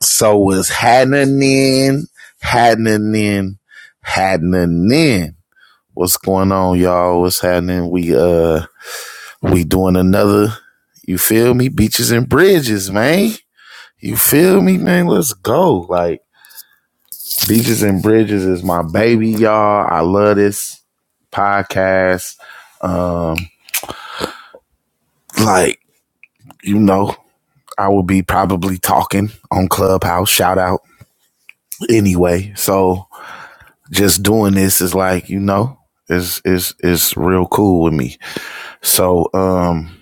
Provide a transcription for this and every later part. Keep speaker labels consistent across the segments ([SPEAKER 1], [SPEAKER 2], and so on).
[SPEAKER 1] So was happening, happening, happening. What's going on, y'all? What's happening? We uh we doing another, you feel me? Beaches and bridges, man. You feel me, man? Let's go. Like Beaches and Bridges is my baby, y'all. I love this podcast. Um, like, you know, I will be probably talking on Clubhouse. Shout out anyway. So just doing this is like you know is is is real cool with me. So um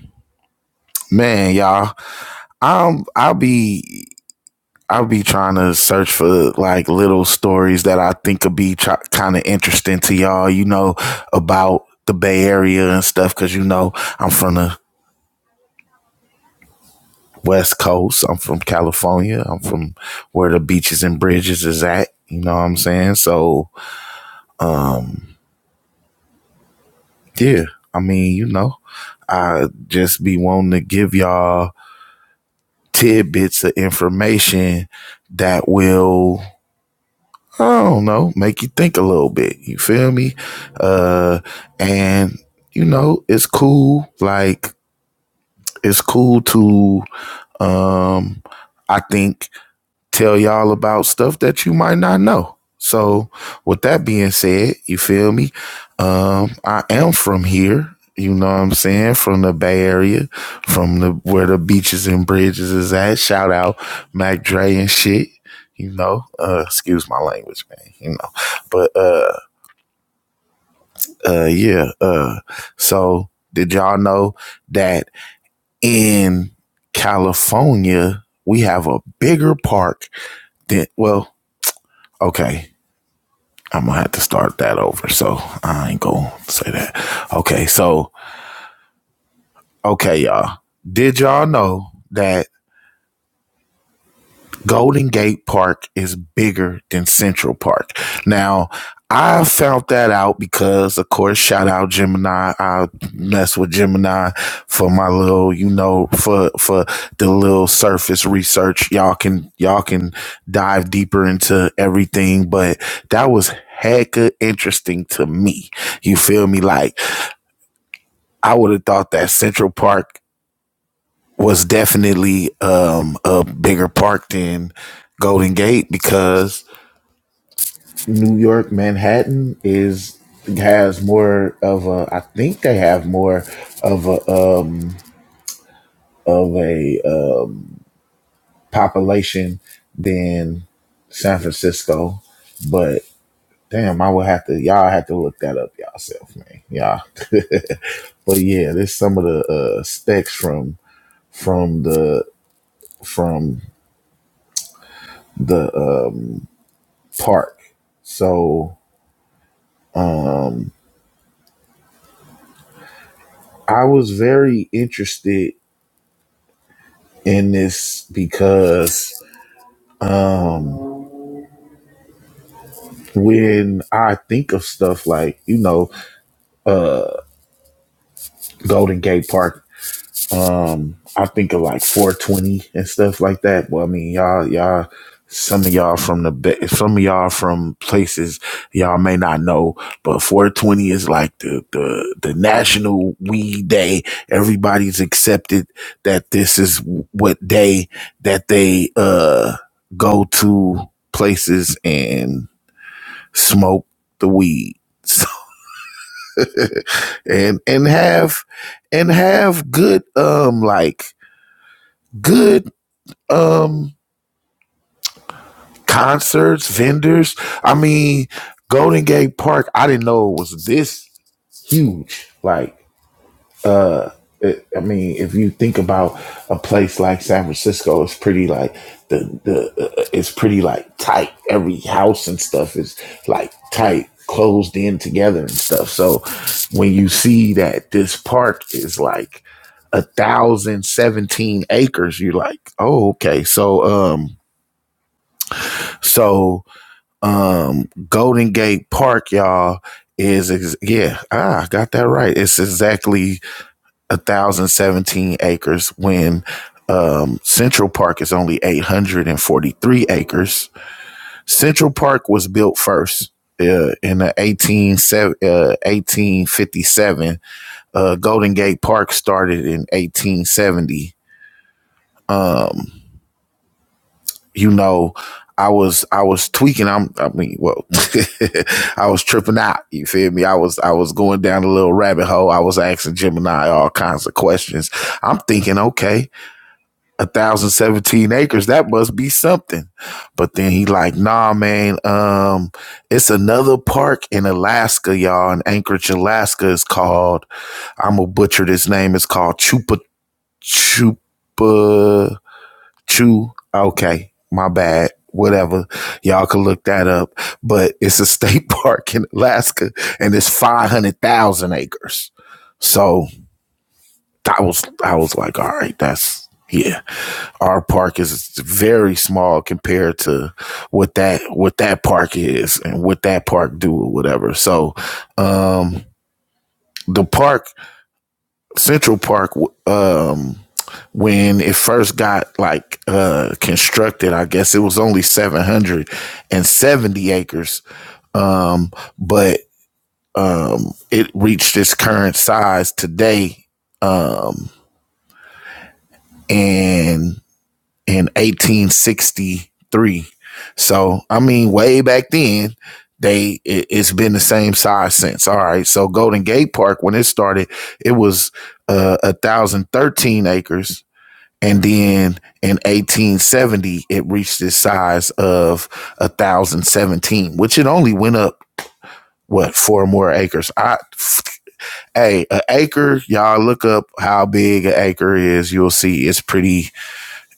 [SPEAKER 1] man, y'all, I'm I'll be I'll be trying to search for like little stories that I think could be try- kind of interesting to y'all, you know, about the Bay Area and stuff cuz you know, I'm from the West Coast. I'm from California. I'm from where the beaches and bridges is at, you know what I'm saying? So, yeah, I mean, you know, I just be wanting to give y'all tidbits of information that will I don't know, make you think a little bit. You feel me? Uh and you know, it's cool like it's cool to um I think tell y'all about stuff that you might not know. So, with that being said, you feel me? Um, I am from here. You know what I'm saying? From the Bay Area, from the where the beaches and bridges is at. Shout out Mac Dre and shit. You know, uh, excuse my language, man. You know, but uh, uh, yeah. Uh, so did y'all know that in California we have a bigger park than well, okay I'm gonna have to start that over. So I ain't gonna say that. Okay, so okay, y'all. Did y'all know that Golden Gate Park is bigger than Central Park? Now I found that out because, of course, shout out Gemini. I mess with Gemini for my little, you know, for for the little surface research. Y'all can y'all can dive deeper into everything, but that was hecka interesting to me. You feel me? Like I would have thought that Central Park was definitely um, a bigger park than Golden Gate because New York Manhattan is has more of a I think they have more of a um, of a uh, population than San Francisco, but damn, I would have to y'all have to look that up yourself, man. Yeah, but yeah, there's some of the uh, specs from from the from the um. park. So I was very interested in this because when I think of stuff like, you know, Golden Gate Park I think of like 420 and stuff like that. Well, I mean, y'all, y'all, some of y'all from the, ba- some of y'all from places y'all may not know, but 420 is like the, the, the national weed day. Everybody's accepted that this is what day that they, uh, go to places and smoke the weed. and, and have, and have good, um, like good, um, concerts, vendors. I mean, Golden Gate Park, I didn't know it was this huge. Like, it, I mean, if you think about a place like San Francisco, it's pretty like the the uh, it's pretty like tight. Every house and stuff is like tight, closed in together and stuff. So when you see that this park is like a thousand seventeen acres, you're like, oh, okay. So um, so. Um, Golden Gate Park, y'all, is ex- yeah, ah, I got that right. It's exactly one thousand seventeen acres when um, Central Park is only eight hundred and forty three acres. Central Park was built first. Uh, in the 18, uh, 1857, uh, Golden Gate Park started in 1870. Um, you know, I was I was tweaking. I'm I mean, well, I was tripping out. You feel me? I was I was going down a little rabbit hole. I was asking Gemini all kinds of questions. I'm thinking, okay, a thousand seventeen acres, that must be something. But then he like, nah, man, um, it's another park in Alaska, y'all, in Anchorage, Alaska. It's called I'm gonna butcher this name. It's called Chupa Chupa True. Okay. My bad. Whatever. Y'all can look that up. But it's a state park in Alaska and it's 500,000 acres. So that was, I was like, all right, that's, yeah, our park is very small compared to what that, what that park is and what that park do or whatever. So, um, the park, Central Park, um, when it first got like uh constructed i guess it was only 770 acres um but um it reached its current size today um in in 1863 so i mean way back then they it, it's been the same size since all right so golden gate park when it started it was uh 1013 acres And then in 1870, it reached the size of 1,017, which it only went up, what, four more acres. I, hey, an acre, y'all look up how big an acre is. You'll see it's pretty,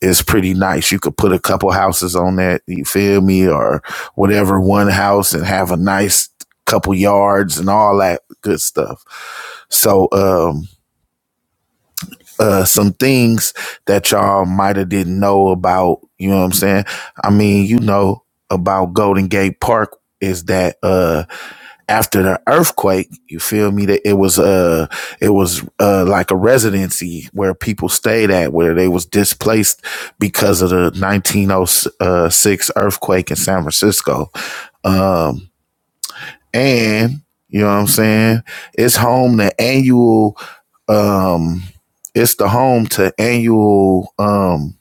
[SPEAKER 1] it's pretty nice. You could put a couple houses on that. You feel me? Or whatever, one house and have a nice couple yards and all that good stuff. So, um, uh some things that y'all might have didn't know about you know what i'm saying i mean you know about golden gate park is that uh after the earthquake you feel me that it was uh it was uh like a residency where people stayed at where they was displaced because of the 1906 earthquake in san francisco um and you know what i'm saying it's home to annual um it's the home to annual um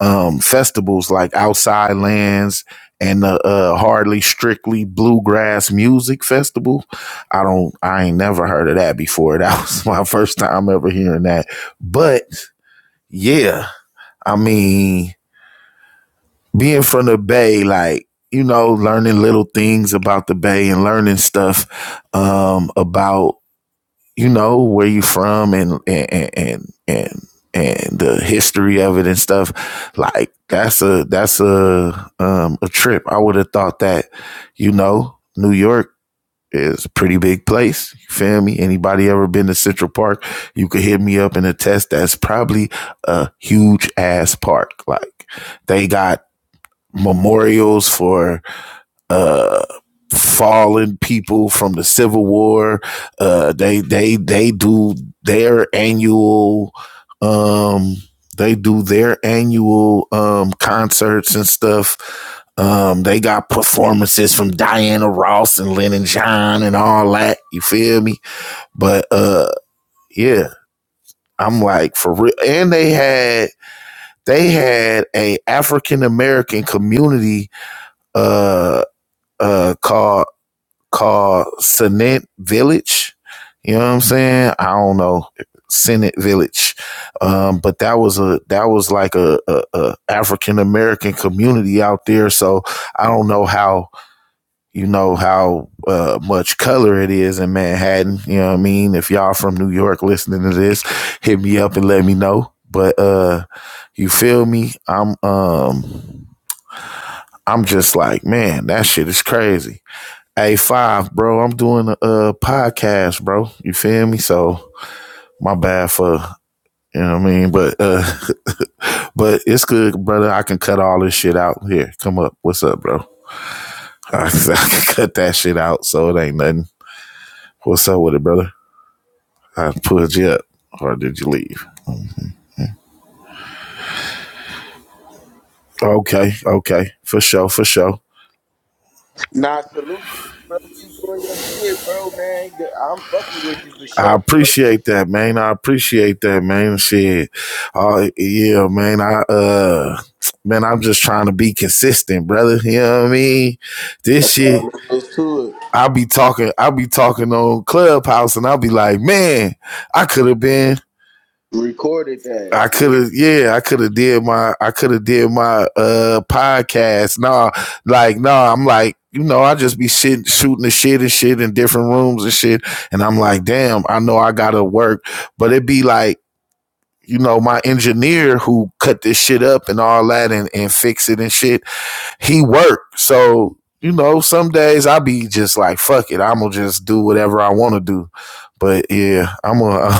[SPEAKER 1] um festivals like outside lands and the uh hardly strictly bluegrass music festival i don't i ain't never heard of that before that was my first time ever hearing that but yeah i mean being from the bay like you know learning little things about the bay and learning stuff um about you know where you from and and and and and the history of it and stuff like that's a that's a um a trip i would have thought that you know new york is a pretty big place you feel me anybody ever been to central park you could hit me up and attest that's probably a huge ass park like they got memorials for uh fallen people from the Civil War. Uh, they they they do their annual um they do their annual um concerts and stuff. Um, they got performances from Diana Ross and Lennon John and all that. You feel me? But uh, yeah, I'm like for real. And they had they had a African American community uh uh called called Senate Village. You know what I'm saying? I don't know Senate Village, um, but that was a that was like a, a, a African American community out there. So I don't know how you know how uh, much color it is in Manhattan. You know what I mean? If y'all from New York listening to this, hit me up and let me know. But uh, you feel me? I'm um, I'm just like man, that shit is crazy. A five, bro. I'm doing a uh, podcast, bro. You feel me? So my bad for you know what I mean. But uh, but it's good, brother. I can cut all this shit out. Here, come up. What's up, bro? I, I can cut that shit out, so it ain't nothing. What's up with it, brother? I pulled you up, or did you leave? Okay, okay, for sure, for sure.
[SPEAKER 2] Nah, salute, salute, bro. Keep doing your shit, bro, man. I'm fucking with you for
[SPEAKER 1] I
[SPEAKER 2] sure, bro.
[SPEAKER 1] appreciate that, man. I appreciate that, man. Shit. Oh, yeah, man. I, uh, man, I'm just trying to be consistent, brother. You know what I mean? This
[SPEAKER 2] That's
[SPEAKER 1] shit,
[SPEAKER 2] all there is to it.
[SPEAKER 1] I'll be talking, I'll be talking on Clubhouse and I'll be like, man, I could have been.
[SPEAKER 2] Recorded that.
[SPEAKER 1] I could
[SPEAKER 2] Yeah,
[SPEAKER 1] have, yeah, I could have did my, I could have did my uh podcast. Nah, like, nah, I'm like, you know, I just be shit, shooting the shit and shit in different rooms and shit, and I'm like, damn, I know I gotta work but it be like you know, my engineer who cut this shit up and all that and, and fix it and shit, he worked. So, you know, some days I be just like, fuck it, I'm gonna just do whatever I wanna do. But yeah, I'm gonna,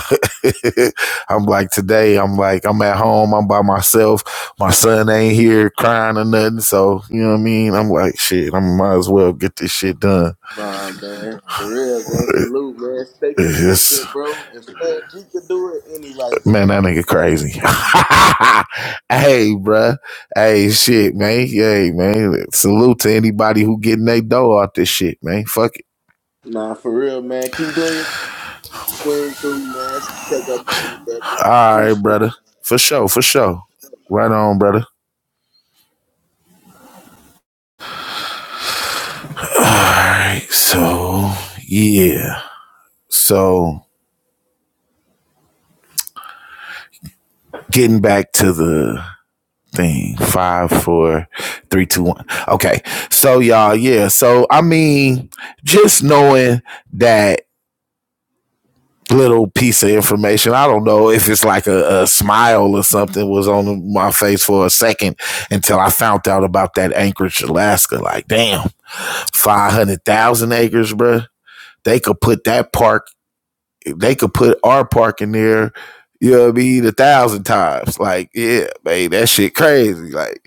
[SPEAKER 1] I'm like today, I'm like, I'm at home, I'm by myself, my son ain't here crying or nothing. So, you know what I mean? I'm like, shit, I might as well get this shit done.
[SPEAKER 2] nah, man. For real, man. Salute, man. Stay
[SPEAKER 1] It's,
[SPEAKER 2] consistent, bro. If man, you can do it, anybody can
[SPEAKER 1] Man, that
[SPEAKER 2] do it.
[SPEAKER 1] nigga crazy. hey, bruh. Hey, shit, man. Hey, man. Salute to anybody who getting their dough out this shit, man. Fuck it.
[SPEAKER 2] Nah, for real, man. Keep doing your thing, man. Check up on you, brother. I
[SPEAKER 1] All right,
[SPEAKER 2] appreciate you.
[SPEAKER 1] brother. For sure, for sure. Right on, brother. All right. So, yeah. So, getting back to the thing. Five, four, three, two, one. Okay. So, y'all, yeah. So, I mean, just knowing that little piece of information. I don't know if it's like a, a smile or something was on my face for a second until I found out about that Anchorage, Alaska. Like, damn, 500,000 acres, bro. They could put that park they could put our park in there, you know what I mean, a thousand times. Like, yeah, man, that shit crazy. Like,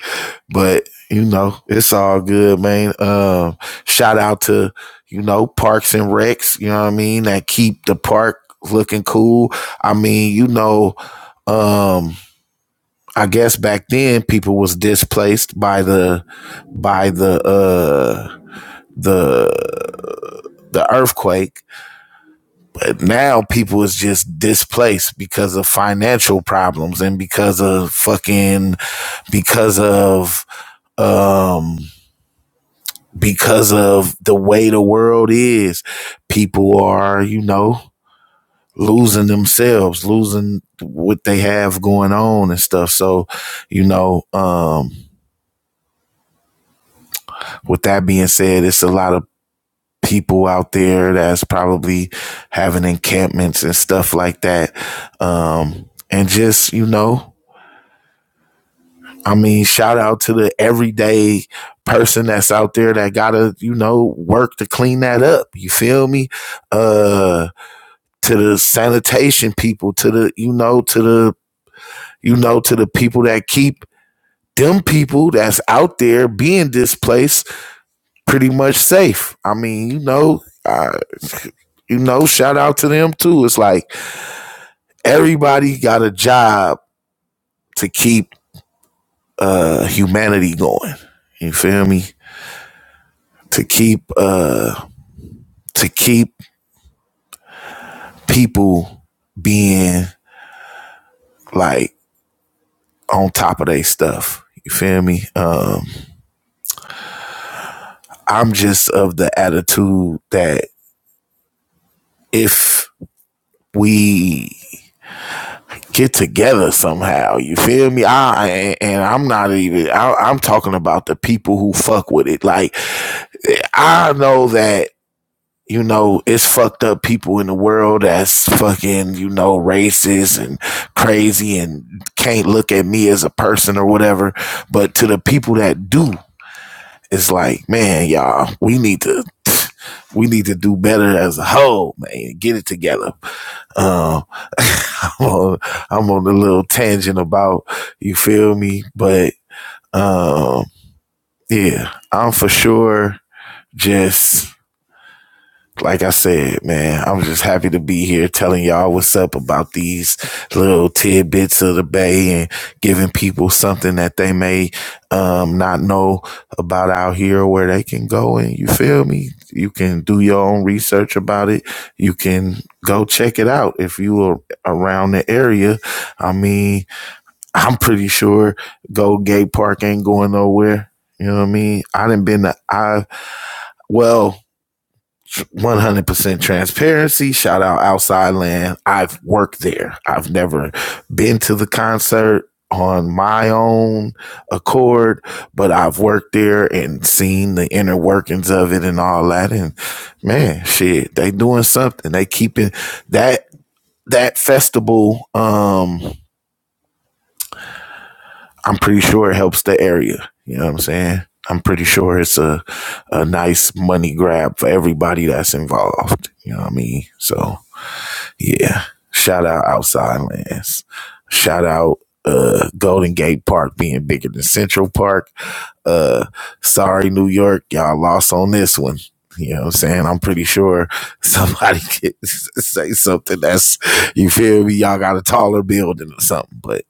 [SPEAKER 1] but you know, it's all good, man. Um, shout out to, you know, parks and recs, you know what I mean, that keep the park looking cool. I mean, you know, um, I guess back then people was displaced by the by the uh the the earthquake now people is just displaced because of financial problems and because of fucking because of um because of the way the world is people are you know losing themselves losing what they have going on and stuff so you know um with that being said it's a lot of people out there that's probably having encampments and stuff like that um and just you know I mean, shout out to the everyday person that's out there that gotta, you know, work to clean that up. You feel me? Uh to the sanitation people, to the, you know, to the, you know, to the people that keep them people that's out there being displaced pretty much safe. I mean, you know, uh, you know, shout out to them too. It's like everybody got a job to keep uh humanity going. You feel me? To keep uh to keep people being like on top of their stuff. You feel me? Uh, I'm just of the attitude that if we get together somehow, you feel me? I and, and I'm not even. I, I'm talking about the people who fuck with it. Like I know that you know, it's fucked up people in the world that's fucking, you know, racist and crazy and can't look at me as a person or whatever. But to the people that do, it's like, man, y'all, we need to we need to do better as a whole, man. Get it together. Um I'm on a little tangent about you feel me, but um yeah, I'm for sure just like I said, man, I'm just happy to be here telling y'all what's up about these little tidbits of the bay and giving people something that they may um, not know about out here where they can go and you feel me? You can do your own research about it. You can go check it out if you are around the area. I mean, I'm pretty sure Gold Gate Park ain't going nowhere. You know what I mean? I didn't been to I well, 100% transparency. Shout out Outside Land. I've worked there. I've never been to the concert on my own accord, but I've worked there and seen the inner workings of it and all that. And man, shit, they doing something. They keeping that, that festival. Um, I'm pretty sure it helps the area. You know what I'm saying? I'm pretty sure it's a, a nice money grab for everybody that's involved. You know what I mean? So, Yeah. Shout out Outside Lands. Shout out uh Golden Gate Park being bigger than Central Park. Uh sorry New York, y'all lost on this one. You know what I'm saying? I'm pretty sure somebody could say something that's you feel me, y'all got a taller building or something. But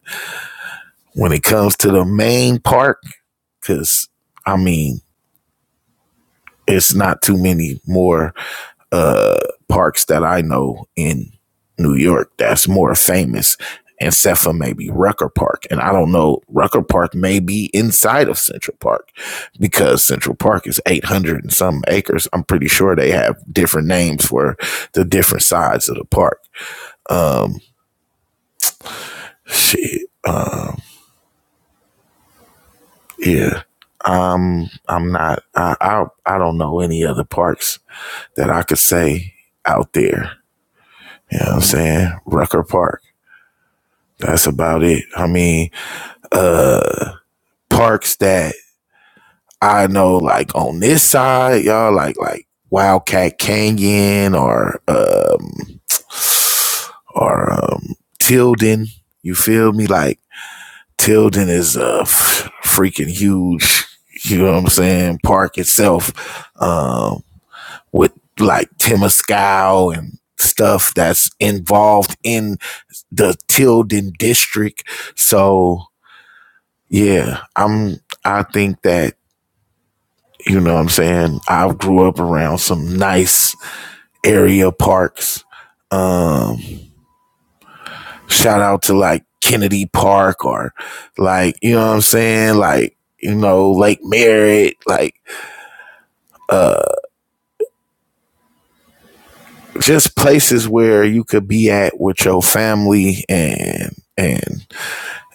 [SPEAKER 1] when it comes to the main park, cause I mean, it's not too many more uh, parks that I know in New York that's more famous, except for maybe Rucker Park. And I don't know, Rucker Park may be inside of Central Park because Central Park is 800 and some acres. I'm pretty sure they have different names for the different sides of the park. Shit. Yeah, I'm not. I, I I don't know any other parks that I could say out there. You know what I'm saying? Rucker Park. That's about it. I mean, uh, parks that I know like on this side, y'all like like Wildcat Canyon or um or um Tilden. You feel me? Like Tilden is a f- freaking huge, you know what I'm saying, park itself. Um with like Temescal and stuff that's involved in the Tilden district. So yeah, I'm I think that You know what I'm saying? I grew up around some nice area parks. Um, shout out to like Kennedy Park or like, you know what I'm saying? Like, you know, Lake Merritt, like just places where you could be at with your family and and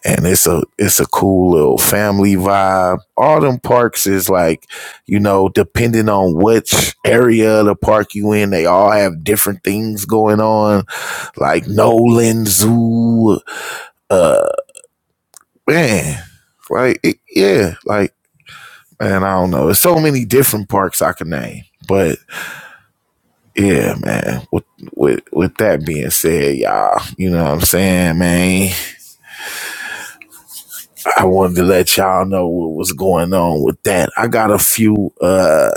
[SPEAKER 1] and it's a it's a cool little family vibe. All them parks is like, you know, depending on which area of the park you in, they all have different things going on like Nolan Zoo. Uh, man, like it, yeah, like man, I don't know. There's so many different parks I can name, but yeah, man. With with with that being said, y'all, you know what I'm saying, man. I wanted to let y'all know what was going on with that. I got a few. Uh,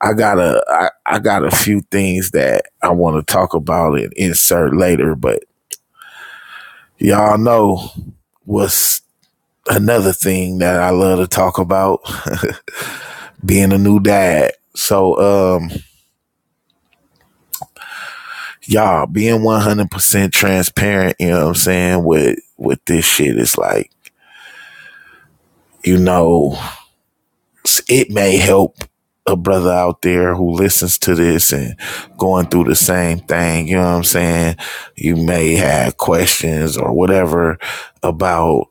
[SPEAKER 1] I got a. I, I got a few things that I want to talk about and insert later, but y'all know what's another thing that I love to talk about being a new dad. So um y'all being 100% transparent, you know what I'm saying, with with this shit it's like, you know, it may help a brother out there who listens to this and going through the same thing, you know what I'm saying? You may have questions or whatever about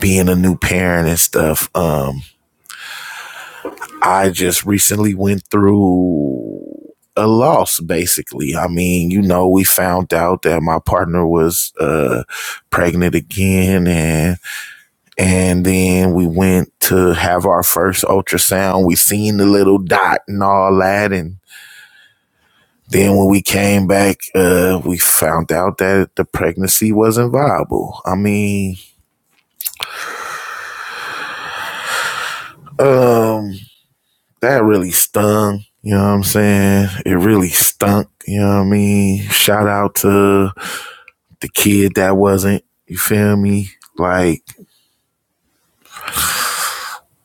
[SPEAKER 1] being a new parent and stuff. Um I just recently went through a loss, basically. I mean, you know, we found out that my partner was uh, pregnant again, and and then we went to have our first ultrasound. We seen the little dot and all that, and then when we came back, uh, we found out that the pregnancy wasn't viable. I mean, um, that really stung. You know what I'm saying? It really stunk. You know what I mean? Shout out to the kid that wasn't. You feel me? Like,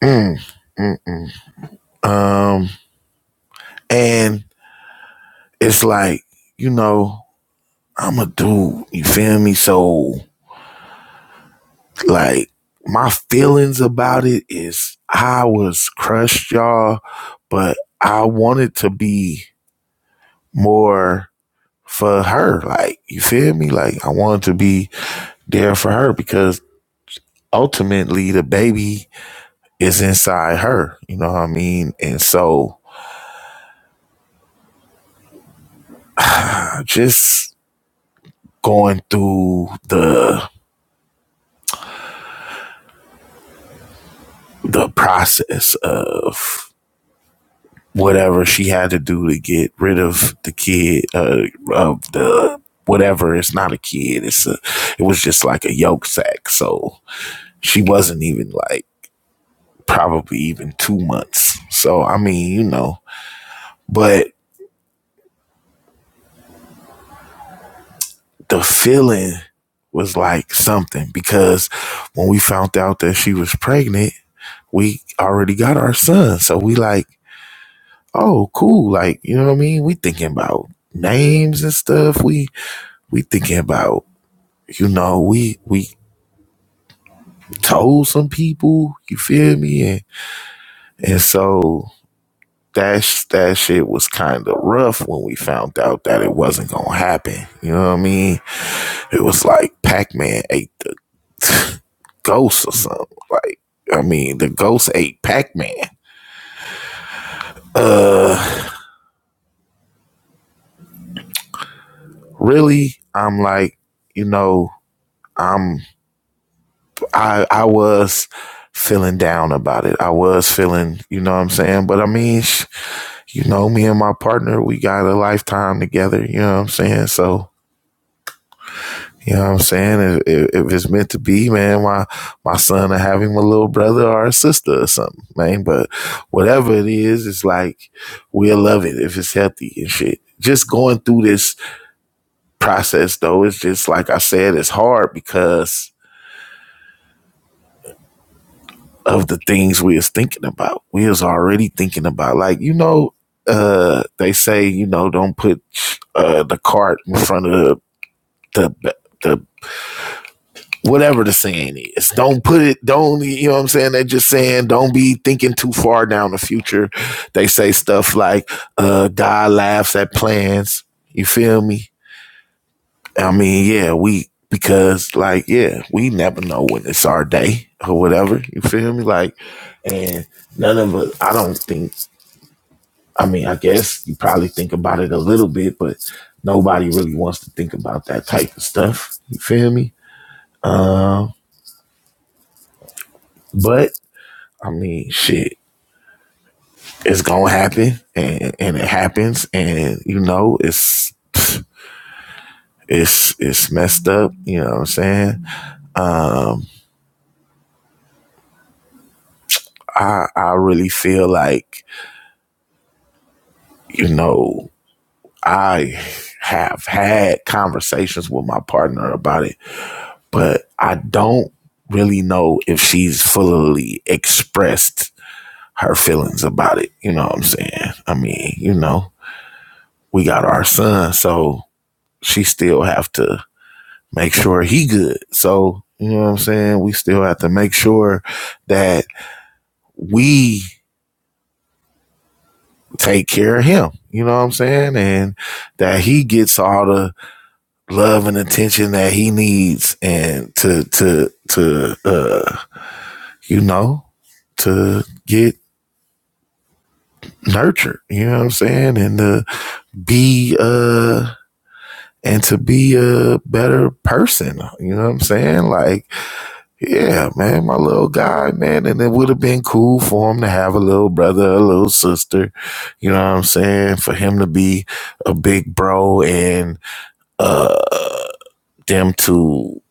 [SPEAKER 1] mm, mm, mm. um, and it's like, you know, I'm a dude. You feel me? So, like, my feelings about it is I was crushed, y'all, but I wanted to be more for her. Like, you feel me? Like, I wanted to be there for her because ultimately the baby is inside her. You know what I mean? And so just going through the the process of whatever she had to do to get rid of the kid uh, of the whatever it's not a kid it's a it was just like a yolk sack so she wasn't even like probably even two months so i mean you know but the feeling was like something because when we found out that she was pregnant, we already got our son. So we like, oh, cool. Like, you know what I mean? We thinking about names and stuff. We we thinking about, you know, we we told some people, you feel me? And and so that sh- that shit was kind of rough when we found out that it wasn't gonna happen. You know what I mean? It was like Pac Man ate the ghosts or something. Like, I mean, the ghost ate Pac Man. Uh, really? I'm like, you know, I'm I I was feeling down about it. I was feeling, you know what I'm saying? But I mean, you know, me and my partner, we got a lifetime together, you know what I'm saying? So You know what I'm saying? If, if, it's meant to be, man, my my son will have him a little brother or a sister or something, man. But whatever it is, it's like we'll love it if it's healthy and shit. Just going through this process though, it's just like I said, it's hard because of the things we was thinking about. We was already thinking about like, you know, uh they say, you know, don't put uh the cart in front of the the, the whatever the saying is. Don't put it, don't, you know what I'm saying? They're just saying, don't be thinking too far down the future. They say stuff like, uh, God laughs at plans. You feel me? I mean, yeah, we, because like, yeah, we never know when it's our day or whatever. You feel me? Like, and none of us, I don't think, I mean, I guess you probably think about it a little bit, but nobody really wants to think about that type of stuff. You feel me? Um, uh, but I mean, shit, it's gonna happen, and and it happens, and you know, it's it's it's messed up. You know what I'm saying? I I really feel like you know I have had conversations with my partner about it, but I don't really know if she's fully expressed her feelings about it. You know what I'm saying? I mean, you know, we got our son, so she still have to make sure he good. So, you know what I'm saying? We still have to make sure that we take care of him. You know what I'm saying? And that he gets all the love and attention that he needs and to, to, to, uh, you know, to get nurtured. You know what I'm saying? And to be, uh, and to be a better person. You know what I'm saying? Like, Yeah, man, my little guy, man. And it would have been cool for him to have a little brother, a little sister. You know what I'm saying? For him to be a big bro and uh them to,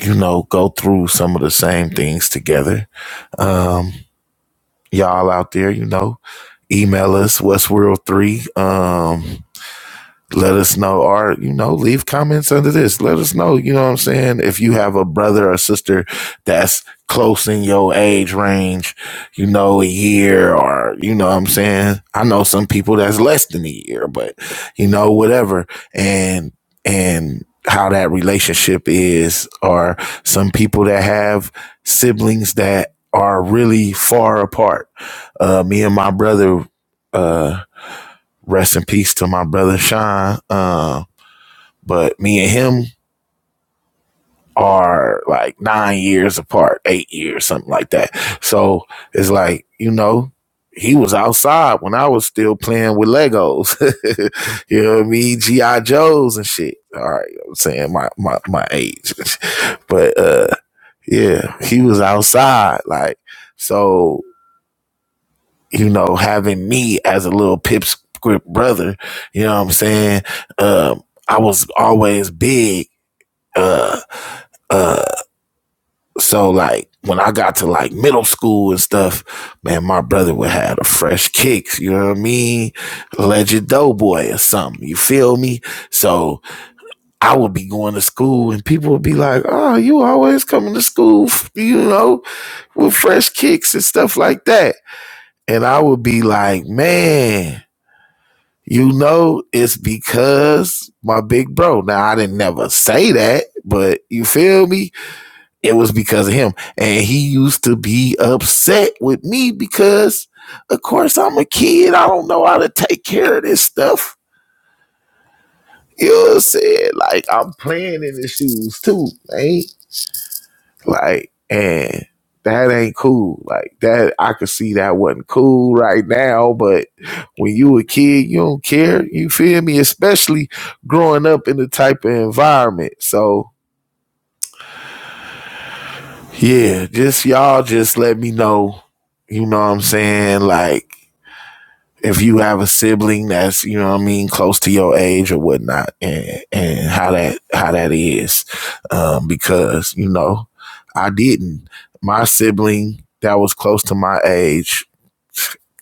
[SPEAKER 1] you know, go through some of the same things together. Um, y'all out there, you know, email us westworld3 um let us know or you know leave comments under this let us know you know what i'm saying if you have a brother or sister that's close in your age range you know a year or you know what i'm saying i know some people that's less than a year but you know whatever and and how that relationship is or some people that have siblings that are really far apart uh me and my brother uh rest in peace to my brother Sean. Uh, but me and him are like nine years apart, eight years, something like that. So it's like, you know, he was outside when I was still playing with Legos. you know what I mean? G.I. Joes and shit. All right, I'm saying my my, my age. but uh yeah, he was outside. Like, so you know, having me as a little pipsqueak brother, you know what I'm saying? Um, I was always big. Uh, uh, so like when I got to like middle school and stuff, man, my brother would have the fresh kicks, you know what I mean? Legend Doughboy or something, you feel me? So I would be going to school and people would be like, oh, you always coming to school, you know, with fresh kicks and stuff like that. And I would be like, man, You know, it's because my big bro. Now, I didn't never say that, but you feel me? It was because of him. And he used to be upset with me because, of course, I'm a kid. I don't know how to take care of this stuff. You know what I'm saying? Like, I'm playing in his shoes too, man. Like, and that ain't cool. Like that, I could see that wasn't cool right now. But when you a kid, you don't care. You feel me? Especially growing up in the type of environment. So yeah, just y'all just let me know. You know what I'm saying? Like if you have a sibling that's you know what I mean close to your age or whatnot, and and how that how that is, um, because you know I didn't my sibling that was close to my age,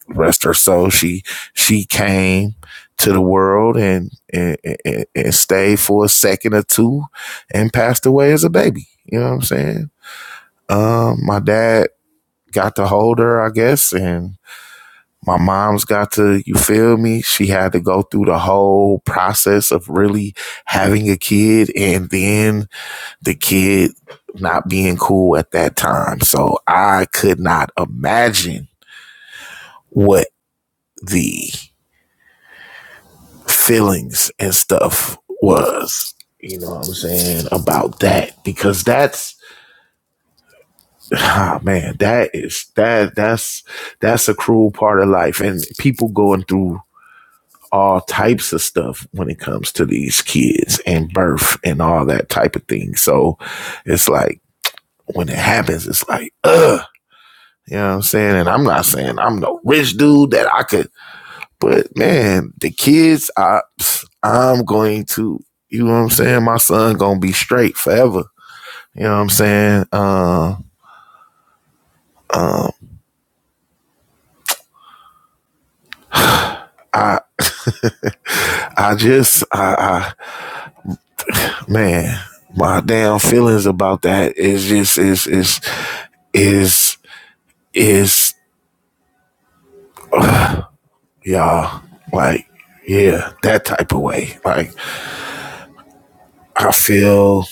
[SPEAKER 1] rest her soul, she she came to the world and and, and and stayed for a second or two and passed away as a baby. You know what I'm saying? Um, my dad got to hold her, I guess, and my mom's got to, you feel me? She had to go through the whole process of really having a kid and then the kid not being cool at that time. So I could not imagine what the feelings and stuff was, you know what I'm saying, about that because that's, ah, man, that is, that, that's, that's a cruel part of life and people going through all types of stuff when it comes to these kids and birth and all that type of thing. So it's like when it happens, it's like, ugh, you know what I'm saying? And I'm not saying I'm no rich dude that I could, but man, the kids, I, I'm going to, you know what I'm saying? My son gonna be straight forever. You know what I'm saying? Uh, I just, I, I, man, my damn feelings about that is just, is, is, is, is y'all. Like, yeah, that type of way. Like, I feel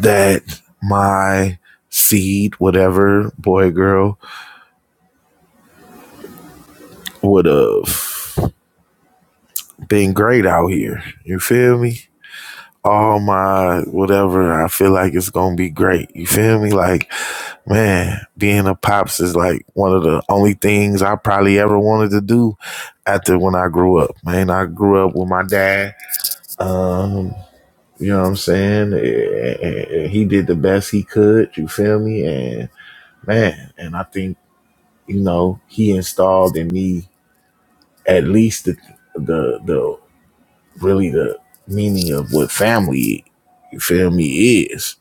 [SPEAKER 1] that my seed, whatever, boy, girl, would have been great out here. You feel me? All my whatever, I feel like it's gonna be great. You feel me? Like, man, being a pops is like one of the only things I probably ever wanted to do after when I grew up. Man, I grew up with my dad. Um, You know what I'm saying? And, and- and he did the best he could. You feel me? And man, and I think you know he installed in me at least the the the really the meaning of what family. You feel me? Is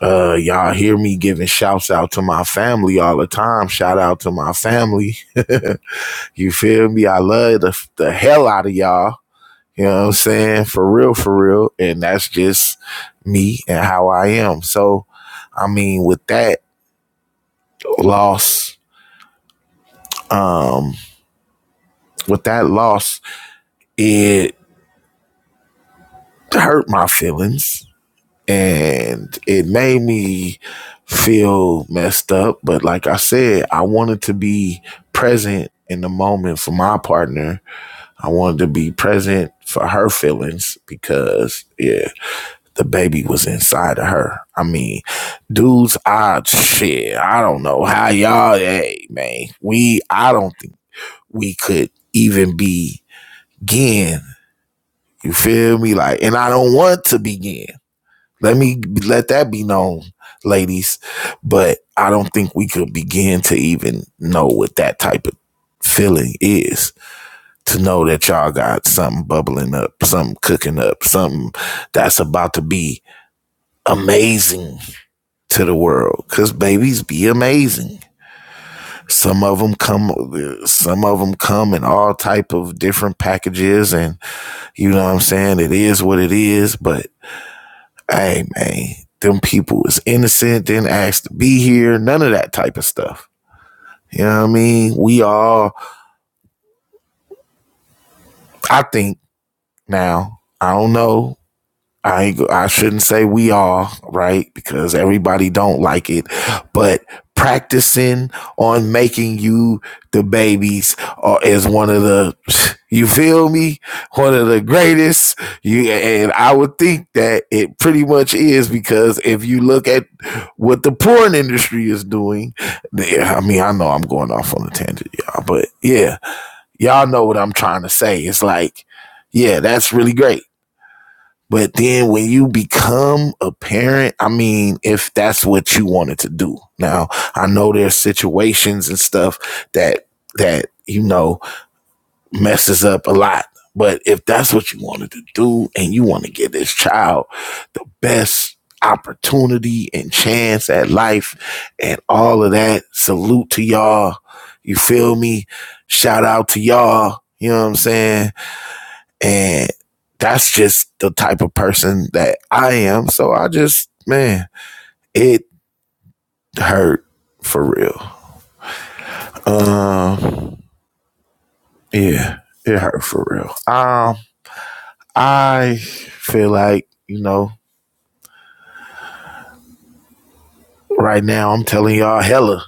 [SPEAKER 1] uh y'all hear me giving shouts out to my family all the time? Shout out to my family. you feel me? I love the the hell out of y'all. You know what I'm saying? For real, for real. And that's just me and how I am. So, I mean, with that loss, um, with that loss, it hurt my feelings and it made me feel messed up. But like I said, I wanted to be present in the moment for my partner. I wanted to be present for her feelings because yeah, the baby was inside of her. I mean, dudes, I shit, I don't know how y'all, hey man, we, I don't think we could even begin. You feel me? Like, and I don't want to begin. Let me let that be known, ladies. But I don't think we could begin to even know what that type of feeling is. To know that y'all got something bubbling up, something cooking up, something that's about to be amazing to the world because babies be amazing some of them come some of them come in all type of different packages and you know what i'm saying it is what it is but hey man them people was innocent didn't ask to be here none of that type of stuff you know what i mean we all i think now i don't know I ain't, I shouldn't say we all right because everybody don't like it, but practicing on making you the babies uh, is one of the you feel me one of the greatest you and I would think that it pretty much is because if you look at what the porn industry is doing, yeah, I mean I know I'm going off on a tangent, y'all, but yeah, y'all know what I'm trying to say. It's like yeah, that's really great but then when you become a parent, I mean, if that's what you wanted to do. Now, I know there's situations and stuff that, that, you know, messes up a lot. But if that's what you wanted to do and you want to give this child the best opportunity and chance at life and all of that, salute to y'all. You feel me? Shout out to y'all. You know what I'm saying? And that's just the type of person that I am. So I just, man, it hurt for real. Um, yeah, it hurt for real. Um, I feel like, you know, right now I'm telling y'all hella.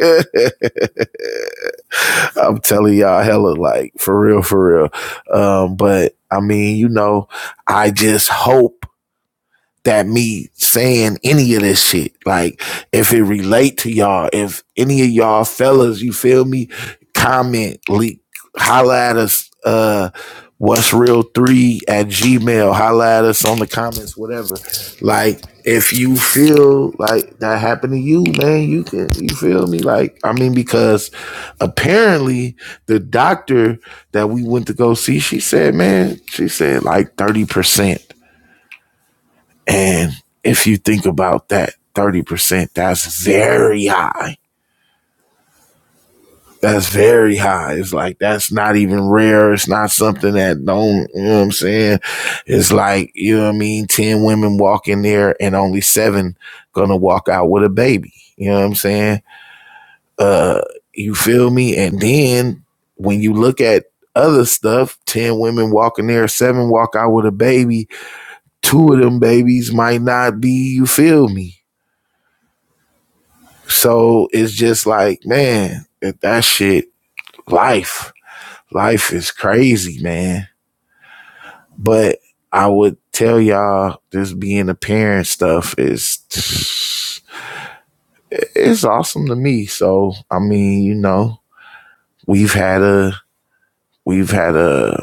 [SPEAKER 1] I'm telling y'all hella, like for real, for real. Um, but I mean, you know, I just hope that me saying any of this shit. Like, if it relate to y'all, if any of y'all fellas, you feel me, comment, leak, holla at us, uh, what's real three at Gmail, holla at us on the comments, whatever. Like, if you feel like that happened to you, man, you can, you feel me? Like, I mean, because apparently the doctor that we went to go see, she said, man, she said like 30% and if you think about that 30%, that's very high. That's very high. It's like that's not even rare. It's not something that don't, you know what I'm saying? It's like, you know what I mean, 10 women walk in there and only 7 going to walk out with a baby. You know what I'm saying? Uh you feel me? And then when you look at other stuff, 10 women walk in there, 7 walk out with a baby. Two of them babies might not be, you feel me? So it's just like, man, that, that shit, life, life is crazy, man. But I would tell y'all, this being a parent stuff is, it's awesome to me. So, I mean, you know, we've had a, we've had a,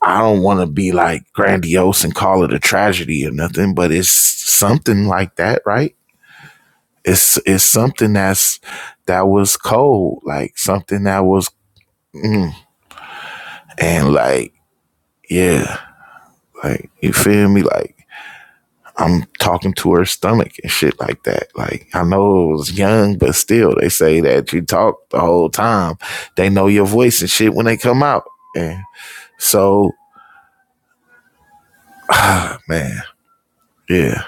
[SPEAKER 1] I don't want to be like grandiose and call it a tragedy or nothing, but it's something like that, right? It's, it's something that's, that was cold, like something that was, mm, And like, yeah, like you feel me? Like I'm talking to her stomach and shit like that. Like I know it was young, but still they say that you talk the whole time. They know your voice and shit when they come out. And so, ah, man, yeah.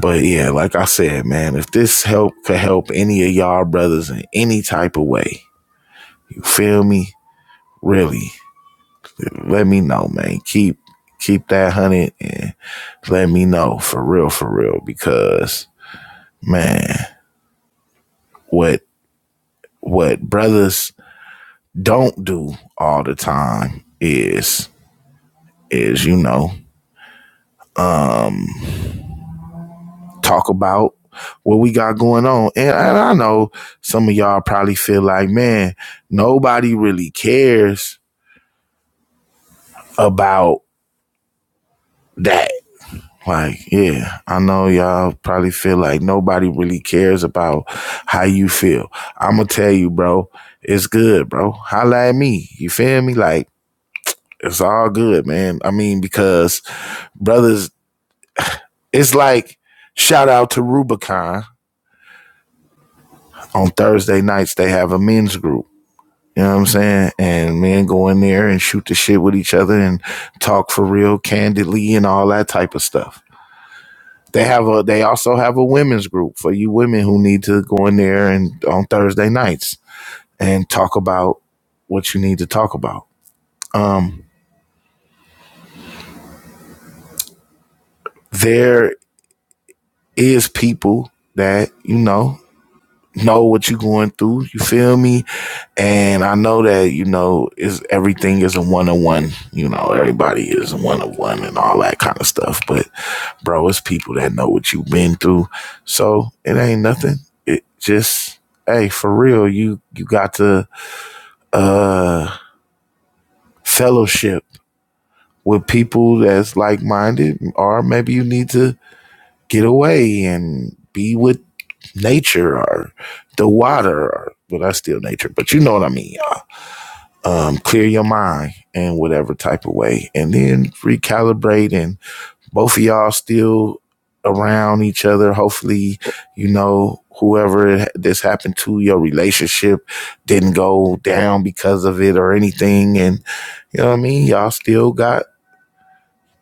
[SPEAKER 1] But yeah, like I said, man, if this help could help any of y'all brothers in any type of way, you feel me? Really, let me know, man. Keep keep that hunted and let me know for real, for real, because man, what what brothers don't do all the time is is you know talk about what we got going on, and, and I know some of y'all probably feel like, man, nobody really cares about that. Like, yeah, I know y'all probably feel like nobody really cares about how you feel. I'm gonna tell you, bro, it's good, bro. Holla at me. You feel me? Like, it's all good, man. I mean, because brothers. It's like shout out to Rubicon. On Thursday nights they have a men's group. You know what I'm saying? And men go in there and shoot the shit with each other and talk for real candidly and all that type of stuff. They have a they also have a women's group for you women who need to go in there and on Thursday nights and talk about what you need to talk about. Um there is people that, you know, know what you're going through. You feel me? And I know that, you know, is everything is a one on one. You know, everybody is a one on one and all that kind of stuff. But bro, it's people that know what you've been through. So it ain't nothing. It just hey, for real, you you got to uh fellowship with people that's like minded, or maybe you need to get away and be with nature or the water or well that's still nature but you know what i mean y'all. um clear your mind in whatever type of way and then recalibrate and both of y'all still around each other hopefully you know whoever this happened to your relationship didn't go down because of it or anything and you know what i mean y'all still got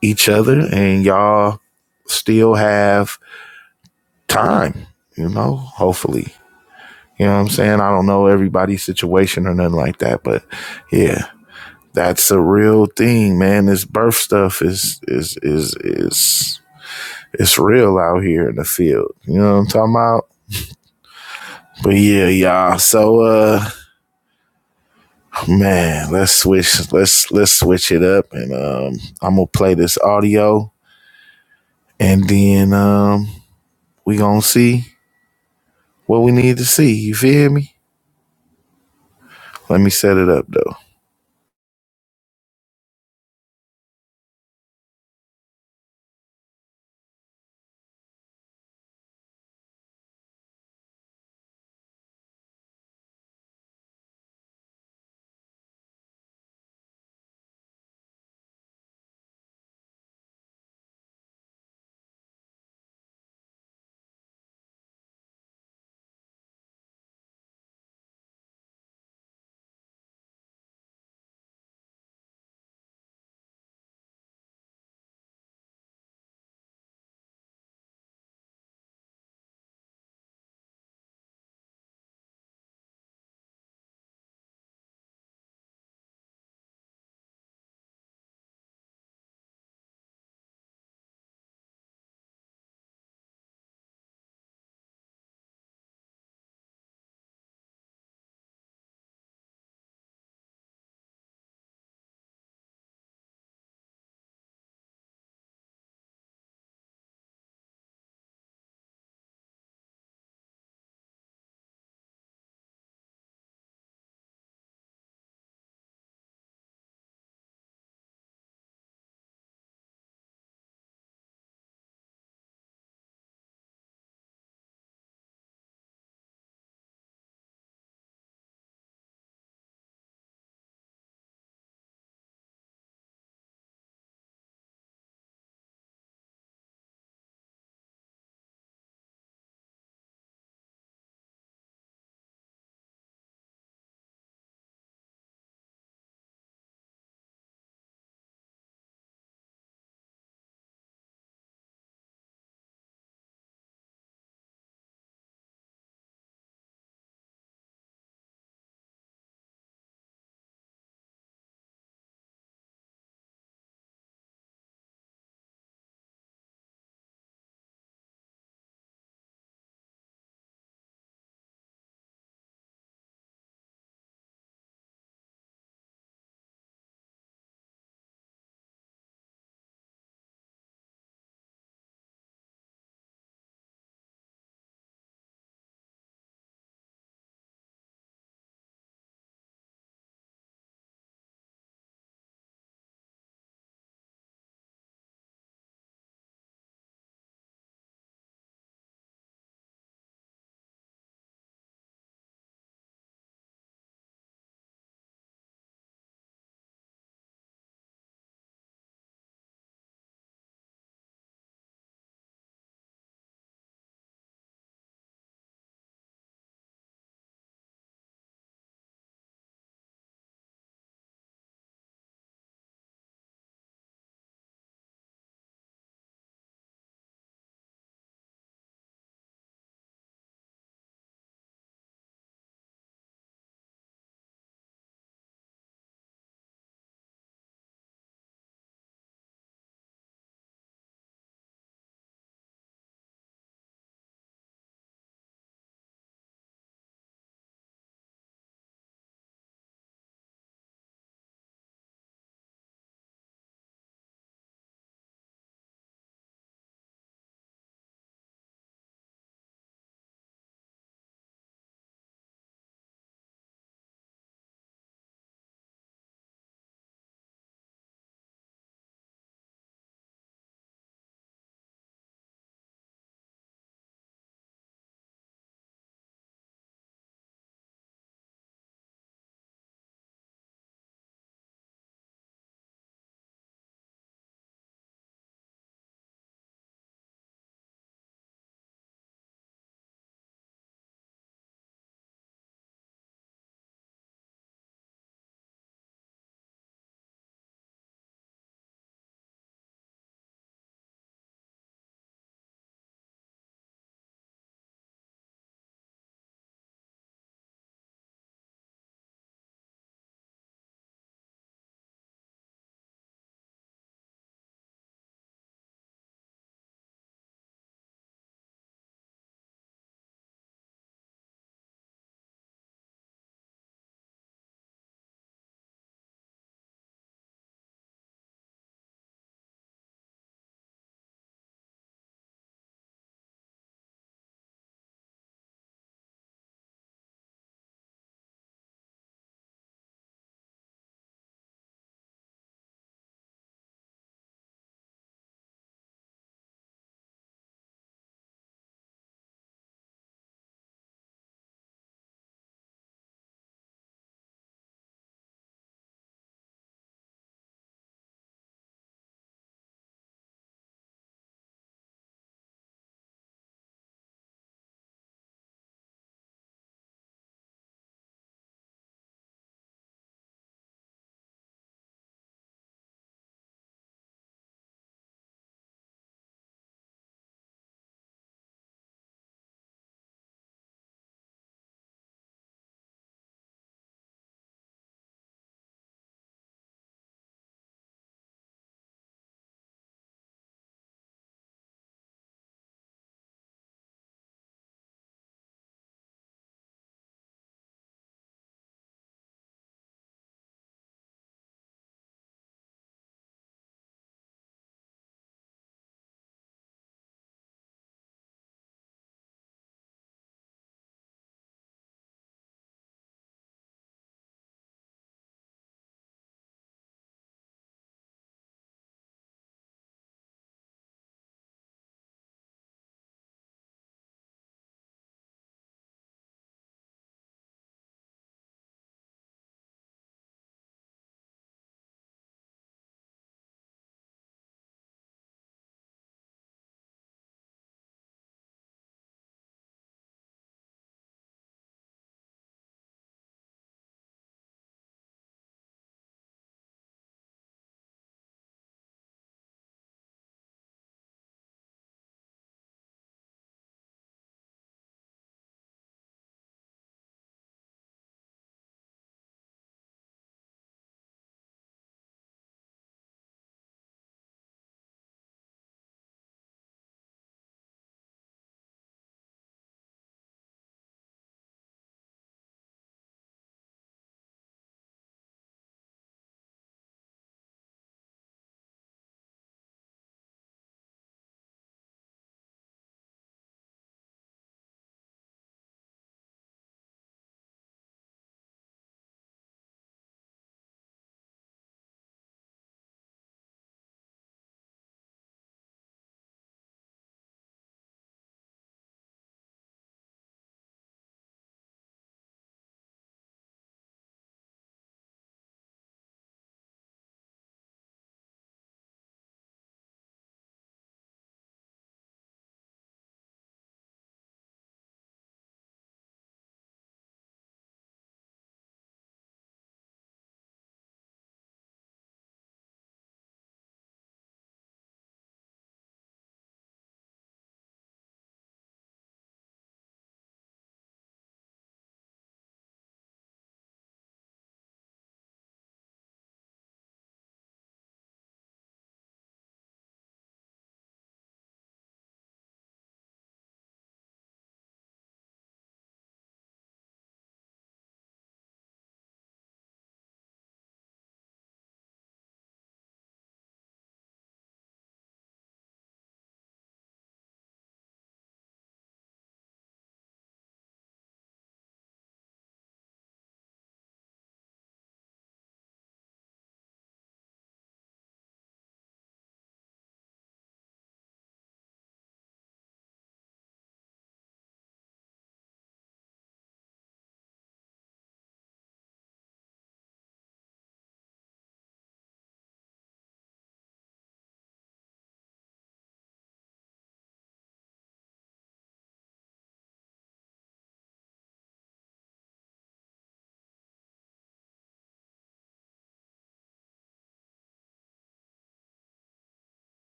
[SPEAKER 1] each other and y'all still have time, you know, hopefully. You know what I'm saying? I don't know everybody's situation or nothing like that, but yeah, that's a real thing, man. This birth stuff is is is is it's real out here in the field. You know what I'm talking about? But yeah, y'all. So uh man, let's switch let's let's switch it up and um I'm gonna play this audio and then um we gonna see what we need to see. You feel me? Let me set it up though.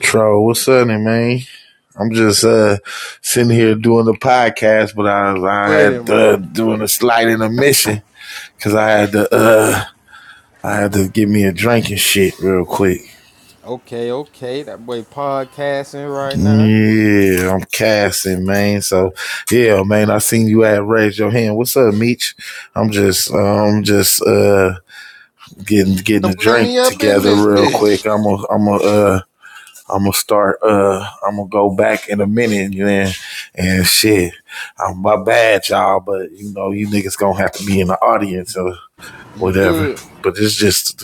[SPEAKER 1] Tro, what's happening, man? I'm just uh sitting here doing the podcast, but I was I
[SPEAKER 3] with it,
[SPEAKER 1] had uh,
[SPEAKER 3] man.
[SPEAKER 1] doing a slight intermission because I had to uh I had to get me a drink and shit real quick.
[SPEAKER 3] Okay, okay. That boy podcasting right now.
[SPEAKER 1] Yeah, I'm casting, man. So yeah, man, I seen you at raise your hand. What's up, Meech? I'm just I'm um, just uh getting getting
[SPEAKER 4] Now
[SPEAKER 1] a
[SPEAKER 4] Bring me
[SPEAKER 1] drink
[SPEAKER 4] up in
[SPEAKER 1] together
[SPEAKER 4] this
[SPEAKER 1] real
[SPEAKER 4] bitch.
[SPEAKER 1] quick. I'm a I'm a uh I'm gonna start. Uh, I'm gonna go back in a minute, man. and shit. I'm my bad, y'all, but you know you niggas gonna have to be in the audience or
[SPEAKER 3] You
[SPEAKER 1] whatever.
[SPEAKER 3] good?
[SPEAKER 1] But it's just,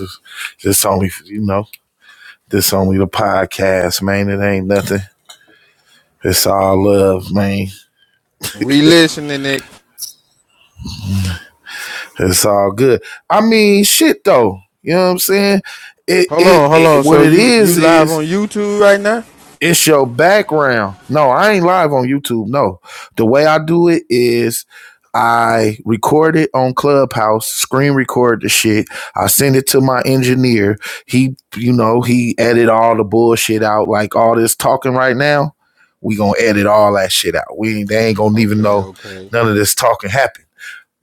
[SPEAKER 1] this only you know, this only the podcast, man. It ain't nothing. It's all love, man.
[SPEAKER 3] We listening it.
[SPEAKER 1] It's all good. I mean, shit though. You know what I'm saying? It
[SPEAKER 3] Hold
[SPEAKER 1] it,
[SPEAKER 3] on, hold
[SPEAKER 1] it
[SPEAKER 3] on. So
[SPEAKER 1] what it
[SPEAKER 3] you you
[SPEAKER 1] is
[SPEAKER 3] live
[SPEAKER 1] is.
[SPEAKER 3] on YouTube right now?
[SPEAKER 1] It's your background. No, I ain't live on YouTube. No. The way I do it is I record it on Clubhouse, screen record the shit. I send it to my engineer. He, you know, he edit all the bullshit out, like all this talking right now. We gonna edit all that shit out. We ain't, they ain't gonna even
[SPEAKER 3] Okay,
[SPEAKER 1] know
[SPEAKER 3] okay,
[SPEAKER 1] none of this talking happened.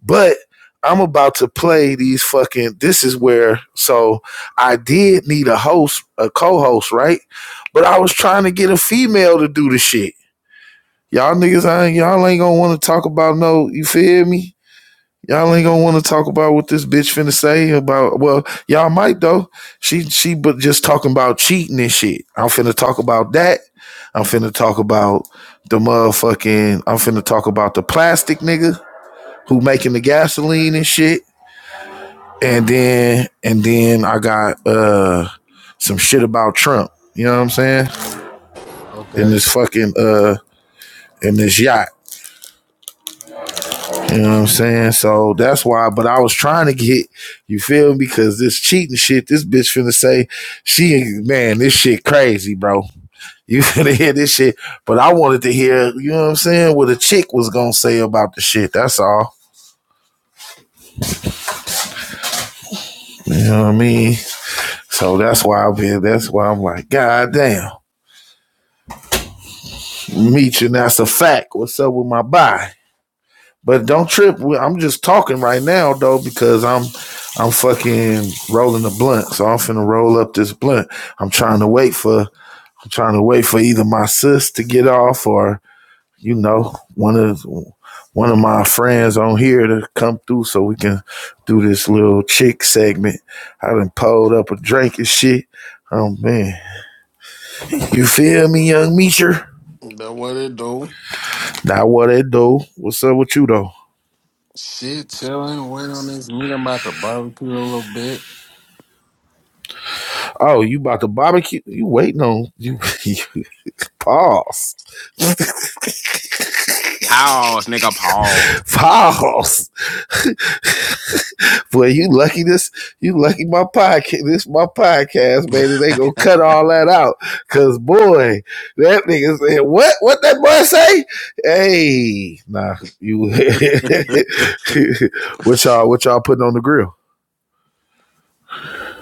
[SPEAKER 1] But I'm about to play these fucking. This is where. So I did need a host, a co-host, right? But I was trying to get a female to do the shit. Y'all niggas, I ain't, y'all ain't gonna want to talk about no. You feel me? Y'all ain't gonna want to talk about what this bitch finna say about. Well, y'all might though. She she, but just talking about cheating and shit. I'm finna talk about that. I'm finna talk about the motherfucking. I'm finna talk about the plastic nigga who making the gasoline and shit and then and then I got uh some shit about Trump. You know what I'm saying? In
[SPEAKER 3] okay.
[SPEAKER 1] this fucking uh in this yacht. You know what I'm saying? So that's why. But I was trying to get you feel me because this cheating shit. This bitch finna say she man this shit crazy, bro. You finna hear this shit. But I wanted to hear you know what I'm saying what a chick was gonna say about the shit. That's all. You know what I mean? So that's why I've been. That's why I'm like, God damn, meet you. And that's a fact. What's up with my bye? But don't trip. I'm just talking right now though because I'm I'm fucking rolling the blunt. So I'm finna roll up this blunt. I'm trying to wait for I'm trying to wait for either my sis to get off or you know one of one of my friends on here to come through so we can do this little chick segment. I done pulled up a drink and shit. Oh man, you feel me, young meacher?
[SPEAKER 4] That what it do?
[SPEAKER 1] Now what it do? What's up with you though?
[SPEAKER 4] Shit, chilling, waiting on this nigga. I'm about to barbecue a little bit.
[SPEAKER 1] Oh, you about to barbecue? You waiting on you? you pause,
[SPEAKER 4] How?
[SPEAKER 1] pause. Boy, you lucky this. You lucky my podcast. This my podcast, man. they gonna cut all that out, cause boy, that nigga said what? What that boy say? Hey, nah, you. what y'all? What y'all putting on the grill?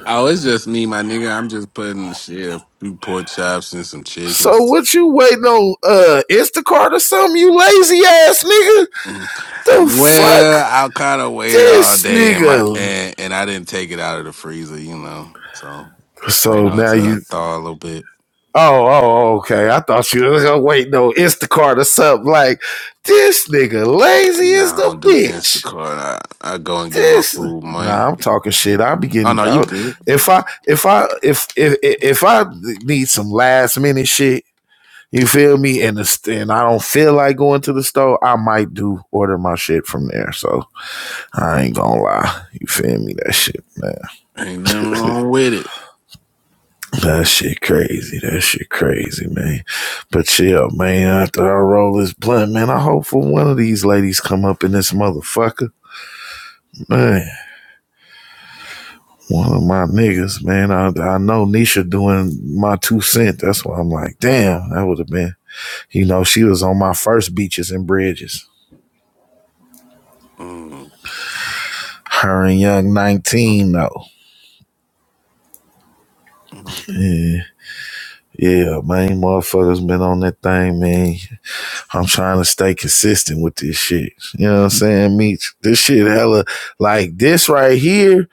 [SPEAKER 4] Oh, it's just me, my nigga. I'm just putting shit a few pork chops and some chicken.
[SPEAKER 1] So what you waiting on? Uh, Instacart or something? You lazy ass nigga.
[SPEAKER 4] Mm.
[SPEAKER 1] The fuck,
[SPEAKER 4] Well, I kind of waited all
[SPEAKER 1] this
[SPEAKER 4] day and my
[SPEAKER 1] nigga.
[SPEAKER 4] and, and I didn't take it out of the freezer, you know. So waiting
[SPEAKER 1] So
[SPEAKER 4] on it
[SPEAKER 1] now
[SPEAKER 4] to
[SPEAKER 1] you.
[SPEAKER 4] thaw a little bit.
[SPEAKER 1] Oh, oh, oh, okay. I thought you was gonna wait. No, Instacart or something like this nigga lazy
[SPEAKER 4] You know,
[SPEAKER 1] as
[SPEAKER 4] I
[SPEAKER 1] the
[SPEAKER 4] don't do
[SPEAKER 1] bitch.
[SPEAKER 4] Instacart. I, I go and get my
[SPEAKER 1] This.
[SPEAKER 4] food,
[SPEAKER 1] Nah,
[SPEAKER 4] man.
[SPEAKER 1] I'm talking shit. I'll be
[SPEAKER 4] Oh
[SPEAKER 1] getting.
[SPEAKER 4] no, you
[SPEAKER 1] I,
[SPEAKER 4] good?
[SPEAKER 1] if I, if I, if if if I need some last minute shit, you feel me? And the, and I don't feel like going to the store, I might do order my shit from there. So I ain't gonna lie. You feel me? That shit,
[SPEAKER 4] Ain't
[SPEAKER 1] man.
[SPEAKER 4] nothing wrong with it.
[SPEAKER 1] That shit crazy. That shit crazy, man. But yeah, man, after I roll this blunt, man, I hope for one of these ladies come up in this motherfucker. Man, one of my niggas, man. I, I know Nisha doing my two cent. That's why I'm like, damn, that would have been, you know, she was on my first beaches and bridges.
[SPEAKER 4] Mm.
[SPEAKER 1] Her and Young 19, though.
[SPEAKER 4] Mhm.
[SPEAKER 1] Yeah, yeah, man. Motherfuckers been on that thing, man. I'm trying to stay consistent with this shit. You know what I'm saying, Meech? This shit hella like this right here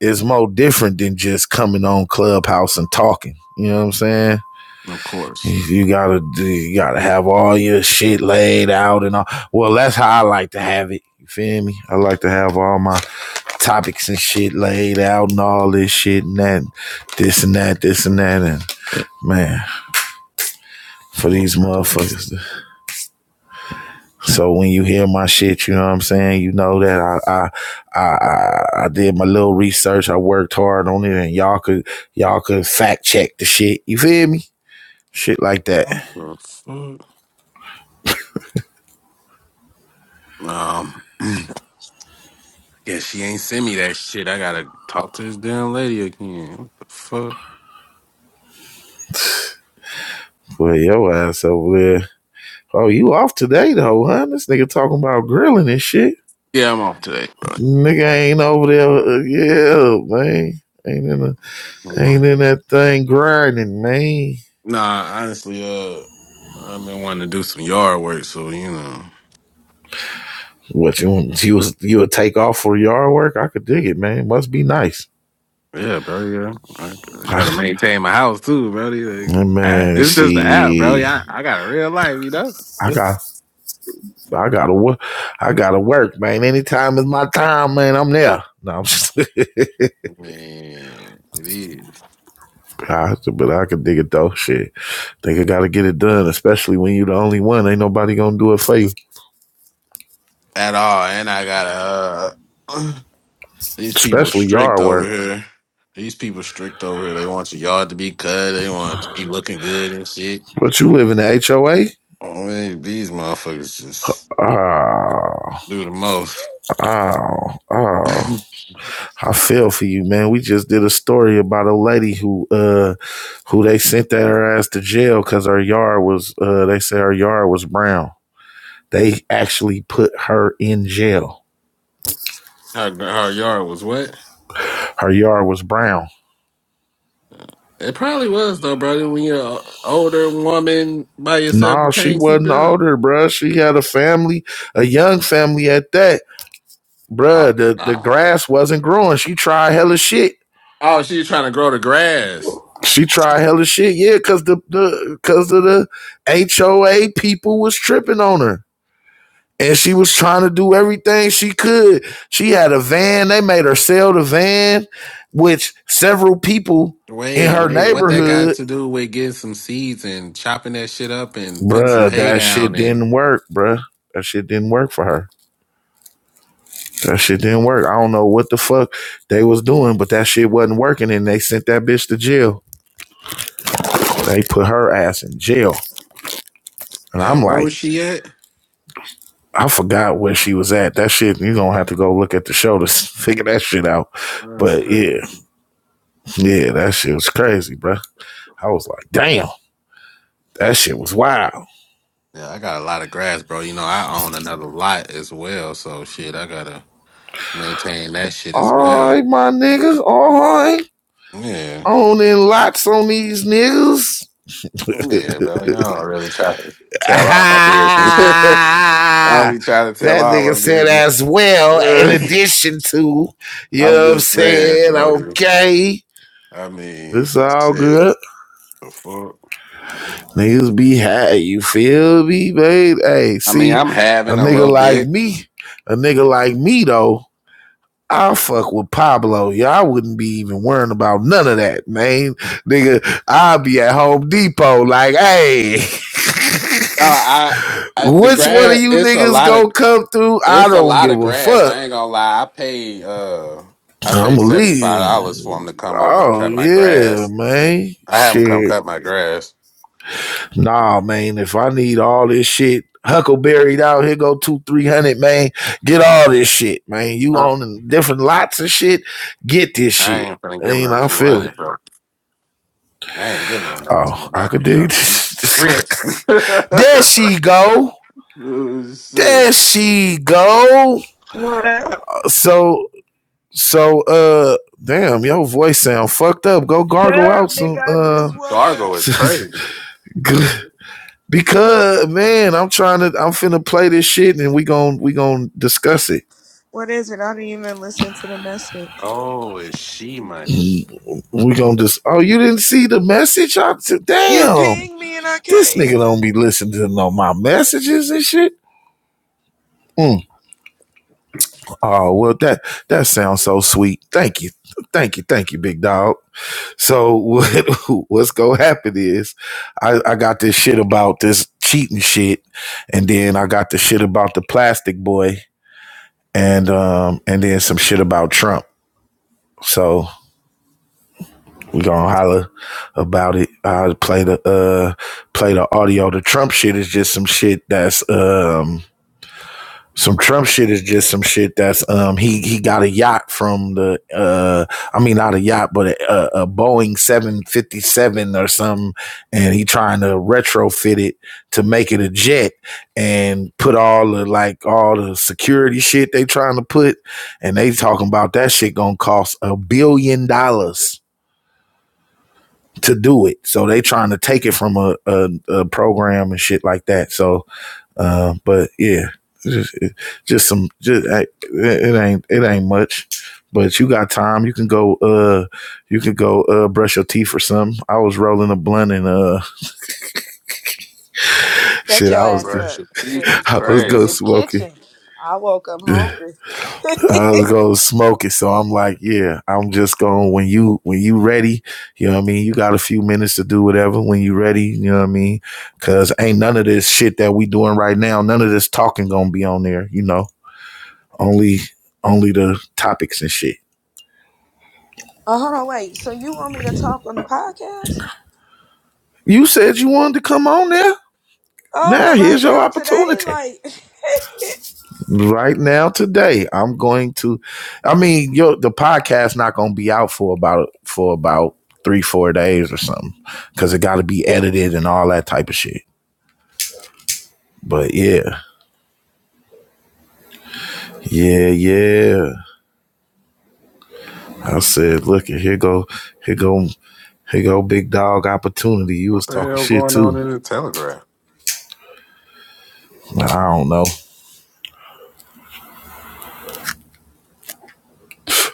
[SPEAKER 1] is more different than just coming on Clubhouse and talking. You know what I'm saying?
[SPEAKER 4] Of course.
[SPEAKER 1] You gotta you gotta have all your shit laid out and all. Well, that's how I like to have it. You feel me? I like to have all my topics and shit laid out and all this shit and that, this and that, this and that, and man, for
[SPEAKER 4] Damn,
[SPEAKER 1] these
[SPEAKER 4] what the
[SPEAKER 1] motherfuckers. So when you hear my shit, you know what I'm saying. You know that I I I, I did my little research. I worked hard on it, and y'all could y'all could fact check the shit. You feel me? Shit like that.
[SPEAKER 4] what the fuck? Um, yeah, she ain't send me that shit. I gotta talk to this damn lady again. What the fuck?
[SPEAKER 1] But your ass over there. Oh, you off today though, huh? This nigga talking about grilling and shit.
[SPEAKER 4] Yeah, I'm off today, bro.
[SPEAKER 1] Nigga ain't over there. uh, yeah, man. Ain't in the,
[SPEAKER 4] Mhm.
[SPEAKER 1] ain't in that thing grinding, man.
[SPEAKER 4] Nah, honestly, uh, I've been wanting to do some yard work, so you know.
[SPEAKER 1] What you you was- you would take off for yard work? I could dig it, man. Must be nice.
[SPEAKER 4] Yeah, bro. Yeah, I, I
[SPEAKER 1] I,
[SPEAKER 4] gotta maintain my house too, bro. Like, I,
[SPEAKER 1] Man,
[SPEAKER 4] it's just the app, bro.
[SPEAKER 1] see,
[SPEAKER 4] Yeah, I, I got a real life, you know.
[SPEAKER 1] I got, I gotta work, I gotta work, man. Anytime is my time, man. I'm there. No, I'm just,
[SPEAKER 4] Man, it is
[SPEAKER 1] I- but I can dig it though. Shit, think I gotta get it done, especially when you the only one. Ain't nobody gonna do it for you,
[SPEAKER 4] at all, and I gotta. Uh, These people
[SPEAKER 1] especially
[SPEAKER 4] strict
[SPEAKER 1] yard
[SPEAKER 4] over
[SPEAKER 1] work.
[SPEAKER 4] here. These people strict over here. They want your yard to be cut. They want it to be looking good and shit.
[SPEAKER 1] But you live in the HOA.
[SPEAKER 4] Oh, man, these motherfuckers just
[SPEAKER 1] Oh,
[SPEAKER 4] do the most.
[SPEAKER 1] oh, oh!
[SPEAKER 4] her,
[SPEAKER 1] I feel for you, man. We just did a story about a lady who, uh, who they sent that her ass to jail because her yard was, uh, they said her yard was brown. They actually put her in jail.
[SPEAKER 4] her yard was wet.
[SPEAKER 1] Her yard was brown.
[SPEAKER 4] It probably was though, brother. When you're an older woman by yourself, you
[SPEAKER 1] No, she
[SPEAKER 4] can't keep it
[SPEAKER 1] wasn't
[SPEAKER 4] up.
[SPEAKER 1] older, bruh. She had a family, a young family at that.
[SPEAKER 4] Oh,
[SPEAKER 1] Bruh, the, the
[SPEAKER 4] nah.
[SPEAKER 1] grass wasn't growing. She tried hella shit.
[SPEAKER 4] Oh, she trying to grow the grass.
[SPEAKER 1] She tried hella shit, yeah, cause the, the cause of the HOA people was tripping on her. And she was trying to do everything she could. She had a van. They made her sell the van, which several people in
[SPEAKER 4] Wait,
[SPEAKER 1] her
[SPEAKER 4] wait. What that got
[SPEAKER 1] neighborhood
[SPEAKER 4] to do with getting some seeds and chopping that shit up and putting some
[SPEAKER 1] Bruh,
[SPEAKER 4] hay
[SPEAKER 1] that
[SPEAKER 4] down
[SPEAKER 1] shit
[SPEAKER 4] and
[SPEAKER 1] didn't work, bruh. That shit didn't work for her. That shit didn't work. I don't know what the fuck they was doing, but that shit wasn't working and they sent that bitch to jail. They put her ass in jail. And
[SPEAKER 4] and
[SPEAKER 1] I'm
[SPEAKER 4] where was
[SPEAKER 1] like,
[SPEAKER 4] she at?
[SPEAKER 1] I forgot where she was at. That shit, you're gonna have to go look at the show to figure that shit out.
[SPEAKER 4] That's
[SPEAKER 1] But
[SPEAKER 4] crazy.
[SPEAKER 1] yeah, yeah, that shit was crazy, bruh. I was like, damn, that shit was wild.
[SPEAKER 4] Yeah, I got a lot of grass, bro. You know, I own another lot as well, so shit, I gotta maintain that shit
[SPEAKER 1] All
[SPEAKER 4] as well.
[SPEAKER 1] right, my niggas, all right.
[SPEAKER 4] Yeah,
[SPEAKER 1] Owning lots on these niggas.
[SPEAKER 4] yeah, bro. Y'all really try to tell all my business. I
[SPEAKER 1] Ah,
[SPEAKER 4] only try to tell
[SPEAKER 1] that nigga
[SPEAKER 4] all my
[SPEAKER 1] said
[SPEAKER 4] business.
[SPEAKER 1] as well, in addition to, you
[SPEAKER 4] I'm
[SPEAKER 1] know what I'm
[SPEAKER 4] just saying,
[SPEAKER 1] saying?
[SPEAKER 4] bro. dude.
[SPEAKER 1] Okay.
[SPEAKER 4] I mean,
[SPEAKER 1] It's all
[SPEAKER 4] shit,
[SPEAKER 1] good.
[SPEAKER 4] the fuck.
[SPEAKER 1] Niggas be high. You feel me, babe? Hey,
[SPEAKER 4] I mean,
[SPEAKER 1] see,
[SPEAKER 4] I'm
[SPEAKER 1] a
[SPEAKER 4] having a
[SPEAKER 1] nigga
[SPEAKER 4] little
[SPEAKER 1] like
[SPEAKER 4] bit.
[SPEAKER 1] me, a nigga like me, though, I'll fuck with Pablo. Y'all wouldn't be even worrying about none of that, man. Nigga, I'll be at Home Depot like, hey,
[SPEAKER 4] No, I, I the
[SPEAKER 1] which one of
[SPEAKER 4] grass.
[SPEAKER 1] you
[SPEAKER 4] It's a
[SPEAKER 1] niggas
[SPEAKER 4] lot of.
[SPEAKER 1] gonna come through? I
[SPEAKER 4] It's a
[SPEAKER 1] don't
[SPEAKER 4] lot
[SPEAKER 1] give
[SPEAKER 4] of
[SPEAKER 1] a
[SPEAKER 4] grass.
[SPEAKER 1] fuck.
[SPEAKER 4] I ain't gonna lie. I paid uh I
[SPEAKER 1] I'm
[SPEAKER 4] paid
[SPEAKER 1] going to
[SPEAKER 4] seventy five
[SPEAKER 1] lead.
[SPEAKER 4] dollars for him to come over and
[SPEAKER 1] Oh
[SPEAKER 4] cut my
[SPEAKER 1] yeah,
[SPEAKER 4] grass.
[SPEAKER 1] man.
[SPEAKER 4] I haven't come
[SPEAKER 1] Shit.
[SPEAKER 4] cut my grass.
[SPEAKER 1] Nah, man. If I need all this shit, Huckleberry out here go two, three hundred, man. Get all this shit, man. You
[SPEAKER 4] I
[SPEAKER 1] on different lots of shit. Get this
[SPEAKER 4] I
[SPEAKER 1] shit.
[SPEAKER 4] ain't gonna give him
[SPEAKER 1] Ain't
[SPEAKER 4] no
[SPEAKER 1] I
[SPEAKER 4] two
[SPEAKER 1] feel it.
[SPEAKER 4] hundred, bro. I ain't giving him no two
[SPEAKER 1] Oh, I could
[SPEAKER 4] hundred, bro.
[SPEAKER 1] dig
[SPEAKER 4] You rich.
[SPEAKER 1] this. there she go.
[SPEAKER 4] oh shit.
[SPEAKER 1] There she go.
[SPEAKER 5] What up?
[SPEAKER 1] So so uh damn, your voice sound fucked up. Go
[SPEAKER 5] Shut
[SPEAKER 1] gargle
[SPEAKER 5] up,
[SPEAKER 1] out
[SPEAKER 5] nigga.
[SPEAKER 1] some
[SPEAKER 5] I
[SPEAKER 1] uh
[SPEAKER 5] just woke up.
[SPEAKER 4] Gargo is crazy.
[SPEAKER 1] Because man, I'm trying to I'm finna play this shit and we gon' we gon' discuss it.
[SPEAKER 5] What is it? I didn't even listen to the message.
[SPEAKER 4] Oh, is she money?
[SPEAKER 1] We gon' just oh you didn't see the message? I said,
[SPEAKER 5] You
[SPEAKER 1] damn,
[SPEAKER 5] pinged me and I
[SPEAKER 1] this nigga
[SPEAKER 5] came.
[SPEAKER 1] don't be listening to no my messages and shit. Mm. Oh well that that sounds so sweet. Thank you. Thank you, thank you, big dog. So what what's gonna happen is I, I got this shit about this cheating shit, and then I got the shit about the plastic boy and um and then some shit about Trump. So We gonna holler about it. I play the uh play the audio. The Trump shit is just some shit that's um some Trump shit is just some shit that's um he he got a yacht from the uh I mean not a yacht but a, a, a Boeing seven fifty seven or something and he trying to retrofit it to make it a jet and put all the like all the security shit they trying to put and they talking about that shit gonna cost a billion dollars to do it. So they trying to take it from a, a, a program and shit like that. So, uh, but yeah, just, just some, just it, it ain't it ain't much. But you got time. You can go. Uh, you can go. Uh, brush your teeth or something. I was rolling a blunt and uh,
[SPEAKER 5] Shut
[SPEAKER 1] shit.
[SPEAKER 5] your
[SPEAKER 1] I was
[SPEAKER 5] ass
[SPEAKER 4] Brush
[SPEAKER 5] up.
[SPEAKER 4] your
[SPEAKER 5] Shit,
[SPEAKER 4] teeth
[SPEAKER 5] I'm
[SPEAKER 4] is
[SPEAKER 5] finna
[SPEAKER 1] I
[SPEAKER 5] go
[SPEAKER 1] was
[SPEAKER 5] get in
[SPEAKER 1] go
[SPEAKER 4] crazy.
[SPEAKER 5] this
[SPEAKER 1] smoking
[SPEAKER 5] kitchen. I woke up hungry.
[SPEAKER 1] I was gonna smoke it. So I'm like, yeah, I'm just going to when you when you ready, you know what I mean? You got a few minutes to do whatever when you ready, you know what I mean? Cause ain't none of this shit that we doing right now, none of this talking gonna be on there, you know. Only only the topics and shit.
[SPEAKER 5] oh, hold on, wait. So you want me to talk on the podcast?
[SPEAKER 1] You said you wanted to come on there. Now
[SPEAKER 5] Oh,
[SPEAKER 1] here's
[SPEAKER 5] right
[SPEAKER 1] your
[SPEAKER 5] now, today?
[SPEAKER 1] opportunity.
[SPEAKER 5] Like,
[SPEAKER 1] right now today i'm going to i mean yo the podcast not going to be out for about for about three four days or something because it got to be edited and all that type of shit but yeah yeah yeah i said look here go here go here go big dog opportunity you
[SPEAKER 4] What
[SPEAKER 1] was
[SPEAKER 4] the
[SPEAKER 1] talking
[SPEAKER 4] hell
[SPEAKER 1] shit
[SPEAKER 4] going on
[SPEAKER 1] too
[SPEAKER 4] in the telegraph?
[SPEAKER 1] i don't know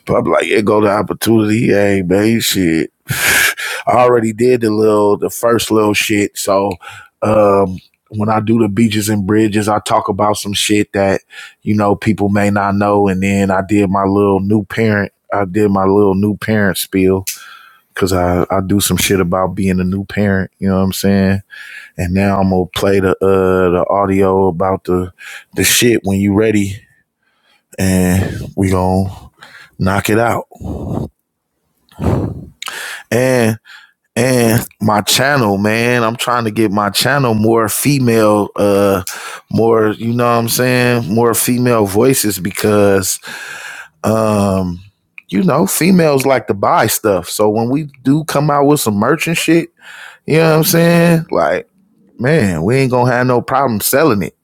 [SPEAKER 1] but i'm like here go the opportunity hey man shit I already did the little the first little shit. So um when I do the beaches and bridges, I talk about some shit that, you know, people may not know. And then I did my little new parent. I did my little new parent spiel because I, I do some shit about being a new parent. You know what I'm saying? And now I'm gonna play the uh the audio about the the shit when you ready, and we gonna knock it out. And And my channel, man, I'm trying to get my channel more female, uh, more, you know what I'm saying? More female voices because, um, you know, females like to buy stuff. So when we do come out with some merch and shit, you know what I'm saying? Like, man, we ain't gonna have no problem selling it.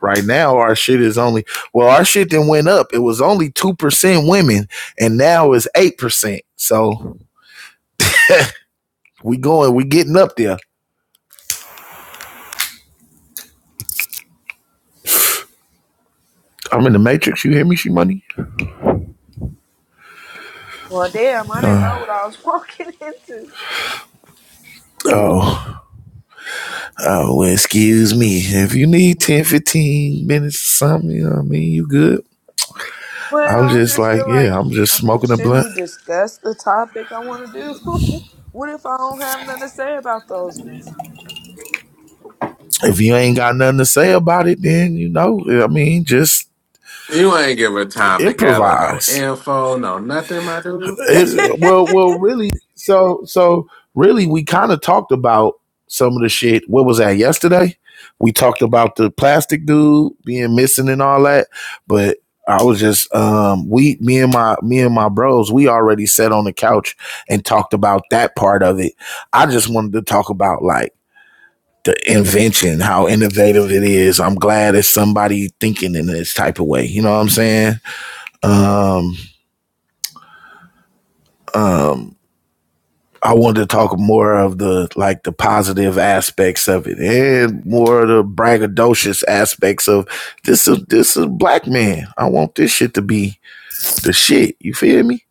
[SPEAKER 1] Right now, our shit is only, well, our shit then went up. It was only 2% women and now it's 8%. So we going, we getting up there. I'm in the matrix. You hear me, she money?
[SPEAKER 5] well, damn, I didn't know what I was walking into.
[SPEAKER 4] you
[SPEAKER 1] Oh, oh, well, excuse me. If you need 10, 15 minutes or something, you know what I mean? You good? I'm
[SPEAKER 5] Well, I
[SPEAKER 1] just
[SPEAKER 5] just
[SPEAKER 1] like,
[SPEAKER 5] feel like,
[SPEAKER 1] yeah, I'm just
[SPEAKER 5] I mean,
[SPEAKER 1] smoking a
[SPEAKER 5] shouldn't
[SPEAKER 1] blunt.
[SPEAKER 5] we discuss the topic I want to do? what if I don't have nothing to say about those ones?
[SPEAKER 1] If you ain't got nothing to say about it, then, you know, I mean, just
[SPEAKER 4] ain't give her time to gather no
[SPEAKER 1] improvise.
[SPEAKER 4] info, no nothing, my dude.
[SPEAKER 1] It's, well, well, really. So, so really, we kind of talked about some of the shit. What was that yesterday? We talked about the plastic dude being missing and all that. But I was just, um, we, me and my, me and my bros, we already sat on the couch and talked about that part of it. I just wanted to talk about like the invention, how innovative it is. I'm glad it's somebody thinking in this type of way. You know what I'm saying? Um, I wanted to talk more of the like the positive aspects of it and more of the braggadocious aspects of this is this is black man. I want this shit to be the shit. You feel me?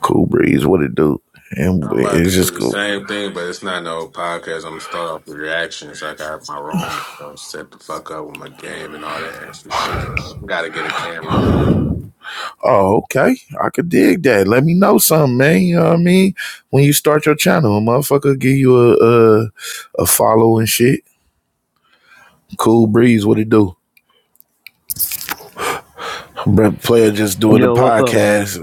[SPEAKER 1] Cool breeze, what it do? And
[SPEAKER 4] I'm about to
[SPEAKER 1] it's
[SPEAKER 4] do
[SPEAKER 1] just
[SPEAKER 4] the
[SPEAKER 1] cool.
[SPEAKER 4] same thing, but it's not no podcast. I'm gonna start off with reactions. I got my room. So set the fuck up with my game and all that extra shit. Gotta get a camera.
[SPEAKER 1] Oh, okay. I could dig that. Let me know something, man. You know what I mean? When you start your channel, a motherfucker give you a a, a follow and shit. Cool breeze, what it do? Brett Player just doing the
[SPEAKER 6] Yo, what's up, man?
[SPEAKER 1] podcast.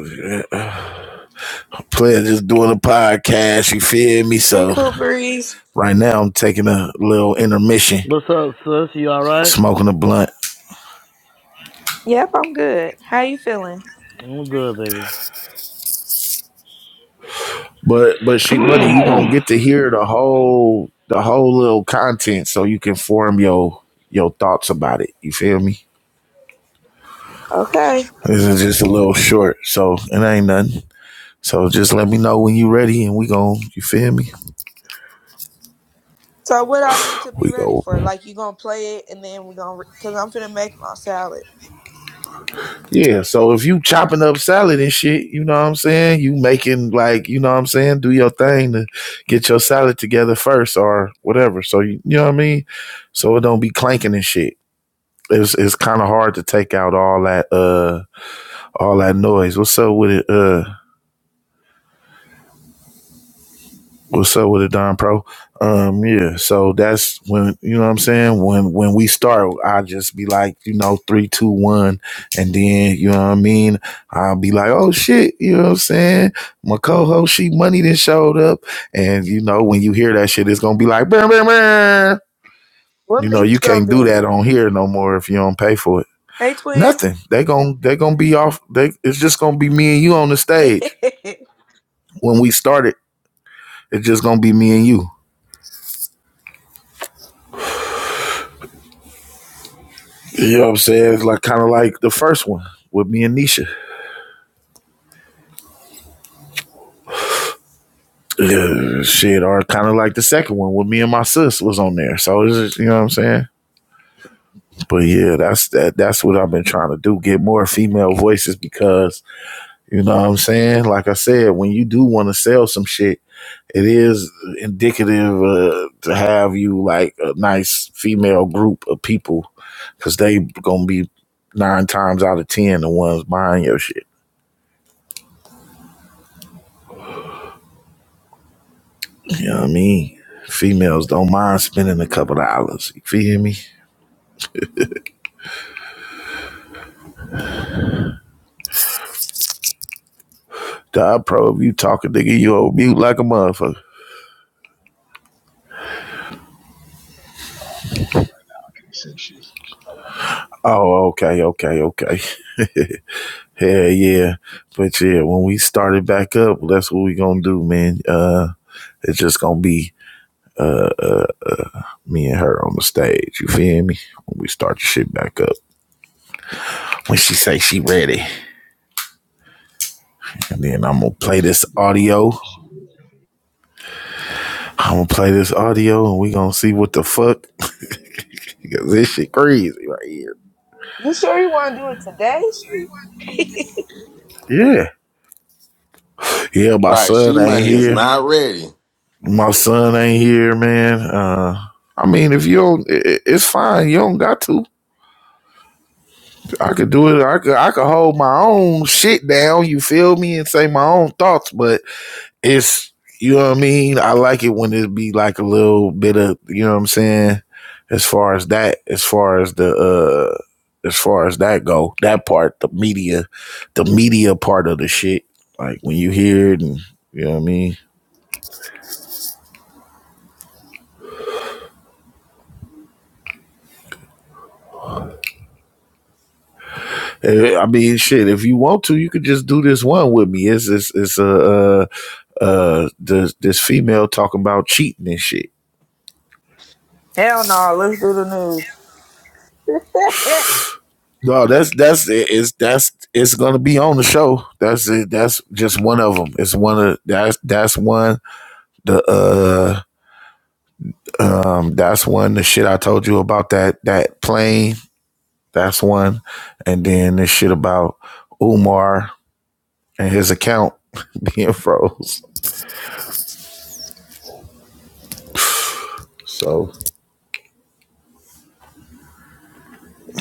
[SPEAKER 1] Player just doing a podcast, you feel me?
[SPEAKER 5] Hey,
[SPEAKER 1] So
[SPEAKER 5] Cool Breeze.
[SPEAKER 1] right now I'm taking a little intermission,
[SPEAKER 6] What's up, sis? You all right?
[SPEAKER 1] smoking a blunt.
[SPEAKER 5] Yep, I'm good. How you feeling?
[SPEAKER 6] I'm good, baby.
[SPEAKER 1] But but she money, you gonna get to hear the whole the whole little content so you can form your your thoughts about it. You feel me?
[SPEAKER 5] Okay.
[SPEAKER 1] This is just a little short, so it ain't nothing. So just let me know when you ready and we gon' you feel me?
[SPEAKER 5] So what I need to be
[SPEAKER 1] We
[SPEAKER 5] ready
[SPEAKER 1] go
[SPEAKER 5] for? Like you gonna play it, and then we're gonna re- cause I'm finna make my salad.
[SPEAKER 1] Yeah, so if you chopping up salad and shit, you know what I'm saying? You making like, you know what I'm saying? Do your thing to get your salad together first or whatever. So you, you know what I mean? So it don't be clanking and shit. It's it's kind of hard to take out all that uh all that noise. What's up with it? Uh What's up with it, Don Pro? Um, yeah, so that's when you know what I'm saying. When when we start, I just be like, you know, three, two, one, and then you know what I mean. I'll be like, oh shit, you know what I'm saying. My co-host, she money then showed up, and you know when you hear that shit, it's gonna be like, bam, bam, bam.
[SPEAKER 5] What
[SPEAKER 1] You know,
[SPEAKER 5] meat
[SPEAKER 1] you
[SPEAKER 5] you gonna
[SPEAKER 1] can't do
[SPEAKER 5] do?
[SPEAKER 1] that on here no more if you don't pay for it.
[SPEAKER 5] Hey, twin.
[SPEAKER 1] Nothing. They gon' they gonna be off. They it's just gonna be me and you on the
[SPEAKER 5] you
[SPEAKER 1] stage when we started. It's just gonna be me and you. You know what I'm saying? It's like kind of like the first one with me and Nisha. Yeah, shit, or kind of like the second one with me and my sis was on there. So it's just, you know what I'm saying? But yeah, that's that. That's what I've been trying to do: get more female voices because you know what I'm saying. Like I said, when you do want to sell some shit, it is indicative uh, to have you like a nice female group of people because they gonna be nine times out of ten the ones buying your shit. You know what I mean? Females don't mind spending a couple of dollars. You feel me? God pro, if you talking, nigga, you old mute like a motherfucker.
[SPEAKER 7] not working right now. I can't say shit. I wanted to,
[SPEAKER 1] Oh, okay, okay, okay. Hell yeah. But yeah, when we started back up, that's what we gonna do, man. Uh it's just gonna be me and her on the stage. You feel me? When we start the shit back up. When she say she ready. And then I'm gonna play
[SPEAKER 7] she
[SPEAKER 1] this
[SPEAKER 7] ready.
[SPEAKER 1] audio.
[SPEAKER 7] She ready.
[SPEAKER 1] I'm gonna play this audio and we gonna see what the fuck. Because this shit crazy right here.
[SPEAKER 5] sure you want to do it today?
[SPEAKER 1] Yeah. Yeah, my
[SPEAKER 4] Right,
[SPEAKER 1] son
[SPEAKER 4] she
[SPEAKER 1] ain't
[SPEAKER 4] money is
[SPEAKER 1] here.
[SPEAKER 4] not ready.
[SPEAKER 1] My son ain't here, man. Uh, I mean, if you don't, i- it's fine. You don't got to. I could do it. I could. I could hold my own shit down. You feel me? And say my own thoughts. But it's you know what I mean. I like it when it be like a little bit of you know what I'm saying. As far as that, as far as the uh, as far as that go, that part, the media, the media part of the shit. Like when you hear it, and you know what I mean. Eh, I mean, shit. If you want to, you could just do this one with me. It's it's it's uh, uh uh this this female talking about cheating and shit.
[SPEAKER 5] Hell no. Let's do the news.
[SPEAKER 1] No, that's that's it's that's it's gonna be on the show. That's it. That's just one of them. It's one of that's that's one the uh um that's one the shit I told you about that that plane. That's one, and then this shit about Umar and his account being froze. So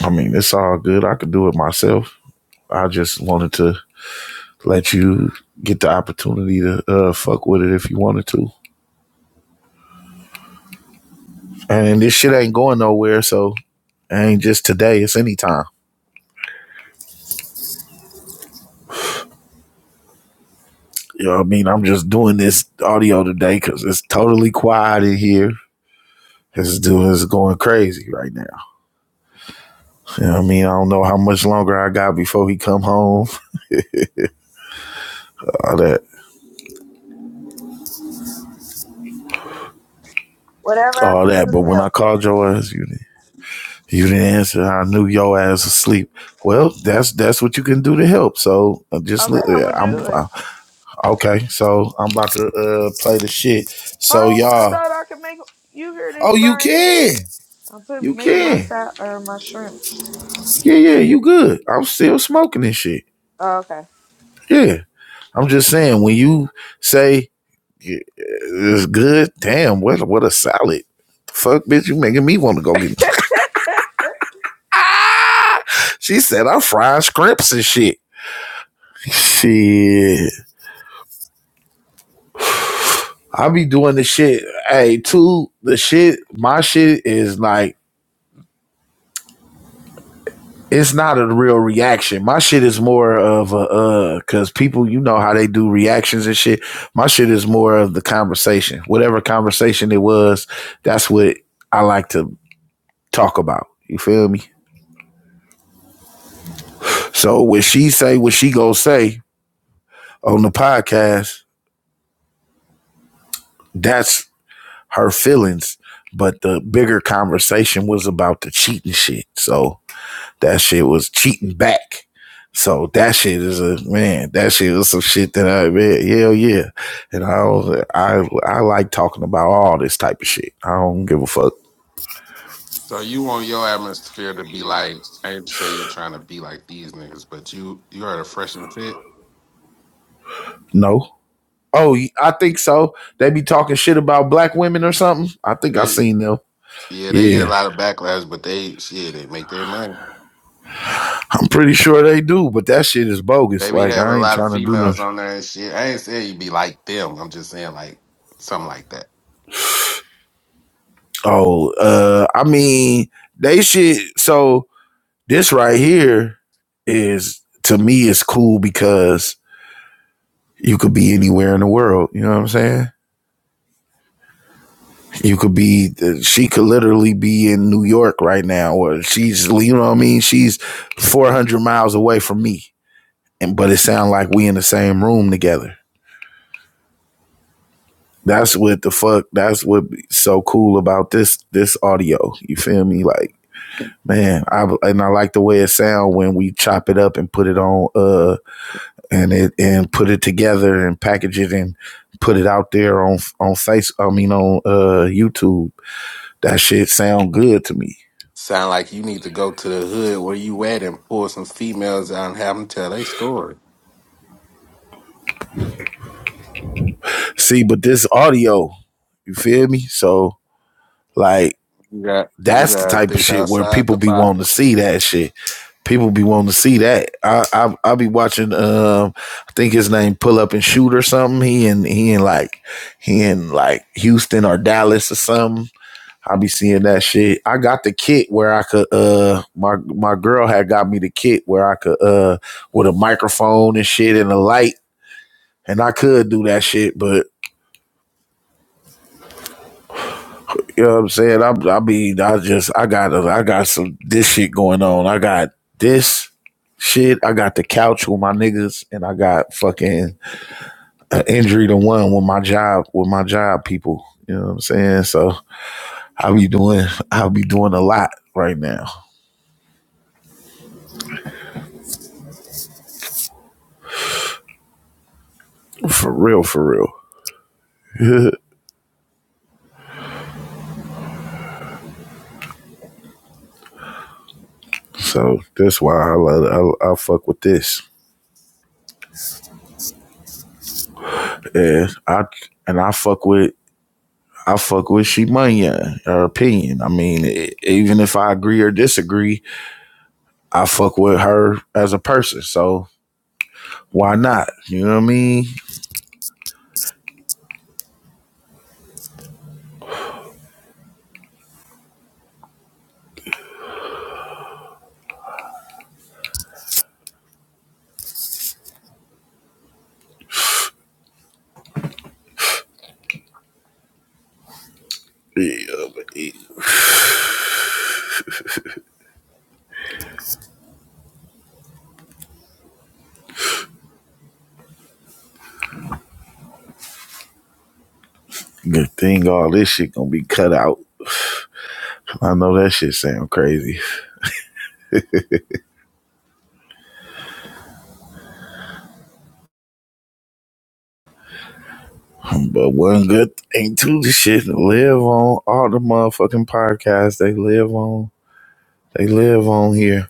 [SPEAKER 1] I mean, it's all good. I could do it myself. I just wanted to let you get the opportunity to uh, fuck with it if you wanted to. And this shit ain't going nowhere, so it ain't just today, it's anytime. You know what I mean? I'm just doing this audio today because it's totally quiet in here. This dude is going crazy right now. You know what I mean? I don't know how much longer I got before he come home. All that,
[SPEAKER 5] Whatever I
[SPEAKER 1] all
[SPEAKER 5] can do
[SPEAKER 1] that. But
[SPEAKER 5] to
[SPEAKER 1] when I
[SPEAKER 5] help.
[SPEAKER 1] called your ass, you didn't, you didn't answer. I knew your ass was asleep. Well, that's that's what you can do to help. So I just, li-
[SPEAKER 5] Okay, I'm
[SPEAKER 1] yeah,
[SPEAKER 5] gonna
[SPEAKER 1] I'm,
[SPEAKER 5] do it.
[SPEAKER 1] I, Okay, so I'm about to uh play the shit.
[SPEAKER 5] Hold
[SPEAKER 1] So
[SPEAKER 5] on, I
[SPEAKER 1] y'all,
[SPEAKER 5] thought I could make you hear this
[SPEAKER 1] oh you
[SPEAKER 5] frying pan.
[SPEAKER 1] can,
[SPEAKER 5] I'm put,
[SPEAKER 1] you
[SPEAKER 5] making my
[SPEAKER 1] can,
[SPEAKER 5] side or my shrimps.
[SPEAKER 1] yeah, yeah, you good. I'm still smoking this shit.
[SPEAKER 5] Oh, okay.
[SPEAKER 1] Yeah, I'm just saying when you say yeah, it's good, damn, what what a salad. Fuck, bitch, you making me want to go get. She said I'm frying scrimps and shit. Shit, I be doing the shit. Hey, too, the shit, my shit is like it's not a real reaction. My shit is more of a uh, cause people, you know how they do reactions and shit. My shit is more of the conversation. Whatever conversation it was, that's what I like to talk about. You feel me? So when she say, what she gonna say on the podcast, that's her feelings. But the bigger conversation was about the cheating shit. So That shit was cheating back. So that shit is a man. That shit was some shit that I man, hell yeah. And I was, I I like talking about all this type of shit. I don't give a fuck.
[SPEAKER 4] So you want your atmosphere to be like I ain't say you trying to be like these niggas, but you you are the fresh and fit.
[SPEAKER 1] No. Oh, I think so. They be talking shit about black women or something. I think I seen them.
[SPEAKER 4] Yeah, they get a
[SPEAKER 1] Yeah,
[SPEAKER 4] lot of backlash, but they shit, they make their money.
[SPEAKER 1] I'm pretty sure they do. But that shit is bogus.
[SPEAKER 4] They be
[SPEAKER 1] Like
[SPEAKER 4] having a
[SPEAKER 1] I ain't
[SPEAKER 4] lot of
[SPEAKER 1] trying to do nothing.
[SPEAKER 4] females on there and shit. I ain't saying you be like them. I'm just saying like something like that.
[SPEAKER 1] Oh, uh, I mean they shit. So this right here is to me is cool because You could be anywhere in the world. You know what I'm saying? You could be, she could literally be in New York right now, or she's, you know what I mean? She's 400 miles away from me. And, but it sounds like we in the same room together. That's what the fuck, that's what so cool about this, this audio. You feel me? Like, man, I, and I like the way it sound when we chop it up and put it on, uh, and it, and put it together and package it and put it out there on, on face, I mean, on, uh, YouTube That shit sound good to me.
[SPEAKER 4] Sound like you need to go to the hood where you at and pull some females out and have them tell their story.
[SPEAKER 1] See, but this audio, you feel me? So like
[SPEAKER 4] You got you
[SPEAKER 1] that's the
[SPEAKER 4] gotta
[SPEAKER 1] type of
[SPEAKER 4] think
[SPEAKER 1] shit where
[SPEAKER 4] outside
[SPEAKER 1] people
[SPEAKER 4] the
[SPEAKER 1] be wanting to
[SPEAKER 4] box.
[SPEAKER 1] see that shit. People be wanting to see that. I I I be watching um I think his name Pull Up and Shoot or something. He in he in like he in like Houston or Dallas or something. I be seeing that shit. I got the kit where I could uh my my girl had got me the kit where I could uh with a microphone and shit and a light and I could do that shit, but You know what I'm saying? I, I mean, I just, I got, I got some this shit going on. I got this shit. I got the couch with my niggas, and I got fucking an injury to one with my job, with my job people. You know what I'm saying? So I be doing, I be doing a lot right now, for real, for real. so that's why I love, I, I fuck with this, and I, and I fuck with. I fuck with Shimanya, her opinion. I mean, e- even if I agree or disagree, I fuck with her as a person, so why not? You know what I mean? Yeah, Good thing all this shit gonna be cut out. I know that shit sound crazy, but one good thing too, this shit live on all the motherfucking podcasts. They live on. They live on here.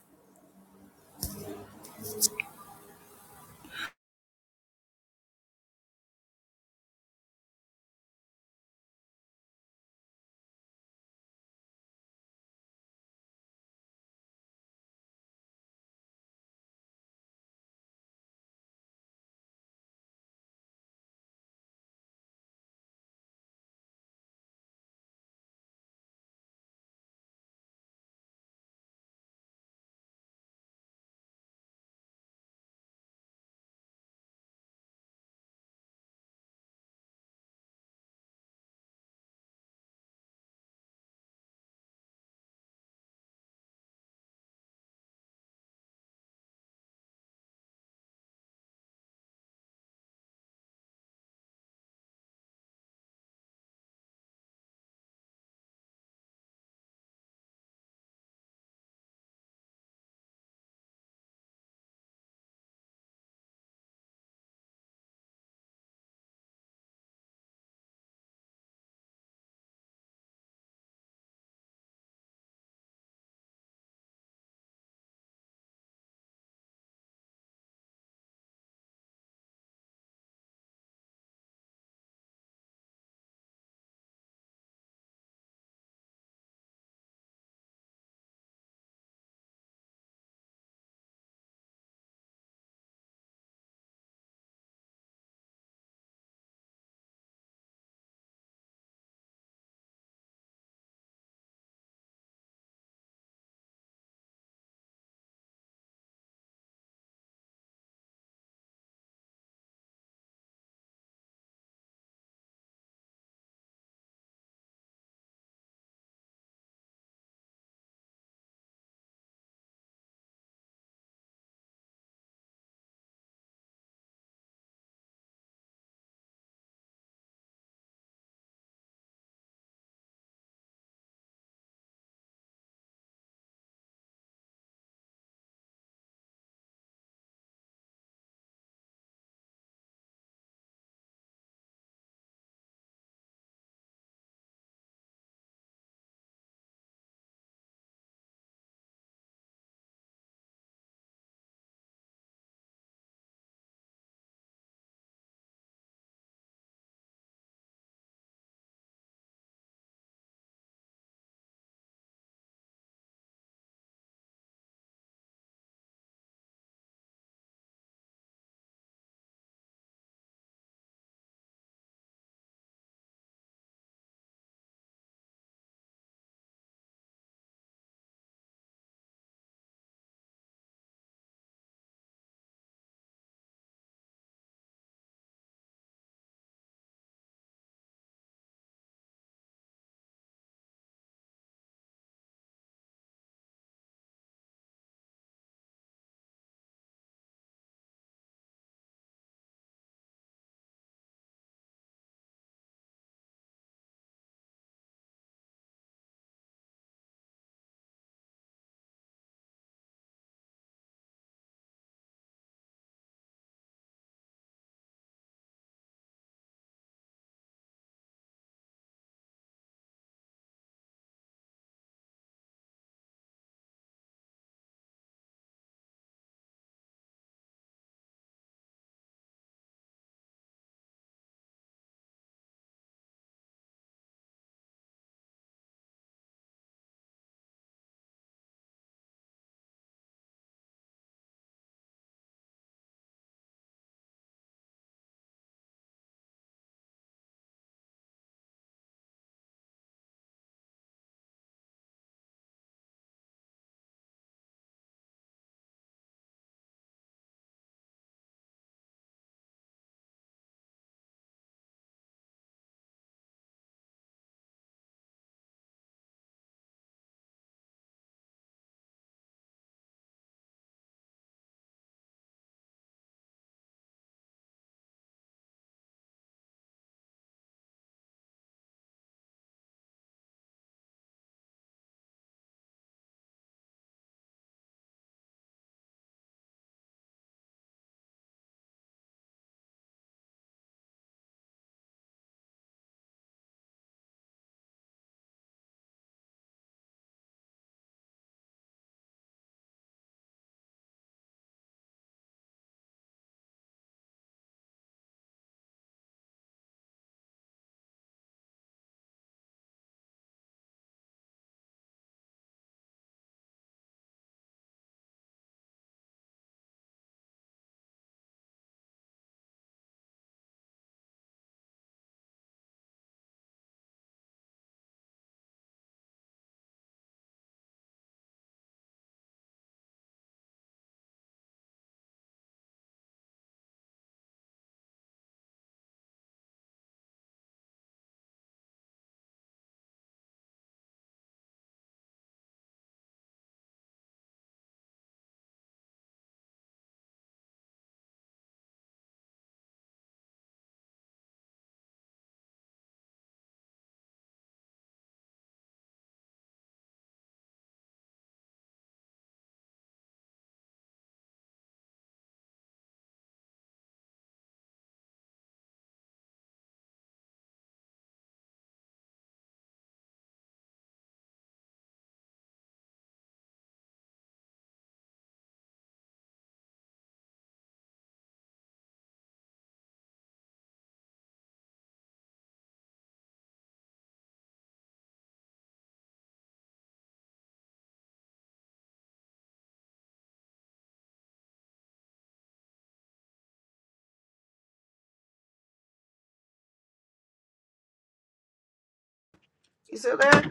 [SPEAKER 5] you still there?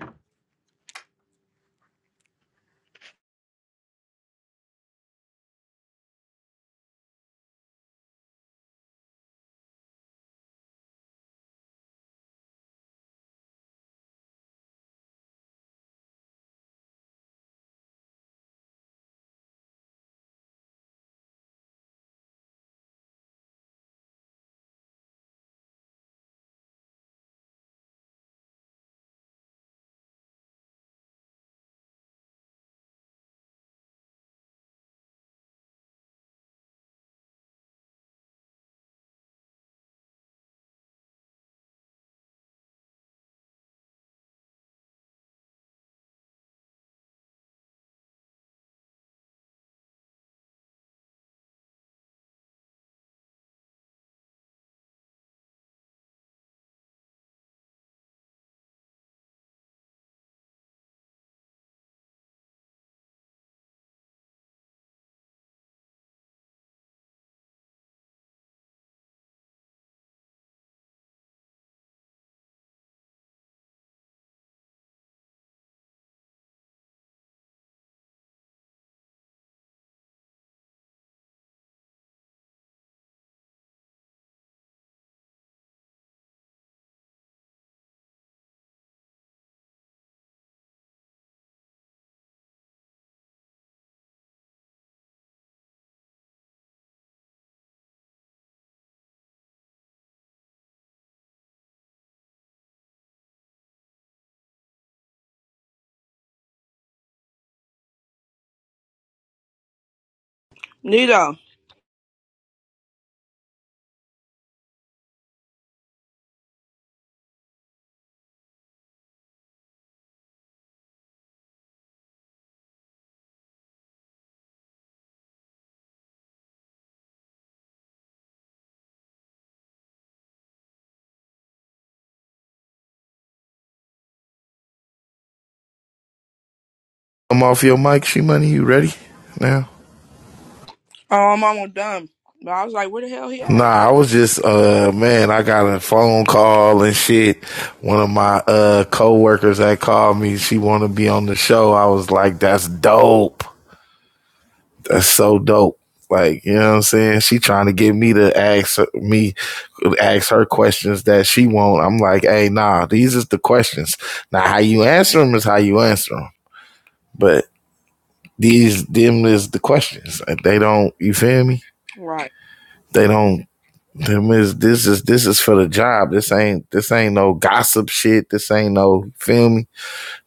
[SPEAKER 5] Nito.
[SPEAKER 1] I'm off your mic, she money. You ready now?
[SPEAKER 5] Oh, I'm almost done. But I was like, where the hell he at?
[SPEAKER 1] Nah, I was just uh man, I got a phone call and shit. One of my uh coworkers that called me, she wanna be on the show. I was like, That's dope. That's so dope. Like, you know what I'm saying? She trying to get me to ask her- me ask her questions that she want. I'm like, hey, nah, these is the questions. Now how you answer them is how you answer them. But these them is the questions. They don't you feel me?
[SPEAKER 5] Right.
[SPEAKER 1] They don't Them is this is this is for the job. This ain't this ain't no gossip shit. This ain't no feel me.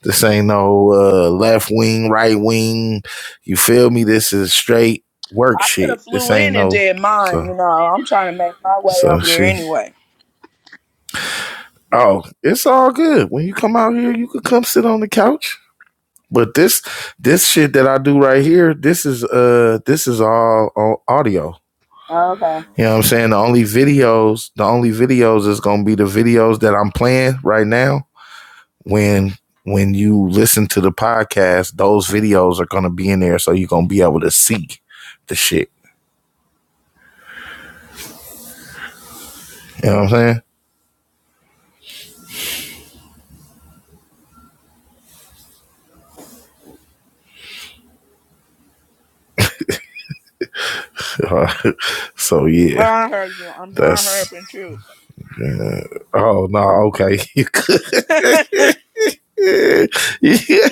[SPEAKER 1] This ain't no uh, left wing, right wing. You feel me? This is straight work
[SPEAKER 5] I could
[SPEAKER 1] shit.
[SPEAKER 5] have
[SPEAKER 1] This
[SPEAKER 5] flew
[SPEAKER 1] ain't
[SPEAKER 5] in and
[SPEAKER 1] no
[SPEAKER 5] did mine.
[SPEAKER 1] so
[SPEAKER 5] You know, I'm trying to make my way
[SPEAKER 1] so
[SPEAKER 5] over there
[SPEAKER 1] she.
[SPEAKER 5] anyway.
[SPEAKER 1] Oh, it's all good. When you come out here, you could come sit on the couch. But this this shit that I do right here, this is uh this is all on audio.
[SPEAKER 5] Oh, okay.
[SPEAKER 1] You know what I'm saying? The only videos, the only videos is gonna be the videos that I'm playing right now when when you listen to the podcast, those videos are gonna be in there, so you're gonna be able to see the shit. You know what I'm saying? so
[SPEAKER 5] Oh,
[SPEAKER 1] yeah,
[SPEAKER 5] I heard you. I'm trying to hurry
[SPEAKER 1] that's
[SPEAKER 5] up and chew.
[SPEAKER 1] uh, oh no, okay, you could. yeah. yeah.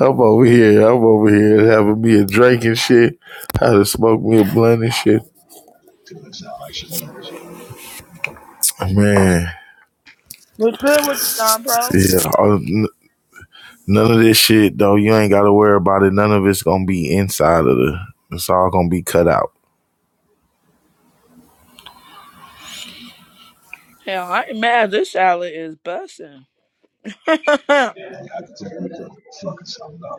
[SPEAKER 1] I'm over here. I'm over here having me a drink and shit. How to smoke me a blunt and shit.
[SPEAKER 7] Cause it sound like she ready.
[SPEAKER 1] Man,
[SPEAKER 5] What's good with you, Don Pro?
[SPEAKER 1] yeah. all- n- None of this shit though. You ain't got to worry about it. None of it's gonna be inside of the. It's all gonna be cut out.
[SPEAKER 5] Hell, I ain't mad. This salad is busting.
[SPEAKER 7] And I can tell you the fucking something up.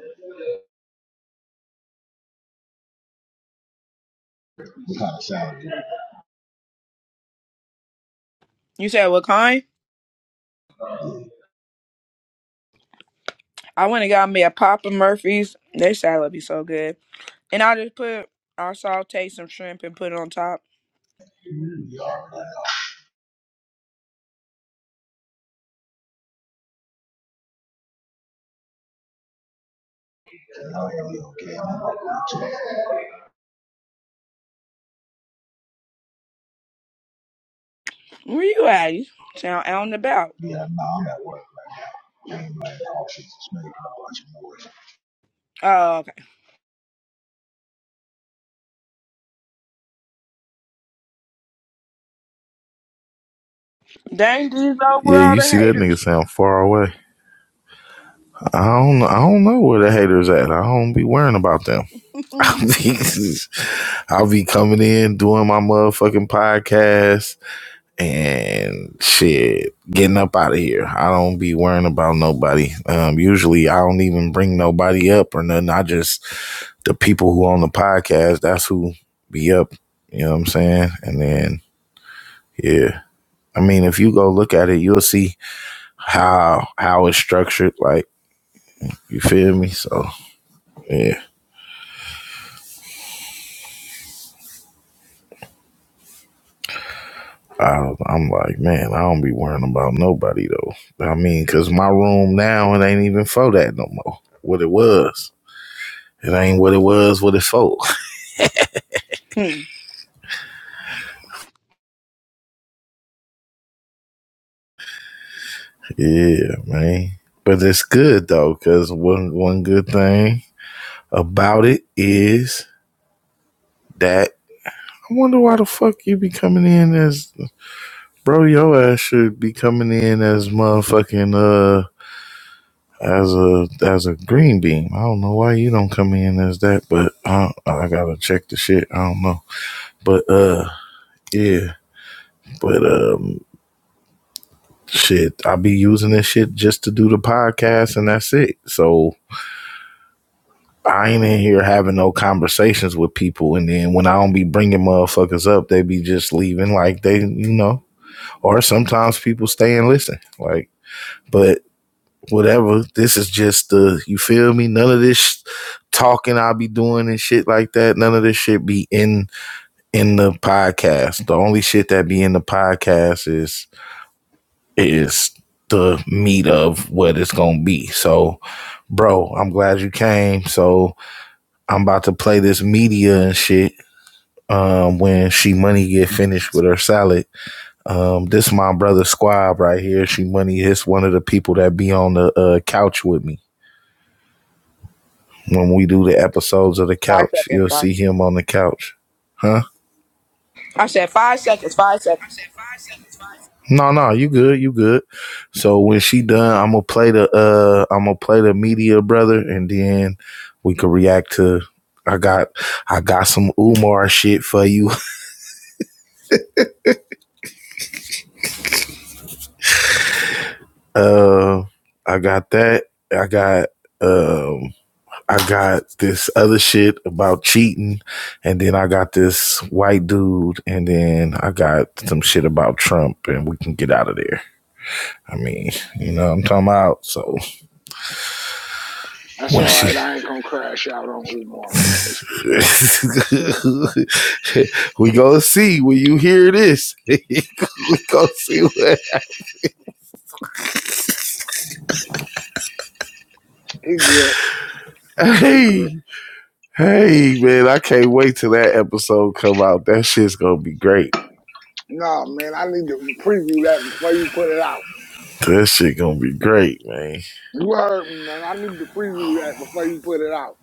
[SPEAKER 7] What kind of sound do
[SPEAKER 5] you said what kind? I went and got me a Papa Murphy's. Their salad be so good. And I just put, I saute some shrimp and put it on top.
[SPEAKER 7] you? You already know. You know, you okay. I'm not too.
[SPEAKER 5] Where you at? You Sound out and about.
[SPEAKER 7] Yeah, nah, I'm at work right now. I'm like, all she's making a bunch of noise.
[SPEAKER 5] Oh, okay. Dang, these old
[SPEAKER 1] Yeah,
[SPEAKER 5] all
[SPEAKER 1] you
[SPEAKER 5] the
[SPEAKER 1] see that nigga
[SPEAKER 5] haters.
[SPEAKER 1] sound far away. I don't I don't know where the haters at. I don't be worrying about them. I'll
[SPEAKER 5] Hmm.
[SPEAKER 1] be, I'll be coming in doing my motherfucking podcast and shit, getting up out of here. I don't be worrying about nobody. Um, usually I don't even bring nobody up or nothing. I just the people who on the podcast, that's who be up. You know what I'm saying? And then yeah. I mean, if you go look at it, you'll see how how it's structured. Like You feel me? So yeah, I, I'm like, man, I don't be worrying about nobody though. I mean, cause my room now it ain't even for that no more. What it was, it ain't what it was. What it for?
[SPEAKER 5] Hmm.
[SPEAKER 1] Yeah, man. But it's good though, cause one one good thing about it is that I wonder why the fuck you be coming in as bro. Your ass should be coming in as motherfucking uh. as a as a green beam. I don't know why you don't come in as that, but I I gotta check the shit. I don't know, but uh, yeah, but um, shit, I be using this shit just to do the podcast, and that's it. So. I ain't in here having no conversations with people, and then when I don't be bringing motherfuckers up, they be just leaving like they, you know. Or sometimes people stay and listen, like. But whatever. This is just the you feel me. None of this sh- talking I'll be doing and shit like that. None of this shit be in in the podcast. The only shit that be in the podcast is is the meat of what it's gonna be. So, bro, I'm glad you came. So I'm about to play this media and shit. Um, when she money get finished with her salad, um, this my brother Squab right here. She money is one of the people that be on the uh, couch with me. When we do the episodes of the
[SPEAKER 5] Five
[SPEAKER 1] couch,
[SPEAKER 5] seconds.
[SPEAKER 1] you'll
[SPEAKER 5] Five.
[SPEAKER 1] see him on the couch. Huh?
[SPEAKER 5] I said five seconds. Five seconds.
[SPEAKER 1] I said five, seven, five. No, no, you good, you good. So when she done, I'm gonna play the uh I'm gonna play the media brother and then we can react to I got I got some Umar shit for you. Uh I got that. I got um I got this other shit about cheating, and then I got this white dude, and then I got some shit about Trump, and we can get out of there. I mean, you know what I'm talking about. So
[SPEAKER 8] That's
[SPEAKER 1] when
[SPEAKER 8] all
[SPEAKER 1] she,
[SPEAKER 8] right. I ain't gonna crash out on Umar, man. It's good.
[SPEAKER 1] we go see when you hear this, we go see what.
[SPEAKER 8] He good. He good.
[SPEAKER 1] Hey, hey, man, I can't wait till that episode come out. That shit's gonna be great.
[SPEAKER 8] No, man, I need to preview that before you put it out.
[SPEAKER 1] That shit gonna be great, man.
[SPEAKER 8] You heard me, man. I need to preview that before you put it out.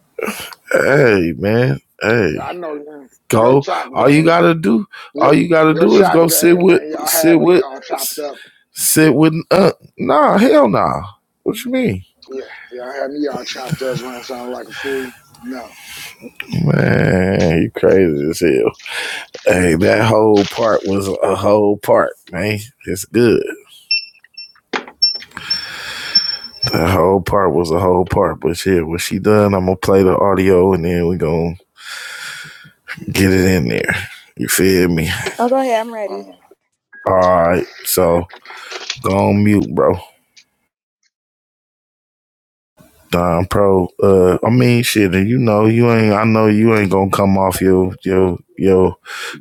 [SPEAKER 1] Hey, man. Hey.
[SPEAKER 8] Yeah, I know man. your
[SPEAKER 1] go.
[SPEAKER 8] chop
[SPEAKER 1] All you
[SPEAKER 8] game.
[SPEAKER 1] gotta do,
[SPEAKER 8] Your
[SPEAKER 1] all you gotta
[SPEAKER 8] your
[SPEAKER 1] do is
[SPEAKER 8] chop
[SPEAKER 1] go sit
[SPEAKER 8] game,
[SPEAKER 1] with,
[SPEAKER 8] man. Y'all had
[SPEAKER 1] sit
[SPEAKER 8] me
[SPEAKER 1] with,
[SPEAKER 8] all chopped up.
[SPEAKER 1] sit with. Uh, nah, hell nah. What you mean,
[SPEAKER 8] Yeah, y'all had me all chopped up. I sound like a fool. No,
[SPEAKER 1] man? You crazy as hell. Hey, that whole part was a whole part, man. It's good. That whole part was a whole part, but shit, when she done, I'm gonna play the audio and then we gonna get it in there. You feel me?
[SPEAKER 5] Oh, go ahead. I'm ready.
[SPEAKER 8] uh,
[SPEAKER 1] All right, so go on mute, bro. Nah, I'm pro. Uh, I mean, shit. and You know, you ain't. I know you ain't gonna come off your your your,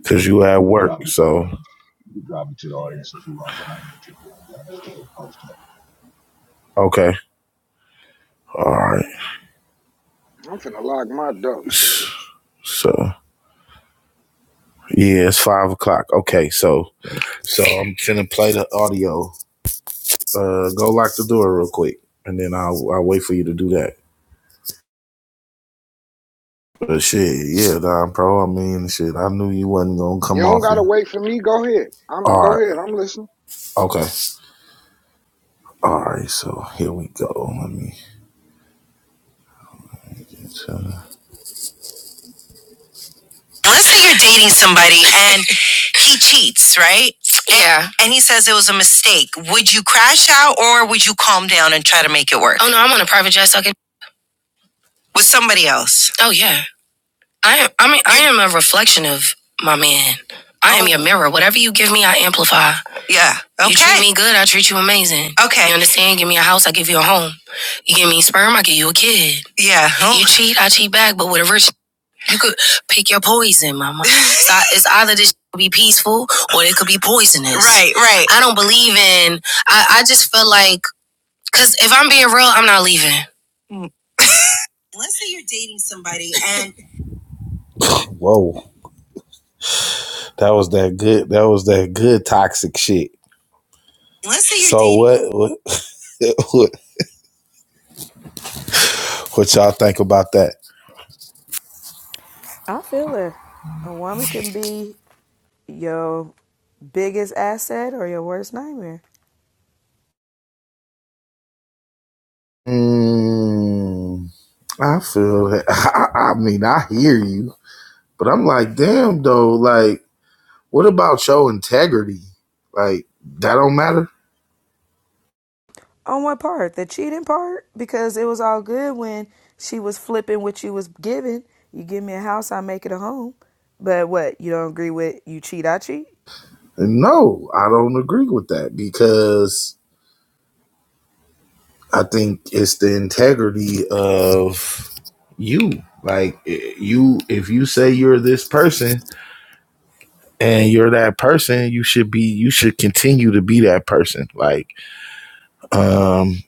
[SPEAKER 1] cause you
[SPEAKER 7] You
[SPEAKER 1] at
[SPEAKER 7] can
[SPEAKER 1] work.
[SPEAKER 7] drop me to the
[SPEAKER 1] So
[SPEAKER 7] audience. You can drop me to the audience if you want, Brian, I like that. I'm still posting.
[SPEAKER 1] okay, all right.
[SPEAKER 8] I'm finna lock my dog. Shit.
[SPEAKER 1] So yeah, it's five o'clock. Okay, so so I'm gonna play the audio. Uh, go lock the door real quick, and then I'll I'll wait for you to do that. But shit, yeah, nah, pro. I mean, shit. I knew you wasn't gonna
[SPEAKER 8] You
[SPEAKER 1] come
[SPEAKER 8] don't
[SPEAKER 1] off
[SPEAKER 8] gotta
[SPEAKER 1] here.
[SPEAKER 8] wait for me. Go ahead. I'm
[SPEAKER 1] All
[SPEAKER 8] go ahead.
[SPEAKER 1] right.
[SPEAKER 8] I'm listening.
[SPEAKER 1] Okay. All right. So here we go. Let me. So let's say you're dating somebody and he cheats, right? Yeah. And and he says it was a mistake. Would you crash out or would you calm down and try to make it work? Oh no, I'm on a private jet talking With somebody else. Oh yeah. I am I mean I am a reflection of my man. I oh. am your mirror. Whatever you give me, I amplify. Yeah. Okay. You treat me good, I treat you amazing. Okay. You understand? Give me a house, I give you a home. You give me sperm, I give you a kid. Yeah. Oh. You cheat, I cheat back, but with a virtue. You could pick your poison, mama. It's ei- it's either this could be peaceful or it could be poisonous. Right, right. I don't believe in. I, I just feel like, cause if I'm being real, I'm not leaving. Mm. Let's say you're dating somebody, and Whoa, that was that good. That was that good toxic shit. let's say you're So dating. what? What? What, what y'all think about that?
[SPEAKER 5] I feel it. A woman can be your biggest asset or your worst nightmare.
[SPEAKER 1] Mm, I feel that. I, I mean, I hear you, but I'm like, damn though. like. What about your integrity? Like that don't matter?
[SPEAKER 5] on what part? The cheating part? Because it was all good when she was flipping what you was giving. You give me a house, I make it a home. But what, you don't agree with you cheat, I cheat?
[SPEAKER 1] And No, I don't agree with that because I think it's the integrity of you. Like you if you say you're this person and you're that person, you should be you should continue to be that person. Like um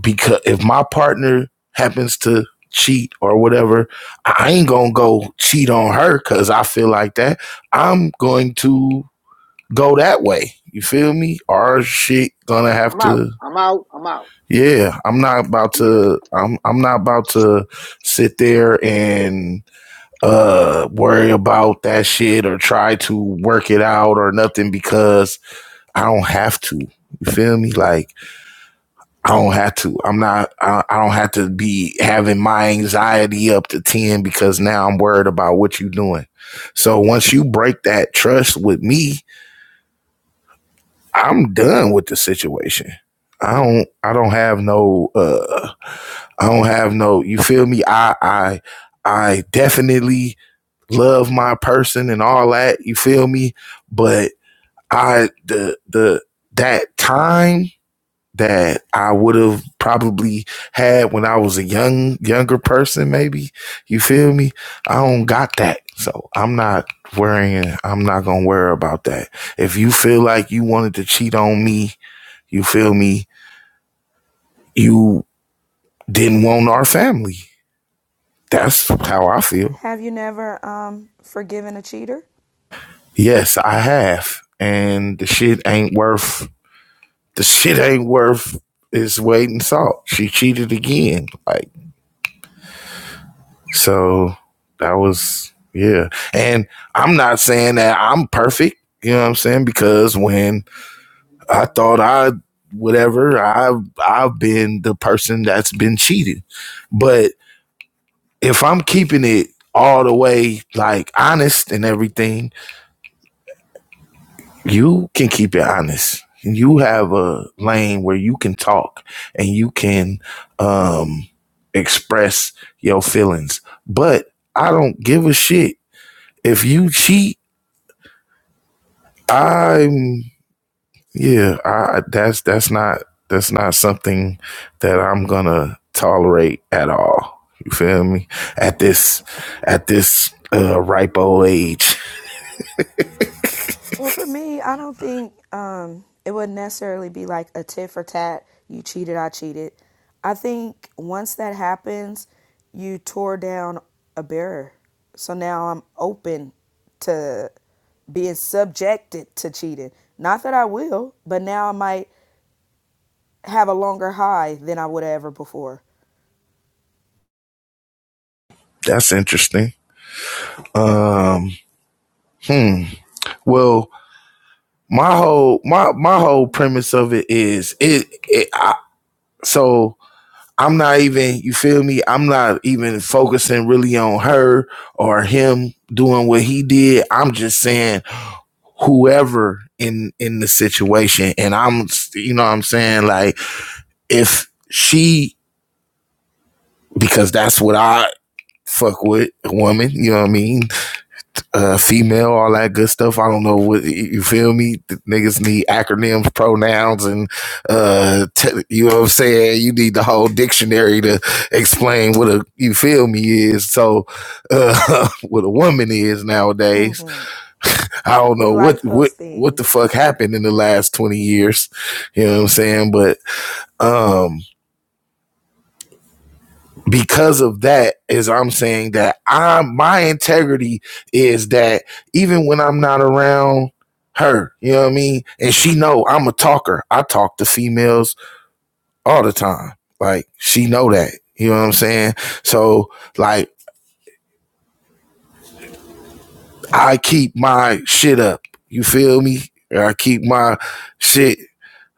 [SPEAKER 1] because if my partner happens to cheat or whatever, I ain't going to go cheat on her cuz I feel like that. I'm going to go that way. You feel me? Our shit gonna have
[SPEAKER 8] I'm out.
[SPEAKER 1] to.
[SPEAKER 8] I'm out. I'm out.
[SPEAKER 1] Yeah, I'm not about
[SPEAKER 8] Yeah.
[SPEAKER 1] to. I'm I'm not about to sit there and uh worry about that shit or try to work it out or nothing because I don't have to. You feel me? Like I don't have to. I'm not. I, I don't have to be having my anxiety up to ten because now I'm worried about what you are doing. So once you break that trust with me, I'm done with the situation. I don't I don't have no uh I don't have no you feel me? I I I definitely love my person and all that, you feel me? But I the the that time that I would have probably had when I was a young younger person maybe, you feel me? I don't got that. So I'm not worrying I'm not gonna worry about that. If you feel like you wanted to cheat on me you feel me? You didn't want our family. That's how I feel.
[SPEAKER 5] Have you never um forgiven a cheater?
[SPEAKER 1] Yes, I have. And the shit ain't worth the shit ain't worth its weight in salt. She cheated again. Like so that was yeah. And I'm not saying that I'm perfect, you know what I'm saying? Because when I thought I whatever, I've I've been the person that's been cheated. But if I'm keeping it all the way like honest and everything, you can keep it honest. You have a lane where you can talk and you can um express your feelings. But I don't give a shit if you cheat. I'm yeah, I that's that's not that's not something that I'm going to tolerate at all. You feel me? At this at this uh ripe old age.
[SPEAKER 5] Well, for me, I don't think um, it would necessarily be like a tit for tat. You cheated, I cheated. I think once that happens, you tore down a barrier. So now I'm open to being subjected to cheating. Not that I will, but now I might have a longer high than I would have ever before.
[SPEAKER 1] That's interesting. Um, hmm. Well, my whole my my whole premise of it is it. it I, so I'm not even, you feel me? I'm not even focusing really on her or him doing what he did. I'm just saying whoever in in the situation and I'm you know what I'm saying like if she because that's what I fuck with a woman, you know what I mean? uh, female, all that good stuff. I don't know what you feel me. The niggas need acronyms, pronouns, and uh, te- you know what I'm saying. You need the whole dictionary to explain what a you feel me is. So uh, what a woman is nowadays.
[SPEAKER 5] Mm-hmm.
[SPEAKER 1] I don't
[SPEAKER 5] We
[SPEAKER 1] know what
[SPEAKER 5] like
[SPEAKER 1] what
[SPEAKER 5] those
[SPEAKER 1] what the
[SPEAKER 5] things.
[SPEAKER 1] fuck happened in the last twenty years. You know what I'm saying, but um. because of that is I'm saying that I my integrity is that even when I'm not around her, you know what I mean? And she know I'm a talker. I talk to females all the time. Like she know that. You know what I'm saying? So like I keep my shit up. You feel me? I keep my shit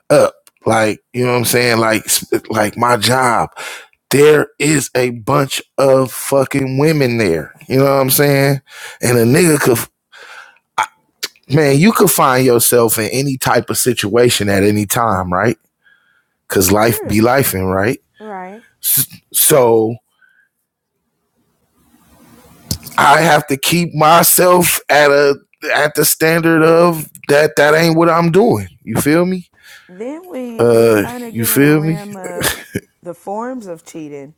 [SPEAKER 1] up. Like, you know what I'm saying? Like like my job there is a bunch of fucking women there. You know what I'm saying? And a nigga could, man, you could find yourself in any type of situation at any time, right? Cause life
[SPEAKER 5] True.
[SPEAKER 1] be lifing, right?
[SPEAKER 5] Right.
[SPEAKER 1] So I have to keep myself at a, at the standard of that, that ain't what I'm doing. You feel me?
[SPEAKER 5] Then we we
[SPEAKER 1] Uh,
[SPEAKER 5] kind of
[SPEAKER 1] you
[SPEAKER 5] get in a
[SPEAKER 1] feel me?
[SPEAKER 5] realm of the forms of cheating.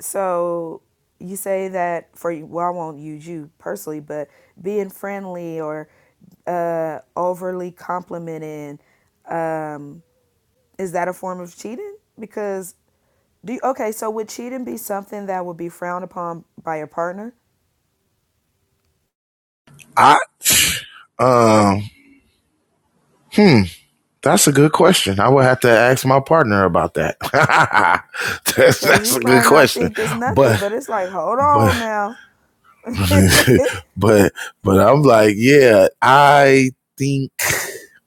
[SPEAKER 5] So you say that for well, I won't use you personally, but being friendly or uh, overly complimenting, um, is that a form of cheating? Because do you, okay, so would cheating be something that would be frowned upon by your partner?
[SPEAKER 1] I, um, hmm. That's a good question. I would have to ask my partner about that. that's,
[SPEAKER 5] Because
[SPEAKER 1] that's a
[SPEAKER 5] you
[SPEAKER 1] good
[SPEAKER 5] might not
[SPEAKER 1] question.
[SPEAKER 5] think it's nothing,
[SPEAKER 1] But
[SPEAKER 5] but it's like, hold on
[SPEAKER 1] but
[SPEAKER 5] now.
[SPEAKER 1] but but I'm like, yeah, I think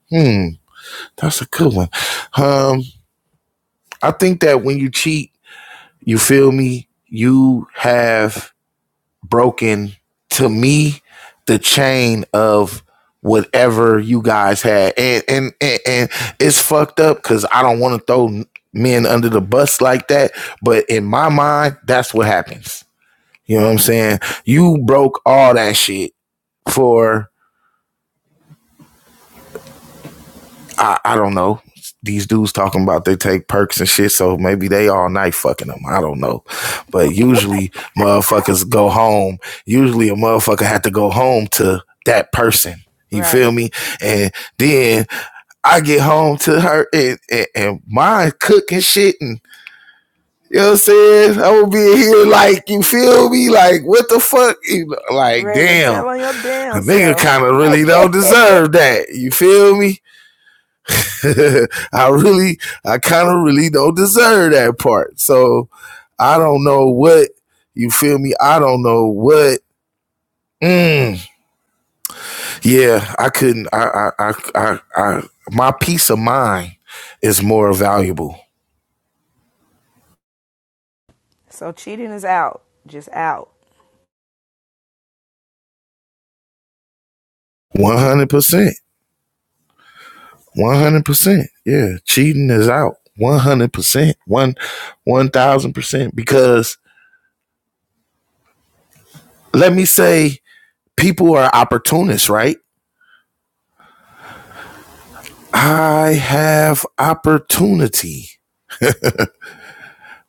[SPEAKER 1] hmm, that's a good one. Um, I think that when you cheat, you feel me, you have broken to me the chain of whatever you guys had and and and, and it's fucked up because i don't want to throw men under the bus like that but in my mind that's what happens you know what i'm saying you broke all that shit for I, I don't know. These dudes talking about they take perks and shit, so maybe they all night fucking them. I don't know. But usually motherfuckers go home. Usually a motherfucker had to go home to that person. You
[SPEAKER 5] Right.
[SPEAKER 1] feel me? And then I get home to her and, and, and mine cooking shit and you know what I'm saying? I would be here like you feel me? Like what the fuck? Like
[SPEAKER 5] Ready to
[SPEAKER 1] damn,
[SPEAKER 5] tell on your
[SPEAKER 1] a
[SPEAKER 5] damn
[SPEAKER 1] nigga
[SPEAKER 5] self.
[SPEAKER 1] kind of really don't deserve that. You feel me? I really, I kind of really don't deserve that part. So I don't know what you feel me. I don't know what. Mm, yeah, I couldn't. I, I, I, I, I, my peace of mind is more valuable.
[SPEAKER 5] So cheating is out, just out.
[SPEAKER 1] One hundred percent. One hundred percent. Yeah, cheating is out. One hundred percent. One, one thousand percent. Because let me say, people are opportunists, right? I have opportunity.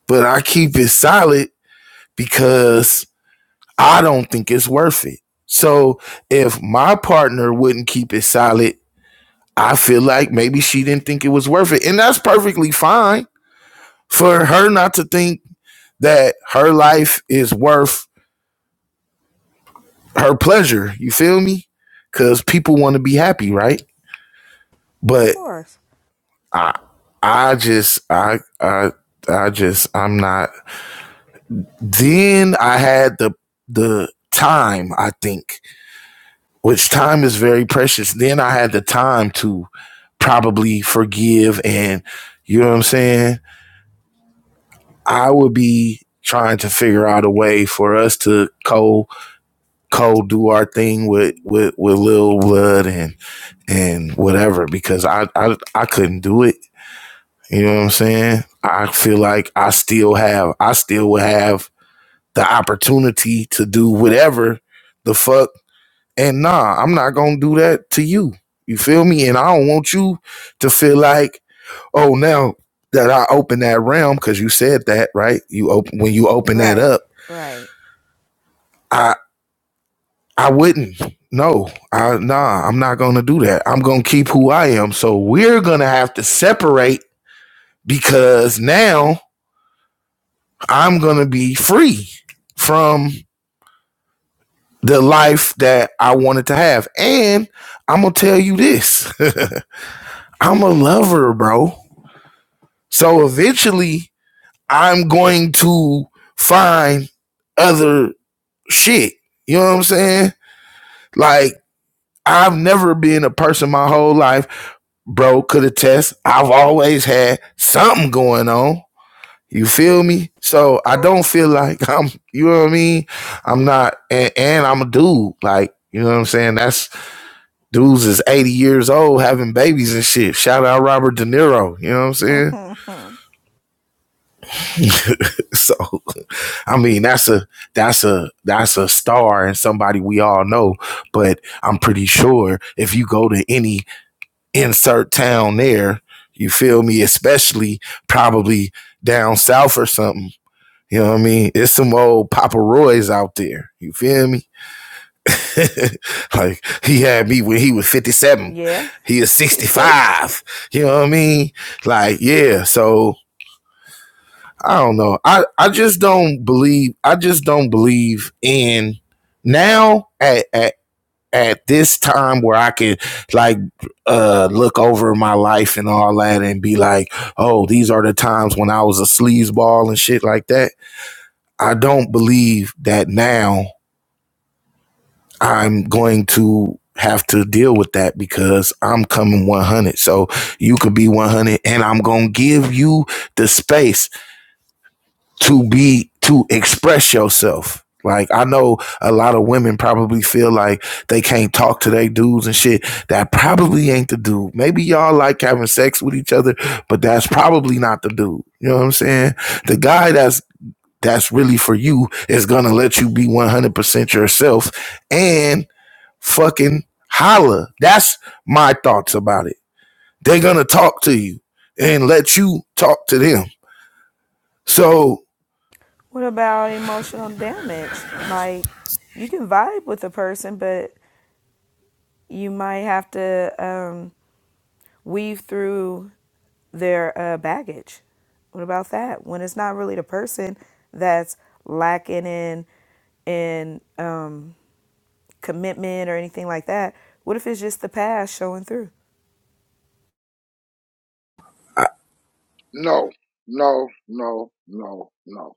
[SPEAKER 1] but I keep it solid because I don't think it's worth it. So if my partner wouldn't keep it solid, I feel like maybe she didn't think it was worth it. And that's perfectly fine for her not to think that her life is worth her pleasure. You feel me? Cause people want to be happy, right?
[SPEAKER 5] Of
[SPEAKER 1] But
[SPEAKER 5] course.
[SPEAKER 1] I I just I I I just I'm not then I had the the time, I think, which time is very precious. Then I had the time to probably forgive and you know what I'm saying? I would be trying to figure out a way for us to co co do our thing with with with Lil Blood and and whatever because I I I couldn't do it. You know what I'm saying? I feel like I still have I still would have the opportunity to do whatever the fuck And nah, I'm not gonna do that to you. You feel me? And I don't want you to feel like, oh, now that I open that realm, because you said that, right? You open when you open that
[SPEAKER 5] Right,
[SPEAKER 1] up,
[SPEAKER 5] right.
[SPEAKER 1] I I wouldn't. No, I nah, I'm not gonna do that. I'm gonna keep who I am. So we're gonna have to separate because now I'm gonna be free from the life that I wanted to have. And I'm gonna tell you this. I'm a lover, bro. So eventually, I'm going to find other shit. You know what I'm saying? Like, I've never been a person my whole life, bro, could attest. I've always had something going on. You feel me? So I
[SPEAKER 5] Okay.
[SPEAKER 1] don't feel like I'm, you know what I mean? I'm not, and, and I'm a dude. Like, you know what I'm saying? That's dudes is 80 years old having babies and shit. Shout out Robert De Niro. You know what I'm saying? so I mean, that's a that's a that's a star and somebody we all know. But I'm pretty sure if you go to any insert town there, you feel me, especially probably down south or something. You know what I mean? It's some old Papa Roy's out there. You feel me? like he had me when he was 57.
[SPEAKER 5] yeah.
[SPEAKER 1] He is 65. You know what I mean? Like, yeah. So I don't know. I, I just don't believe I just don't believe in now at, at at this time where I can like uh look over my life and all that and be like, oh, these are the times when I was a sleazeball and shit like that. I don't believe that now I'm going to have to deal with that because I'm coming 100. So you could be 100 and I'm going to give you the space to be to express yourself. Like I know a lot of women probably feel like they can't talk to their dudes and shit. That probably ain't the dude. Maybe y'all like having sex with each other, but that's probably not the dude. You know what I'm saying? The guy that's that's really for you is gonna let you be 100% yourself and fucking holla. That's my thoughts about it. They're gonna talk to you and let you talk to them. So
[SPEAKER 5] what about emotional damage? Like, you can vibe with a person, but you might have to um, weave through their uh, baggage. What about that? When it's not really the person that's lacking in in um, commitment or anything like that. What if it's just the past showing through?
[SPEAKER 8] No, no, no, no, no.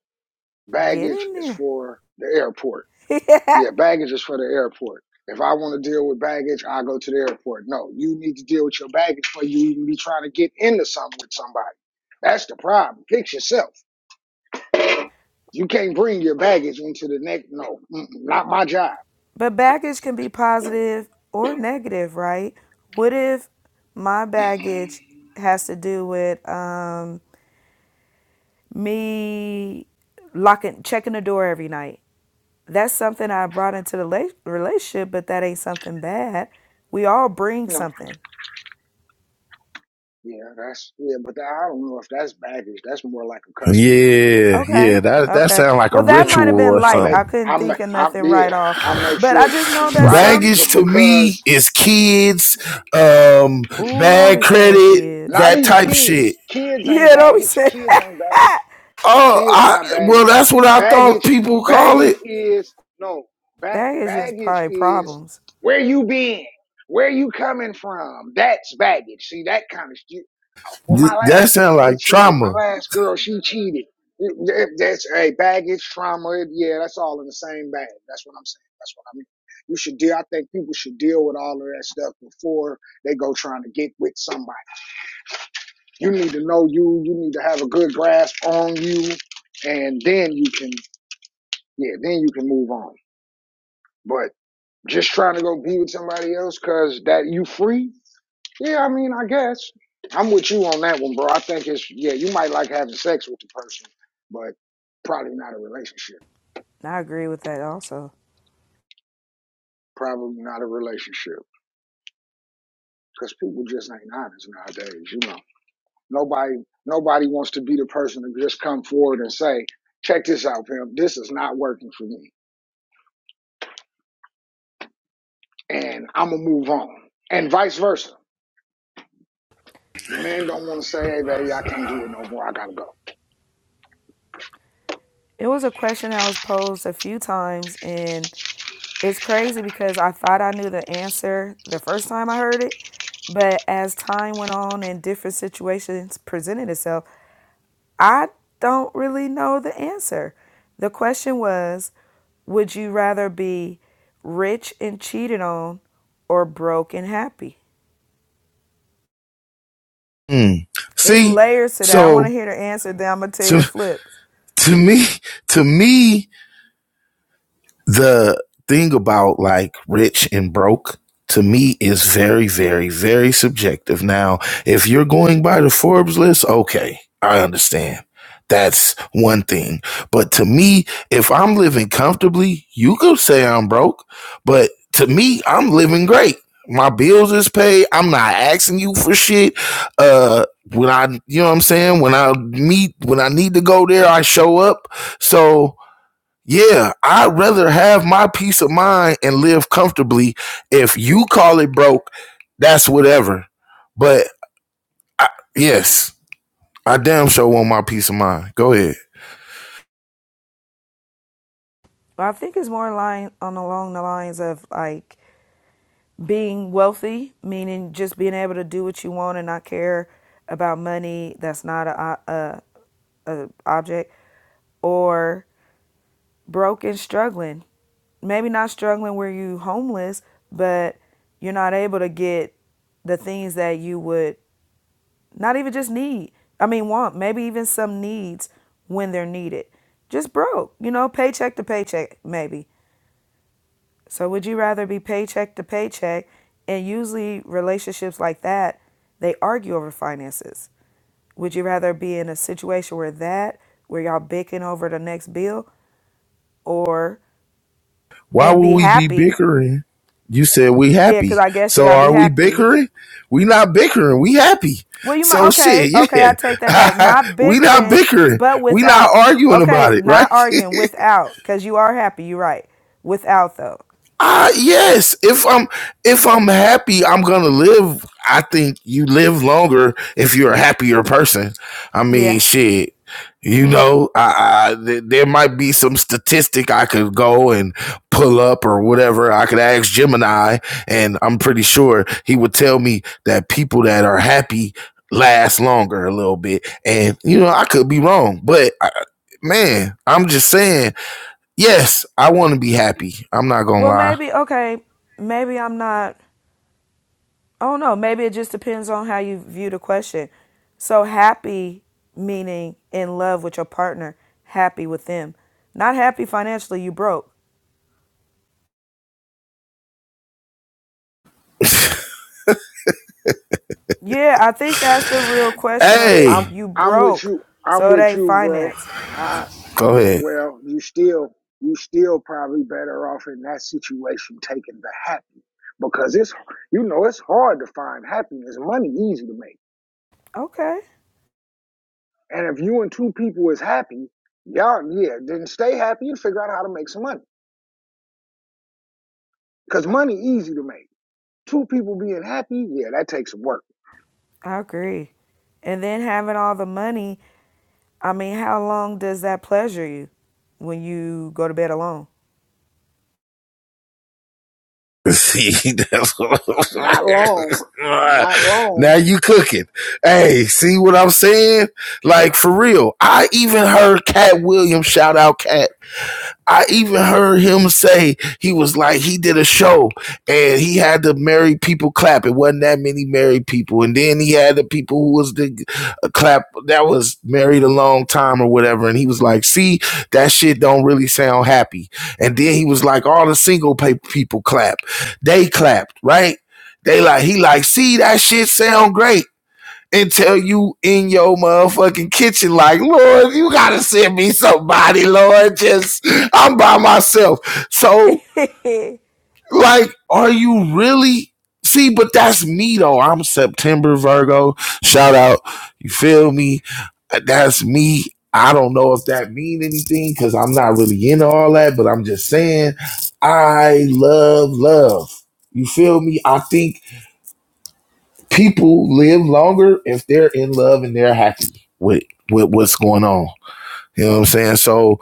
[SPEAKER 5] Get
[SPEAKER 8] Baggage is
[SPEAKER 5] in
[SPEAKER 8] for the airport.
[SPEAKER 5] there.
[SPEAKER 8] Yeah, baggage is for the airport. If I want to deal with baggage, I go to the airport. No, you need to deal with your baggage before you even be trying to get into something with somebody. That's the problem. Fix yourself. You can't bring your baggage into the next. No, mm-mm, not my job.
[SPEAKER 5] But baggage can be positive or negative, right? What if my
[SPEAKER 8] Mm-mm,
[SPEAKER 5] baggage has to do with um, me locking, checking the door every night? That's something I brought into the relationship, but that ain't something bad. We all bring
[SPEAKER 8] No.
[SPEAKER 5] something.
[SPEAKER 8] Yeah, that's yeah, but I don't know if that's baggage. That's more like a custom.
[SPEAKER 1] Yeah, yeah,
[SPEAKER 5] Okay,
[SPEAKER 1] that that
[SPEAKER 5] okay.
[SPEAKER 1] sounds like a
[SPEAKER 5] Well, that
[SPEAKER 8] Yeah,
[SPEAKER 5] might have
[SPEAKER 1] ritual
[SPEAKER 5] been
[SPEAKER 1] or
[SPEAKER 8] I, I
[SPEAKER 5] light.
[SPEAKER 8] make
[SPEAKER 5] I
[SPEAKER 1] something.
[SPEAKER 5] couldn't
[SPEAKER 8] I make
[SPEAKER 5] think of
[SPEAKER 8] I
[SPEAKER 5] nothing
[SPEAKER 8] yeah
[SPEAKER 5] right off,
[SPEAKER 8] I make
[SPEAKER 5] but I
[SPEAKER 8] sure
[SPEAKER 5] just know that
[SPEAKER 8] right
[SPEAKER 5] some.
[SPEAKER 8] c-
[SPEAKER 1] Baggage to me
[SPEAKER 8] because
[SPEAKER 1] is kids, um,
[SPEAKER 5] Ooh, don't
[SPEAKER 1] bad
[SPEAKER 5] be saying
[SPEAKER 1] credit,
[SPEAKER 5] kids.
[SPEAKER 8] not
[SPEAKER 1] that
[SPEAKER 8] even
[SPEAKER 1] type shit.
[SPEAKER 8] kids. Kids ain't
[SPEAKER 5] Yeah, don't be
[SPEAKER 8] baggage.
[SPEAKER 5] saying
[SPEAKER 8] Kids ain't baggage.
[SPEAKER 5] that.
[SPEAKER 1] Oh,
[SPEAKER 8] Kids
[SPEAKER 1] I
[SPEAKER 8] not
[SPEAKER 1] well,
[SPEAKER 8] baggage.
[SPEAKER 1] that's what I thought
[SPEAKER 8] Baggage
[SPEAKER 1] people call it.
[SPEAKER 8] baggage is no ba-
[SPEAKER 5] That is just
[SPEAKER 8] baggage
[SPEAKER 5] probably
[SPEAKER 8] is
[SPEAKER 5] problems.
[SPEAKER 8] where you been, where you coming from. That's baggage. See that kind of shit. Well,
[SPEAKER 1] Th-
[SPEAKER 8] my
[SPEAKER 1] that
[SPEAKER 8] last
[SPEAKER 1] sounds
[SPEAKER 8] man, he
[SPEAKER 1] like
[SPEAKER 8] cheated. My
[SPEAKER 1] trauma.
[SPEAKER 8] last girl, she cheated. It- That's a hey, baggage, trauma. Yeah, that's all in the same bag. That's what I'm saying. That's what I mean. You should deal. I think people should deal with all of that stuff before they go trying to get with somebody. You need to know you. You need to have a good grasp on you, and then you can, yeah, then you can move on. But just trying to go be with somebody else because that you free. Yeah, I mean, I guess I'm with you on that one, bro. I think it's yeah, you might like having sex with the person, but probably not a relationship.
[SPEAKER 5] I agree with that also.
[SPEAKER 8] Probably not a relationship because people just ain't honest nowadays. You know, nobody nobody wants to be the person to just come forward and say, "Check this out, pimp. This is not working for me, and I'm gonna move on," and vice versa. The man don't want to say, "Hey, baby, I can't do it no more. I gotta go."
[SPEAKER 5] It was a question that was posed a few times, and it's crazy because I thought I knew the answer the first time I heard it, but as time went on and different situations presented itself, I don't really know the answer. The question was Would you rather be rich and cheated on or broke and happy?
[SPEAKER 1] Mm.
[SPEAKER 5] It's
[SPEAKER 1] See,
[SPEAKER 5] layers to that. I want
[SPEAKER 1] so
[SPEAKER 5] to hear the answer, then I'm going to tell you
[SPEAKER 1] to
[SPEAKER 5] the flip.
[SPEAKER 1] to me, to me, the thing about like rich and broke to me is very, very, very subjective. Now, if you're going by the Forbes list, okay, I understand. That's one thing. But to me, if I'm living comfortably, you could say I'm broke. But to me, I'm living great. My bills is paid. I'm not asking you for shit. Uh when I you know what I'm saying? When I meet when I need to go there, I show up. So yeah, I'd rather have my peace of mind and live comfortably. If you call it broke, that's whatever. But I, yes, I damn sure want my peace of mind. Go ahead.
[SPEAKER 5] But I think it's more line on along the lines of like being wealthy, meaning just being able to do what you want and not care about money that's not a, a, a object, or broke and struggling. Maybe not struggling where you homeless, but you're not able to get the things that you would not even just need. I mean, want maybe even some needs when they're needed. Just broke, you know, paycheck to paycheck, maybe So would you rather be paycheck to paycheck? And usually relationships like that, they argue over finances. Would you rather be in a situation where that, where y'all bickering over the next bill, or
[SPEAKER 1] Why
[SPEAKER 5] and
[SPEAKER 1] would
[SPEAKER 5] be
[SPEAKER 1] we be
[SPEAKER 5] happy?
[SPEAKER 1] bickering? You said we
[SPEAKER 5] Yeah,
[SPEAKER 1] happy.
[SPEAKER 5] because I guess you
[SPEAKER 1] So
[SPEAKER 5] gotta be
[SPEAKER 1] are we
[SPEAKER 5] happy.
[SPEAKER 1] bickering? We not bickering. We happy.
[SPEAKER 5] Well, you might.
[SPEAKER 1] So
[SPEAKER 5] Okay,
[SPEAKER 1] shit,
[SPEAKER 5] okay, I take that back.
[SPEAKER 1] yeah.
[SPEAKER 5] Not
[SPEAKER 1] we not
[SPEAKER 5] bickering,
[SPEAKER 1] bickering.
[SPEAKER 5] but
[SPEAKER 1] We not
[SPEAKER 5] without.
[SPEAKER 1] arguing about
[SPEAKER 5] Okay,
[SPEAKER 1] it, right?
[SPEAKER 5] not arguing without, because you are happy. You're right. Without though.
[SPEAKER 1] Ah, yes. If I'm if I'm happy, I'm gonna live. I think you live longer if you're a happier person. I mean,
[SPEAKER 5] Yeah.
[SPEAKER 1] shit. You know, I, I th- there might be some statistic I could go and pull up or whatever. I could ask Gemini, and I'm pretty sure he would tell me that people that are happy last longer a little bit. And you know, I could be wrong, but I, man, I'm just saying. Yes, I want to be happy. I'm not gonna
[SPEAKER 5] Well,
[SPEAKER 1] lie.
[SPEAKER 5] maybe okay. Maybe I'm not. I don't know. Maybe it just depends on how you view the question. So happy meaning in love with your partner, happy with them. Not happy financially, you broke. Yeah, I think that's the real question of it.
[SPEAKER 8] I'm
[SPEAKER 1] Hey,
[SPEAKER 5] You
[SPEAKER 8] I'm with
[SPEAKER 5] broke,
[SPEAKER 8] you. I'm
[SPEAKER 5] so it
[SPEAKER 8] with
[SPEAKER 5] ain't
[SPEAKER 8] you, bro.
[SPEAKER 5] finance.
[SPEAKER 1] go ahead.
[SPEAKER 8] Well, you still you still probably better off in that situation taking the happy because it's you know it's hard to find happiness. Money easy to make,
[SPEAKER 5] Okay,
[SPEAKER 8] and if you and two people is happy, y'all yeah, then stay happy and figure out how to make some money because money easy to make. Two people being happy, yeah, that takes some work.
[SPEAKER 5] I agree. And then having all the money, I mean, how long does that pleasure you when you go to bed alone?
[SPEAKER 1] See, that's what I'm
[SPEAKER 8] Not long, not
[SPEAKER 1] Now
[SPEAKER 8] long.
[SPEAKER 1] you cooking. Hey, see what I'm saying? Like for real. I even heard Cat Williams shout out Cat. I even heard him say he was like he did a show and he had the married people clap. It wasn't that many married people, and then he had the people who was the uh, clap that was married a long time or whatever. And he was like, "See, that shit don't really sound happy." And then he was like, "All the single pa- people clap. They clapped, right? They like he like see that shit sound great." until you in your motherfucking kitchen like lord you gotta send me somebody lord just i'm by myself so
[SPEAKER 5] they
[SPEAKER 1] like are you really see but that's me though i'm september virgo shout out you feel me that's me i don't know if that mean anything because i'm not really into all that but i'm just saying i love love you feel me i think people live longer if they're in love and they're happy with, with what's going on. You know what I'm saying? So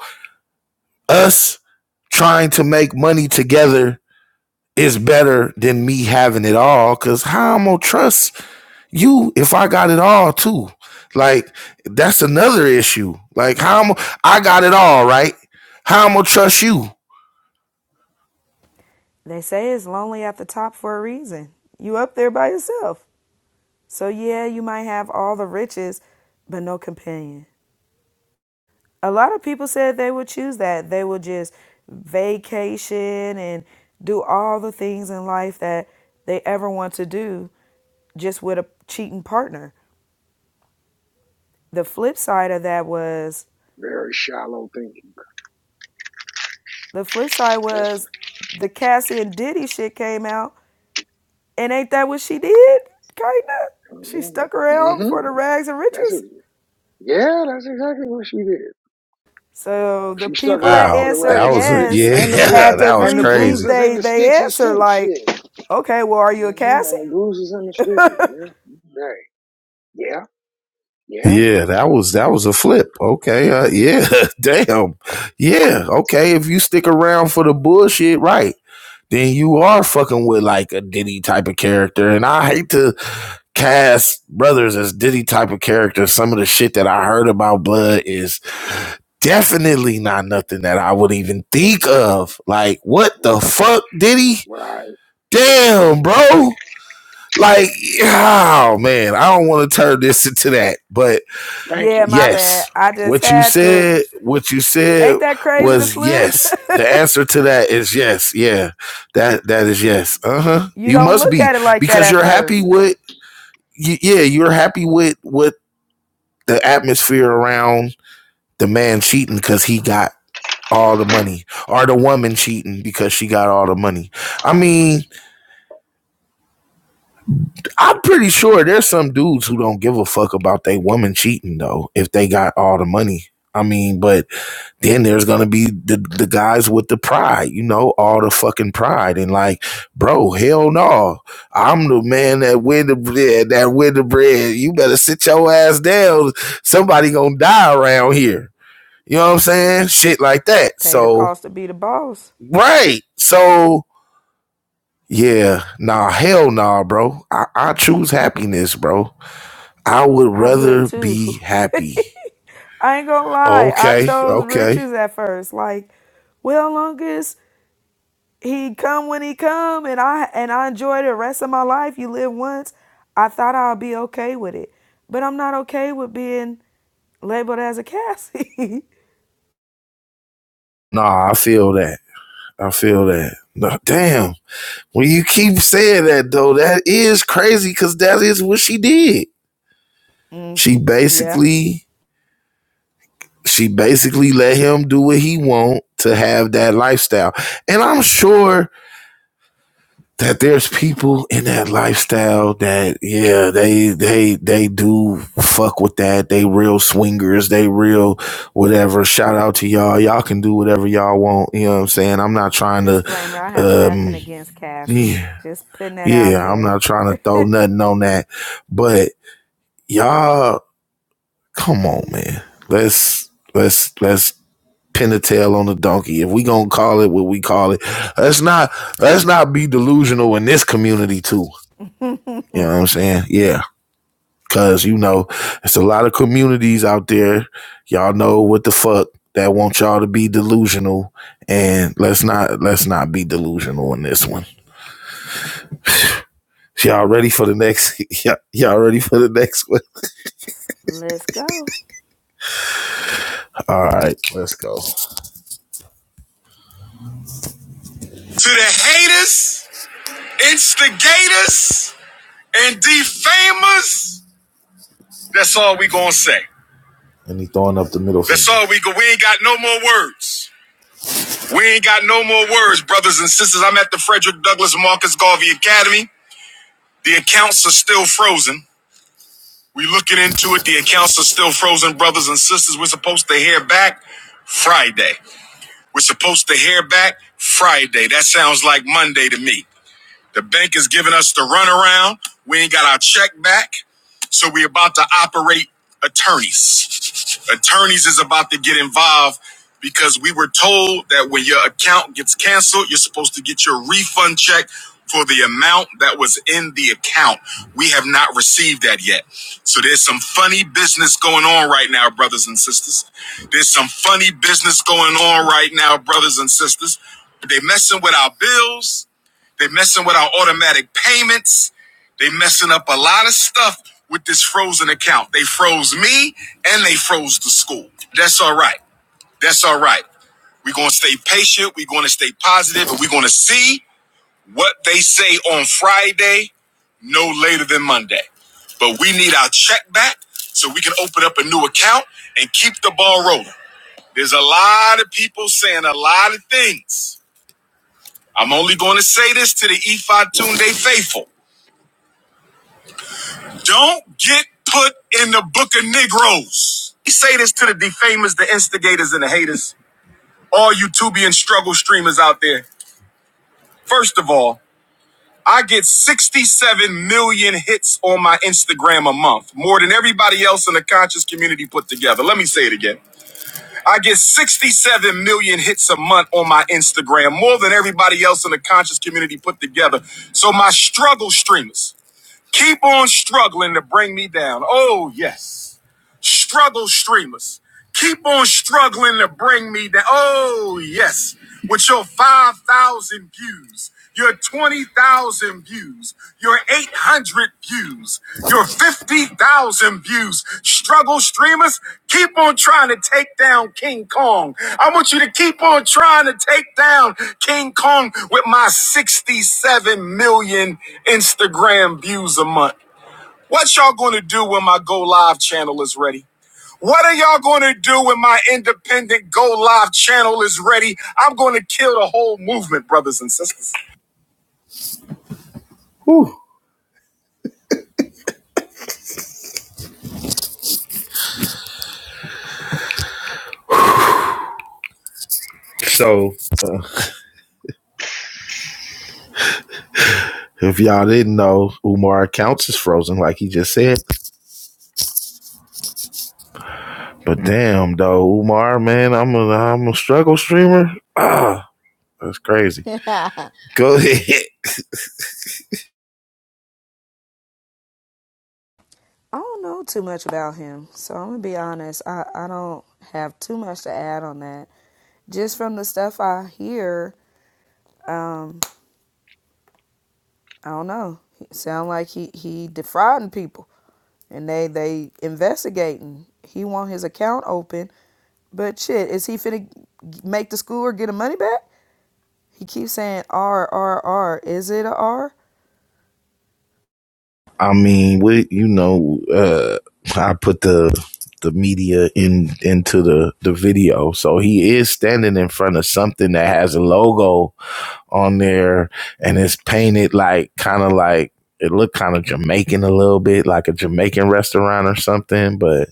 [SPEAKER 1] us trying to make money together is better than me having it all because how I'm gonna trust you if I got it all too. Like that's another issue. Like how I'm I got it all, right? How I'm gonna trust you.
[SPEAKER 5] say it's lonely at the top for a reason. You up there by yourself. So, yeah, you might have all the riches, but no companion. A lot of people said they would choose that. They would just vacation and do all the things in life that they ever want to do just with a cheating partner. The flip side of that was
[SPEAKER 8] Very shallow thinking.
[SPEAKER 5] the flip side
[SPEAKER 8] That's
[SPEAKER 5] was the Cassie and Diddy shit came out, and ain't that what she did? Kinda.
[SPEAKER 8] what,
[SPEAKER 5] She stuck
[SPEAKER 8] mm-hmm.
[SPEAKER 5] around
[SPEAKER 8] Mm-hmm.
[SPEAKER 5] for the rags and
[SPEAKER 8] That's it.
[SPEAKER 5] riches.
[SPEAKER 8] Yeah, that's exactly what she did.
[SPEAKER 5] So the
[SPEAKER 8] She stuck
[SPEAKER 5] people that
[SPEAKER 8] around
[SPEAKER 1] Wow,
[SPEAKER 8] for the
[SPEAKER 5] answered
[SPEAKER 1] that
[SPEAKER 8] rags
[SPEAKER 1] was
[SPEAKER 8] and
[SPEAKER 1] a
[SPEAKER 8] riches
[SPEAKER 5] yes
[SPEAKER 1] yeah,
[SPEAKER 8] and the bru-
[SPEAKER 5] had to
[SPEAKER 1] that was
[SPEAKER 8] and the
[SPEAKER 1] crazy.
[SPEAKER 5] rethink
[SPEAKER 8] bruises and
[SPEAKER 5] they
[SPEAKER 8] the
[SPEAKER 5] they
[SPEAKER 8] stitches
[SPEAKER 5] answer
[SPEAKER 8] too.
[SPEAKER 5] like,
[SPEAKER 8] Shit.
[SPEAKER 5] okay, well, are you a
[SPEAKER 8] hmm
[SPEAKER 5] Cassie?
[SPEAKER 8] And the bruises and the stitches. Yeah. Right. Yeah. Yeah.
[SPEAKER 1] Yeah, that was that was a flip. Okay, uh, yeah, damn, yeah, okay. If you stick around for the bullshit, right? Then you are fucking with like a Diddy type of character, and I hate to cast brothers as Diddy type of characters. Some of the shit that I heard about Blood is definitely not nothing that I would even think of. Like, what the
[SPEAKER 8] Right.
[SPEAKER 1] fuck, Diddy?
[SPEAKER 8] Right. Yeah. He was a
[SPEAKER 1] Damn,
[SPEAKER 8] little.
[SPEAKER 1] bro. Like, yeah, oh man, I don't want to turn this into that, but
[SPEAKER 8] Thank you.
[SPEAKER 5] Yeah, my bad.
[SPEAKER 1] Yes.
[SPEAKER 5] I just
[SPEAKER 1] What you
[SPEAKER 5] had to.
[SPEAKER 1] said, what you said
[SPEAKER 5] Ain't that crazy to
[SPEAKER 1] was
[SPEAKER 5] flip?
[SPEAKER 1] yes. The answer to that is yes. Yeah. That that is
[SPEAKER 8] Mhm.
[SPEAKER 1] yes. Uh-huh.
[SPEAKER 5] you
[SPEAKER 1] You
[SPEAKER 5] don't
[SPEAKER 1] must
[SPEAKER 5] look
[SPEAKER 1] be
[SPEAKER 5] at it like that
[SPEAKER 1] because
[SPEAKER 5] at
[SPEAKER 1] you're happy
[SPEAKER 5] first.
[SPEAKER 1] with yeah, you're happy with with the atmosphere around the man cheating cuz he got all the money or the woman cheating because she got all the money. I mean, I'm pretty sure there's some dudes who don't give a fuck about they woman cheating though if they got all the money. I mean, but Then there's gonna be the the guys with the pride, you know, all the fucking pride, and like, bro, hell no, I'm the man that win the bread, that win the bread. You better sit your ass down. Somebody gonna die around here. You know what I'm saying? Shit like that.
[SPEAKER 5] Pay the
[SPEAKER 1] So
[SPEAKER 5] cost to be the boss.
[SPEAKER 1] right. So yeah, nah, hell nah, bro. I, I choose happiness, bro. I would
[SPEAKER 5] I would
[SPEAKER 1] rather
[SPEAKER 5] too.
[SPEAKER 1] be happy.
[SPEAKER 5] I ain't gonna lie. I
[SPEAKER 1] Okay,
[SPEAKER 5] chose
[SPEAKER 1] okay.
[SPEAKER 5] riches at first. Like, well, longest. he come when he come and i and i enjoy the rest of my life you live once i thought i'll be okay with it but i'm not okay with being labeled as a cassie
[SPEAKER 1] Nah, I feel that. I feel that. Nah, damn. When you keep saying that though, that is crazy because that is what she did.
[SPEAKER 5] mm,
[SPEAKER 1] She
[SPEAKER 5] yeah
[SPEAKER 1] basically she basically let him do what he want to have that lifestyle. And I'm sure that there's people in that lifestyle that yeah, they they they do fuck with that. They real swingers, they real whatever. Shout out to y'all. Y'all can do whatever y'all want. You know what I'm saying? I'm not trying to
[SPEAKER 5] disclaimer i have nothing
[SPEAKER 1] um
[SPEAKER 5] against cassie
[SPEAKER 1] yeah,
[SPEAKER 5] just putting that out
[SPEAKER 1] yeah, I'm
[SPEAKER 5] there
[SPEAKER 1] not trying to throw nothing on that. But y'all come on man let's let's let's pin a tail on the donkey if we gonna call it what we call it let's not let's not be delusional in this community too you know what i'm saying yeah because you know it's a lot of communities out there y'all know what the fuck that want y'all to be delusional and let's not let's not be delusional in this one y'all ready for the next y'all y'all ready for the next one
[SPEAKER 5] let's go
[SPEAKER 1] all right let's go To the haters. instigators and defamers. That's all we gonna say. And he throwing up the middle finger. That's all we go. We ain't got no more words. We ain't got no more words, brothers and sisters. I'm at the Frederick Douglass Marcus Garvey Academy. The accounts are still frozen. We looking into it. The accounts are still frozen, brothers and sisters. We're supposed to hear back Friday. We're supposed to hear back Friday. That sounds like Monday to me. The bank is giving us the runaround. We ain't got our check back. So we about to operate attorneys. Attorneys is about to get involved because we were told that when your account gets canceled, you're supposed to get your refund check for the amount that was in the account. We have not received that yet. So there's some funny business going on right now, brothers and sisters. There's some funny business going on right now, brothers and sisters. They messing with our bills they're messing with our automatic payments. They messing up a lot of stuff with this frozen account. They froze me and they froze the school. That's all right. That's all right. We're gonna stay patient. We're gonna stay positive, and we're gonna see what they say on Friday, no later than Monday. But we need our check back so we can open up a new account and keep the ball rolling. There's a lot of people saying a lot of things. I'm only going to say this to the Ephi Tunde faithful. Don't get put in the book of Negroes. We say this to the defamers, the instigators, and the haters, all YouTubian struggle streamers out there. First of all, I get 67 million hits on my Instagram a month, more than everybody else in the conscious community put together. Let me say it again. I get 67 million hits a month on my Instagram, more than everybody else in the conscious community put together. So my struggle streamers keep on struggling to bring me down. Oh, yes. struggle streamers. Keep on struggling to bring me that. Oh, yes. With your 5,000 views, your 20,000 views, your 800 views, your 50,000 views. Struggle streamers, keep on trying to take down King Kong. I want you to keep on trying to take down King Kong with my 67 million Instagram views a month. What y'all gonna do when my Go Live channel is ready? What are y'all going to do when my independent go live channel is ready? I'm going to kill the whole movement, brothers and sisters. Whew. So Uh, if y'all didn't know, Umar accounts is frozen, like he just said. But mm-hmm. damn, though, Umar, man, I'm a I'm a struggle streamer. Ah, that's crazy.
[SPEAKER 5] i
[SPEAKER 1] Go ahead.
[SPEAKER 5] don't know too much about him so i'm gonna be honest i, I don't have too much to add on that just from the stuff i hear Um. I don't know. He sound like he he defrauding people, and they they investigating. He want his account open, but shit, is he finna make the school or get the money back? He keeps saying R R R. Is it a R?
[SPEAKER 1] I mean, we, you know, uh, I put the the media in into the the video, so he is standing in front of something that has a logo on there, and it's painted like kind of like it looked kind of Jamaican a little bit, like a Jamaican restaurant or something. But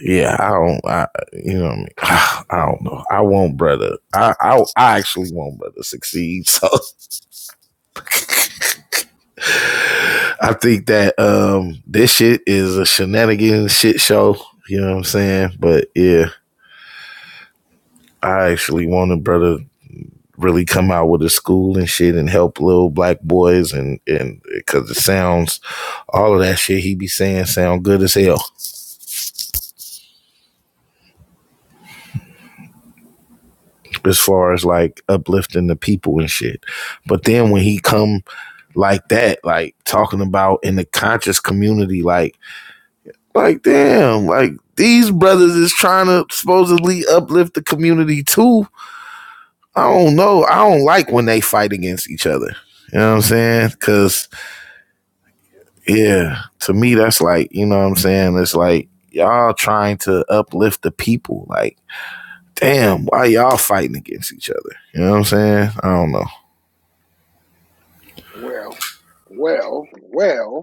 [SPEAKER 1] yeah, I don't, I, you know, what I, mean? I don't know. I want brother. I, I I actually want brother to succeed. So I think that um this shit is a shenanigans shit show. You know what I'm saying? But yeah, I actually want a brother really come out with a school and shit and help little black boys and and because it sounds all of that shit he be saying sound good as hell as far as like uplifting the people and shit. But then when he come like that, like talking about in the conscious community, like like damn, like these brothers is trying to supposedly uplift the community too. I don't know. I don't like when they fight against each other. You know what I'm saying? Cause yeah, to me that's like, you know what I'm saying? It's like y'all trying to uplift the people. Like damn, why y'all fighting against each other? You know what I'm saying? I don't know.
[SPEAKER 8] Well. Well. Well.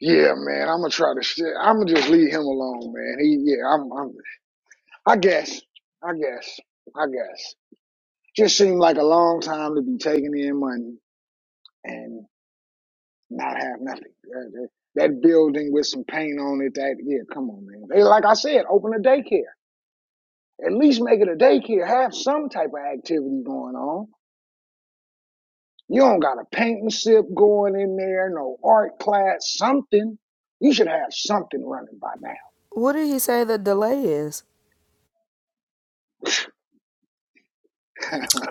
[SPEAKER 8] Yeah, man. I'm gonna try to. Sh- I'm gonna just leave him alone, man. He. Yeah. I'm. I'm. I guess. I guess. I guess. Just seemed like a long time to be taking in money, and. not have nothing. That, that- that building with some paint on it, that, yeah, come on, man. They like I said, open a daycare. At least make it a daycare. Have some type of activity going on. You don't got a paint and sip going in there, no art class, something. You should have something running by now.
[SPEAKER 5] What did he say the delay is?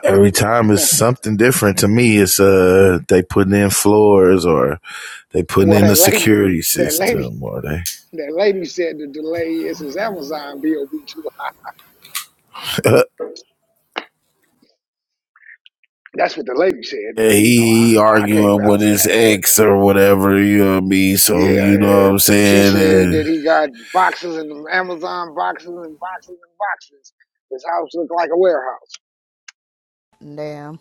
[SPEAKER 1] Every time it's something different to me. It's uh they putting in floors or they putting
[SPEAKER 8] Well,
[SPEAKER 1] in
[SPEAKER 8] that
[SPEAKER 1] the
[SPEAKER 8] lady,
[SPEAKER 1] security
[SPEAKER 8] that lady,
[SPEAKER 1] system or they
[SPEAKER 8] that lady said the delay is his Amazon bill be too high. That's what the lady said. Now, you know,
[SPEAKER 1] he
[SPEAKER 8] I, I can't
[SPEAKER 1] arguing with
[SPEAKER 8] vouch for
[SPEAKER 1] his
[SPEAKER 8] that, but.
[SPEAKER 1] ex or whatever, you know what I mean? So
[SPEAKER 8] Yeah,
[SPEAKER 1] you know what
[SPEAKER 8] yeah.
[SPEAKER 1] I'm
[SPEAKER 8] She
[SPEAKER 1] saying?
[SPEAKER 8] said
[SPEAKER 1] Uh,
[SPEAKER 8] that he got boxes and Amazon boxes and boxes and boxes. His house looked like a warehouse.
[SPEAKER 5] Damn,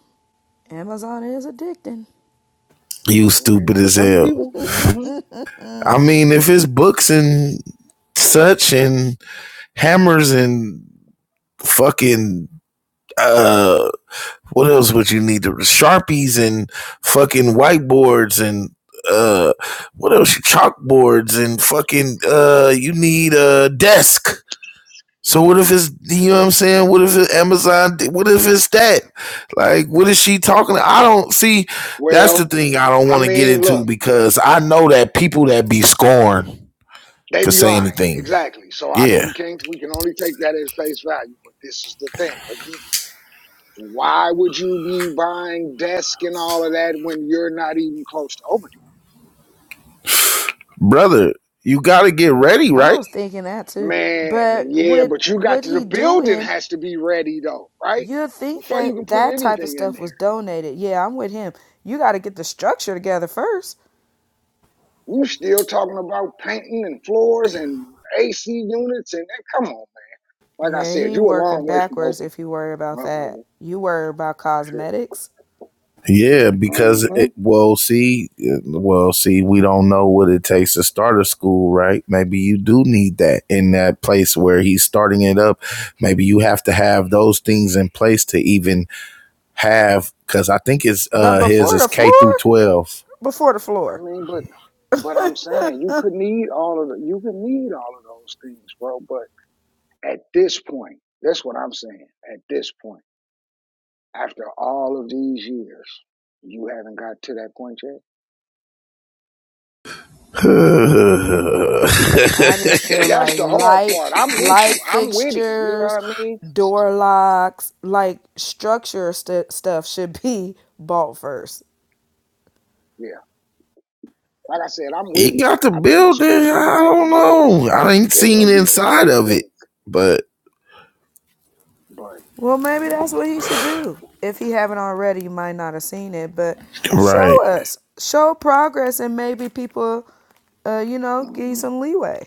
[SPEAKER 5] Amazon is addicting.
[SPEAKER 1] you
[SPEAKER 8] Mhm,
[SPEAKER 1] stupid
[SPEAKER 8] For
[SPEAKER 1] as
[SPEAKER 8] some
[SPEAKER 1] hell.
[SPEAKER 8] people. hmm
[SPEAKER 1] I mean, if it's books and such and hammers and fucking uh What else would you need? The sharpies and fucking whiteboards and uh, what else? Chalkboards and fucking uh, you need a desk. So what if it's you know what I'm saying? What if it's Amazon? What if it's that? Like, what is she talking? to? I don't see. That's the
[SPEAKER 8] Well,
[SPEAKER 1] thing I don't
[SPEAKER 8] I
[SPEAKER 1] want to get
[SPEAKER 8] mean,
[SPEAKER 1] into
[SPEAKER 8] look,
[SPEAKER 1] because I know that people that be scorned
[SPEAKER 8] they
[SPEAKER 1] could
[SPEAKER 8] be
[SPEAKER 1] say
[SPEAKER 8] lying.
[SPEAKER 1] anything.
[SPEAKER 8] Exactly. So I,
[SPEAKER 1] Yeah,
[SPEAKER 8] we can't, we can only take that at face value. But this is the thing again. Why would you be buying desk and all of that when you're not even close to opening?
[SPEAKER 1] brother, you got to get ready,
[SPEAKER 5] I
[SPEAKER 1] right?
[SPEAKER 5] was thinking that too,
[SPEAKER 8] Man,
[SPEAKER 5] but
[SPEAKER 8] yeah,
[SPEAKER 5] with
[SPEAKER 8] but you got
[SPEAKER 5] what
[SPEAKER 8] to, the
[SPEAKER 5] he
[SPEAKER 8] building
[SPEAKER 5] doing,
[SPEAKER 8] has to be ready though, right?
[SPEAKER 5] you'd think
[SPEAKER 8] Before you
[SPEAKER 5] that
[SPEAKER 8] can put
[SPEAKER 5] that type of
[SPEAKER 8] anything in
[SPEAKER 5] stuff
[SPEAKER 8] there.
[SPEAKER 5] was donated. Yeah, I'm with him. You got to get the structure together first
[SPEAKER 8] You still talking about painting and floors and AC units and that? Come on, man. Like I
[SPEAKER 5] Yeah,
[SPEAKER 8] said,
[SPEAKER 5] he
[SPEAKER 8] you a
[SPEAKER 5] working
[SPEAKER 8] long way from
[SPEAKER 5] backwards
[SPEAKER 8] Oakland.
[SPEAKER 5] if you worry about
[SPEAKER 8] Sure.
[SPEAKER 5] that. You worry about cosmetics.
[SPEAKER 1] Yeah, because
[SPEAKER 8] Mm-hmm.
[SPEAKER 1] it, well, see, uh, well, see, we don't know what it takes to start a school, right? Maybe you do need that in that place where he's starting it up. Maybe you have to have those things in place to even have, because I think it's
[SPEAKER 5] But
[SPEAKER 1] uh his
[SPEAKER 5] before
[SPEAKER 1] is
[SPEAKER 5] the
[SPEAKER 1] K through
[SPEAKER 5] floor,
[SPEAKER 1] twelve.
[SPEAKER 5] before the
[SPEAKER 8] I
[SPEAKER 5] floor,
[SPEAKER 8] mean, but but I'm saying you could need all of the you could need all of those things, bro. But at this point, that's what I'm saying. At this point, after all of these years, you haven't got to that point yet.
[SPEAKER 1] he
[SPEAKER 5] I just
[SPEAKER 8] See,
[SPEAKER 5] feel
[SPEAKER 8] that's
[SPEAKER 5] like
[SPEAKER 8] the hard
[SPEAKER 5] light,
[SPEAKER 8] part. I'm with you.
[SPEAKER 5] light
[SPEAKER 8] I'm with him. You know
[SPEAKER 5] fixtures,
[SPEAKER 8] what I mean?
[SPEAKER 5] door locks, like structure st- stuff should be bought first.
[SPEAKER 8] Yeah. Like I said, I'm with it.
[SPEAKER 1] got the
[SPEAKER 8] I think a
[SPEAKER 1] building.
[SPEAKER 8] school for
[SPEAKER 1] I
[SPEAKER 8] black
[SPEAKER 1] don't
[SPEAKER 8] boys,
[SPEAKER 1] know. I ain't
[SPEAKER 8] it'll
[SPEAKER 1] seen
[SPEAKER 8] be a
[SPEAKER 1] inside
[SPEAKER 8] great
[SPEAKER 1] of it,
[SPEAKER 8] thing.
[SPEAKER 1] but
[SPEAKER 8] But
[SPEAKER 5] Well, maybe
[SPEAKER 8] mm,
[SPEAKER 5] that's what he should do. If he haven't already, you might not have seen it, but
[SPEAKER 1] right,
[SPEAKER 5] show us, show progress, and maybe people, uh, you know, give you
[SPEAKER 8] mm-mm.
[SPEAKER 5] some leeway.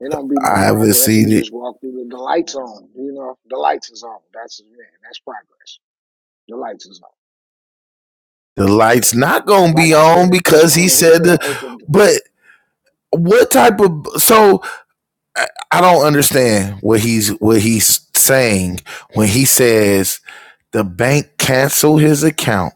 [SPEAKER 8] it don't be no
[SPEAKER 1] I haven't
[SPEAKER 8] progress. He
[SPEAKER 1] seen it
[SPEAKER 8] just walked through the, the lights on. You know, the lights is on. That's man. That's progress. The lights is on.
[SPEAKER 1] The lights not gonna
[SPEAKER 8] Like
[SPEAKER 1] be
[SPEAKER 8] I said,
[SPEAKER 1] on
[SPEAKER 8] at this
[SPEAKER 1] because he
[SPEAKER 8] point, he
[SPEAKER 1] said
[SPEAKER 8] could
[SPEAKER 1] the,
[SPEAKER 8] have opened. Uh,
[SPEAKER 1] but what type of so I don't understand what he's what he's saying when he says the bank canceled his account.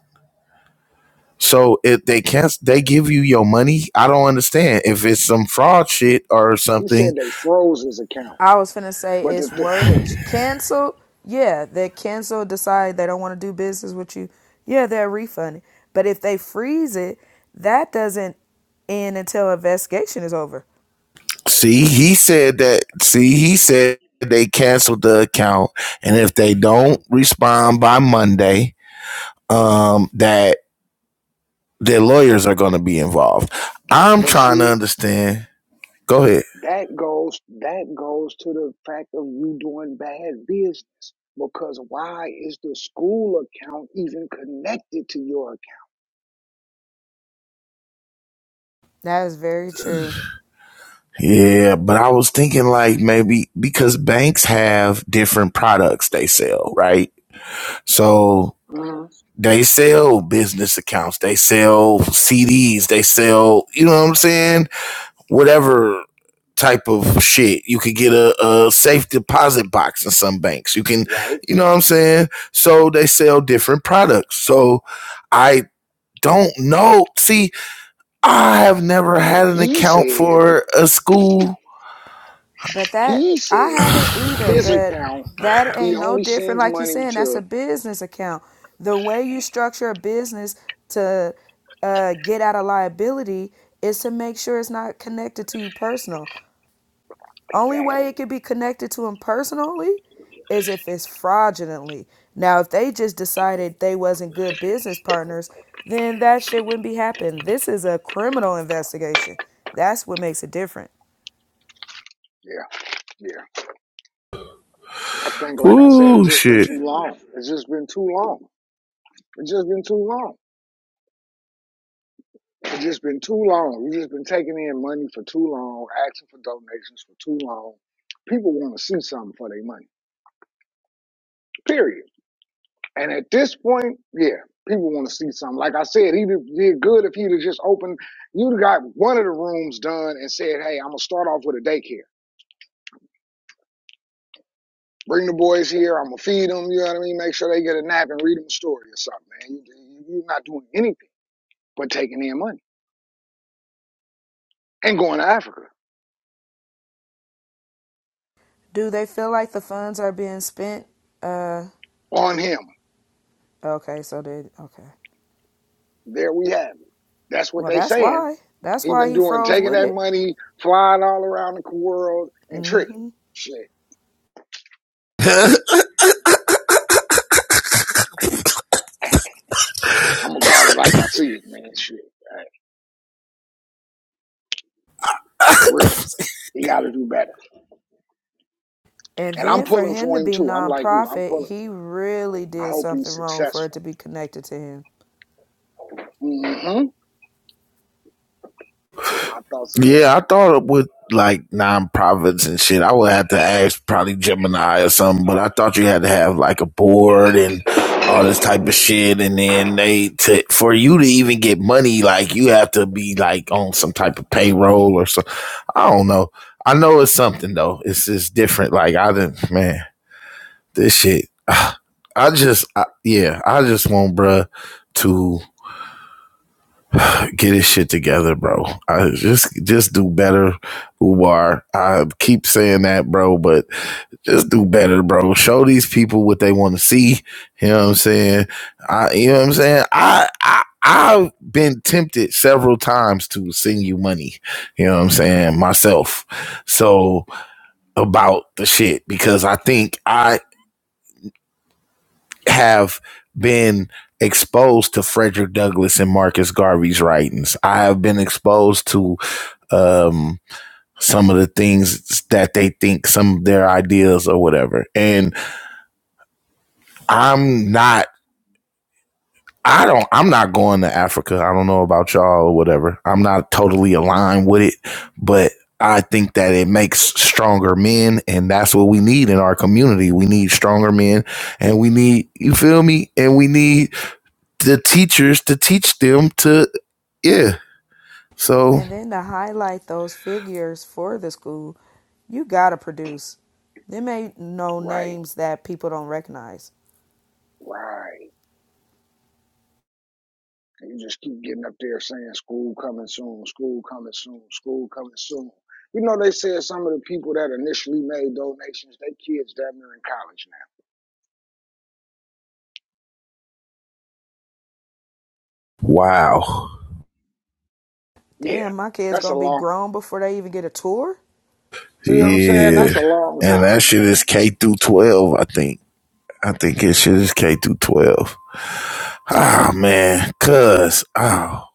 [SPEAKER 1] So if they cancel they give you your money, I don't understand if it's some fraud shit or
[SPEAKER 8] he said
[SPEAKER 1] something.
[SPEAKER 8] they froze his account,
[SPEAKER 5] I was finna say
[SPEAKER 8] but the
[SPEAKER 5] it's
[SPEAKER 8] th-
[SPEAKER 5] wordage. Cancel, yeah, they cancel, decide they don't want to do business with you. Yeah, they're refunding. But if they freeze it, that doesn't end until investigation is over.
[SPEAKER 1] See, he said that see he
[SPEAKER 8] he.
[SPEAKER 1] said they canceled the account and if they don't respond by Monday, um that their lawyers are going to be involved. I'm
[SPEAKER 8] But
[SPEAKER 1] trying to
[SPEAKER 8] see.
[SPEAKER 1] understand. Go ahead.
[SPEAKER 8] That goes that goes to the fact of you doing bad business. Because why is the school account even connected to your account?
[SPEAKER 5] That is very true.
[SPEAKER 1] Yeah, but I was thinking like maybe because banks have different products they sell, right? So
[SPEAKER 8] hmm
[SPEAKER 1] they sell business accounts, they sell CDs, they sell, you know what I'm saying? whatever type of shit. You could get a, a safe deposit box in some banks. You can,
[SPEAKER 8] Right?
[SPEAKER 1] you know what I'm saying? So they sell different products. So I don't know. See, I have never had
[SPEAKER 8] But
[SPEAKER 1] an
[SPEAKER 8] he
[SPEAKER 1] account
[SPEAKER 8] said,
[SPEAKER 1] for a school.
[SPEAKER 5] But that
[SPEAKER 8] he
[SPEAKER 5] I
[SPEAKER 8] said
[SPEAKER 5] haven't either,
[SPEAKER 8] his
[SPEAKER 5] but
[SPEAKER 8] account,
[SPEAKER 5] that
[SPEAKER 8] he
[SPEAKER 5] ain't no
[SPEAKER 8] only
[SPEAKER 5] different.
[SPEAKER 8] sends
[SPEAKER 5] Like you
[SPEAKER 8] money
[SPEAKER 5] saying, that's
[SPEAKER 8] to
[SPEAKER 5] a business account. The way you structure a business to uh, get out of liability is to make sure it's not connected to you personal. Only way
[SPEAKER 8] exactly.
[SPEAKER 5] it could be connected to him personally is if it's fraudulently. Now, if they just decided they wasn't good business partners, then that shit wouldn't be happening. This is a criminal investigation. That's what makes it different.
[SPEAKER 8] Yeah, yeah. I think like I said, it's
[SPEAKER 1] Ooh,
[SPEAKER 8] just been
[SPEAKER 1] shit.
[SPEAKER 8] too long. It's just been too long. It's just been too long. It's just been too long. We've just been taking in money for too long, asking for donations for too long. People want to see something for their money, period. And at this point, yeah, people want to see something. Like I said, he did did good if he'd have just opened, you'd have got one of the rooms done and said, hey, I'm going to start off with a daycare. Bring the boys here. I'm going to feed them. You know what I mean? Make sure they get a nap and read them a story or something, man. You, you're not doing anything but taking in money and going to Africa
[SPEAKER 5] Do they feel like the funds are being spent? Uh,
[SPEAKER 8] on him.
[SPEAKER 5] okay, so they. okay.
[SPEAKER 8] There we have it. That's what
[SPEAKER 5] Well,
[SPEAKER 8] they
[SPEAKER 5] that's
[SPEAKER 8] saying
[SPEAKER 5] why. That's
[SPEAKER 8] He
[SPEAKER 5] why
[SPEAKER 8] been
[SPEAKER 5] he
[SPEAKER 8] doing
[SPEAKER 5] froze
[SPEAKER 8] taking
[SPEAKER 5] with
[SPEAKER 8] that
[SPEAKER 5] it.
[SPEAKER 8] money, flying all around the world and tricking.
[SPEAKER 5] hmm
[SPEAKER 8] Shit. I'm gonna call it like I see it, man. Shit. Hey, For real. He gotta do better.
[SPEAKER 5] And
[SPEAKER 8] And I'm
[SPEAKER 5] then for
[SPEAKER 8] pulling
[SPEAKER 5] him
[SPEAKER 8] for
[SPEAKER 5] to
[SPEAKER 8] him
[SPEAKER 5] be
[SPEAKER 8] too. I'm like you, I'm
[SPEAKER 5] nonprofit,
[SPEAKER 8] pulling for
[SPEAKER 5] he really
[SPEAKER 8] him. I
[SPEAKER 5] did
[SPEAKER 8] hope
[SPEAKER 5] something
[SPEAKER 8] he's
[SPEAKER 5] wrong for it to
[SPEAKER 8] successful.
[SPEAKER 5] be connected to him.
[SPEAKER 8] mm hmm My thoughts
[SPEAKER 1] Yeah, I
[SPEAKER 8] exactly.
[SPEAKER 1] thought up with like nonprofits and shit. I would have to ask probably Gemini or something, but I thought you had to have like a board and all this type of shit. And then they, to, for you to even get money, like you have to be like on some type of payroll or so. I don't know. I know it's something though. It's just different. Like I didn't, man, this shit. I just, I, yeah, I just want bruh to get his shit together, bro. I just just do better, Ubar. I keep saying that, bro, but just do better, bro. Show these people what they want to see. You know what I'm saying? I you know what I'm saying? I I I've been tempted several times to send you money, you know what I'm saying, myself. So about the shit because I think I have been exposed to Frederick Douglass and Marcus Garvey's writings. I have been exposed to um, some of the things that they think, some of their ideas or whatever. And I'm not. I don't. I'm not going to Africa. I don't know about y'all or whatever. I'm not totally aligned with it, but I think that it makes stronger men, and that's what we need in our community. We need stronger men, and we need you feel me, and we need the teachers to teach them to yeah. So
[SPEAKER 5] And then to highlight those figures for the school, you gotta produce. There may no
[SPEAKER 8] Right.
[SPEAKER 5] names that people don't recognize.
[SPEAKER 8] Right. And you just keep getting up there saying school coming soon, school coming soon, school coming soon. You know they said some of the people that initially made donations, they kids damn near in college
[SPEAKER 1] wow.
[SPEAKER 8] now. Yeah.
[SPEAKER 5] Damn, my kid's
[SPEAKER 8] That's a
[SPEAKER 5] gonna be
[SPEAKER 8] long
[SPEAKER 5] grown before they even get a tour?
[SPEAKER 8] See what I'm saying?
[SPEAKER 1] Yeah.
[SPEAKER 8] That's a long
[SPEAKER 1] And that
[SPEAKER 8] time,
[SPEAKER 1] shit is
[SPEAKER 8] man.
[SPEAKER 1] K through 12, I think. I think it shit is K through 12. Ah, oh, man. Cuz, oh,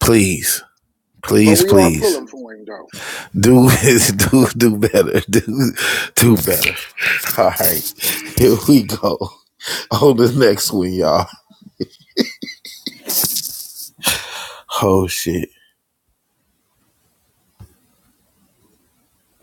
[SPEAKER 1] please,
[SPEAKER 8] But
[SPEAKER 1] please,
[SPEAKER 8] we are
[SPEAKER 1] please.
[SPEAKER 8] pulling for him, though.
[SPEAKER 1] Do do do better. Do do better. All right. Here we go. On the next one, y'all. Oh shit.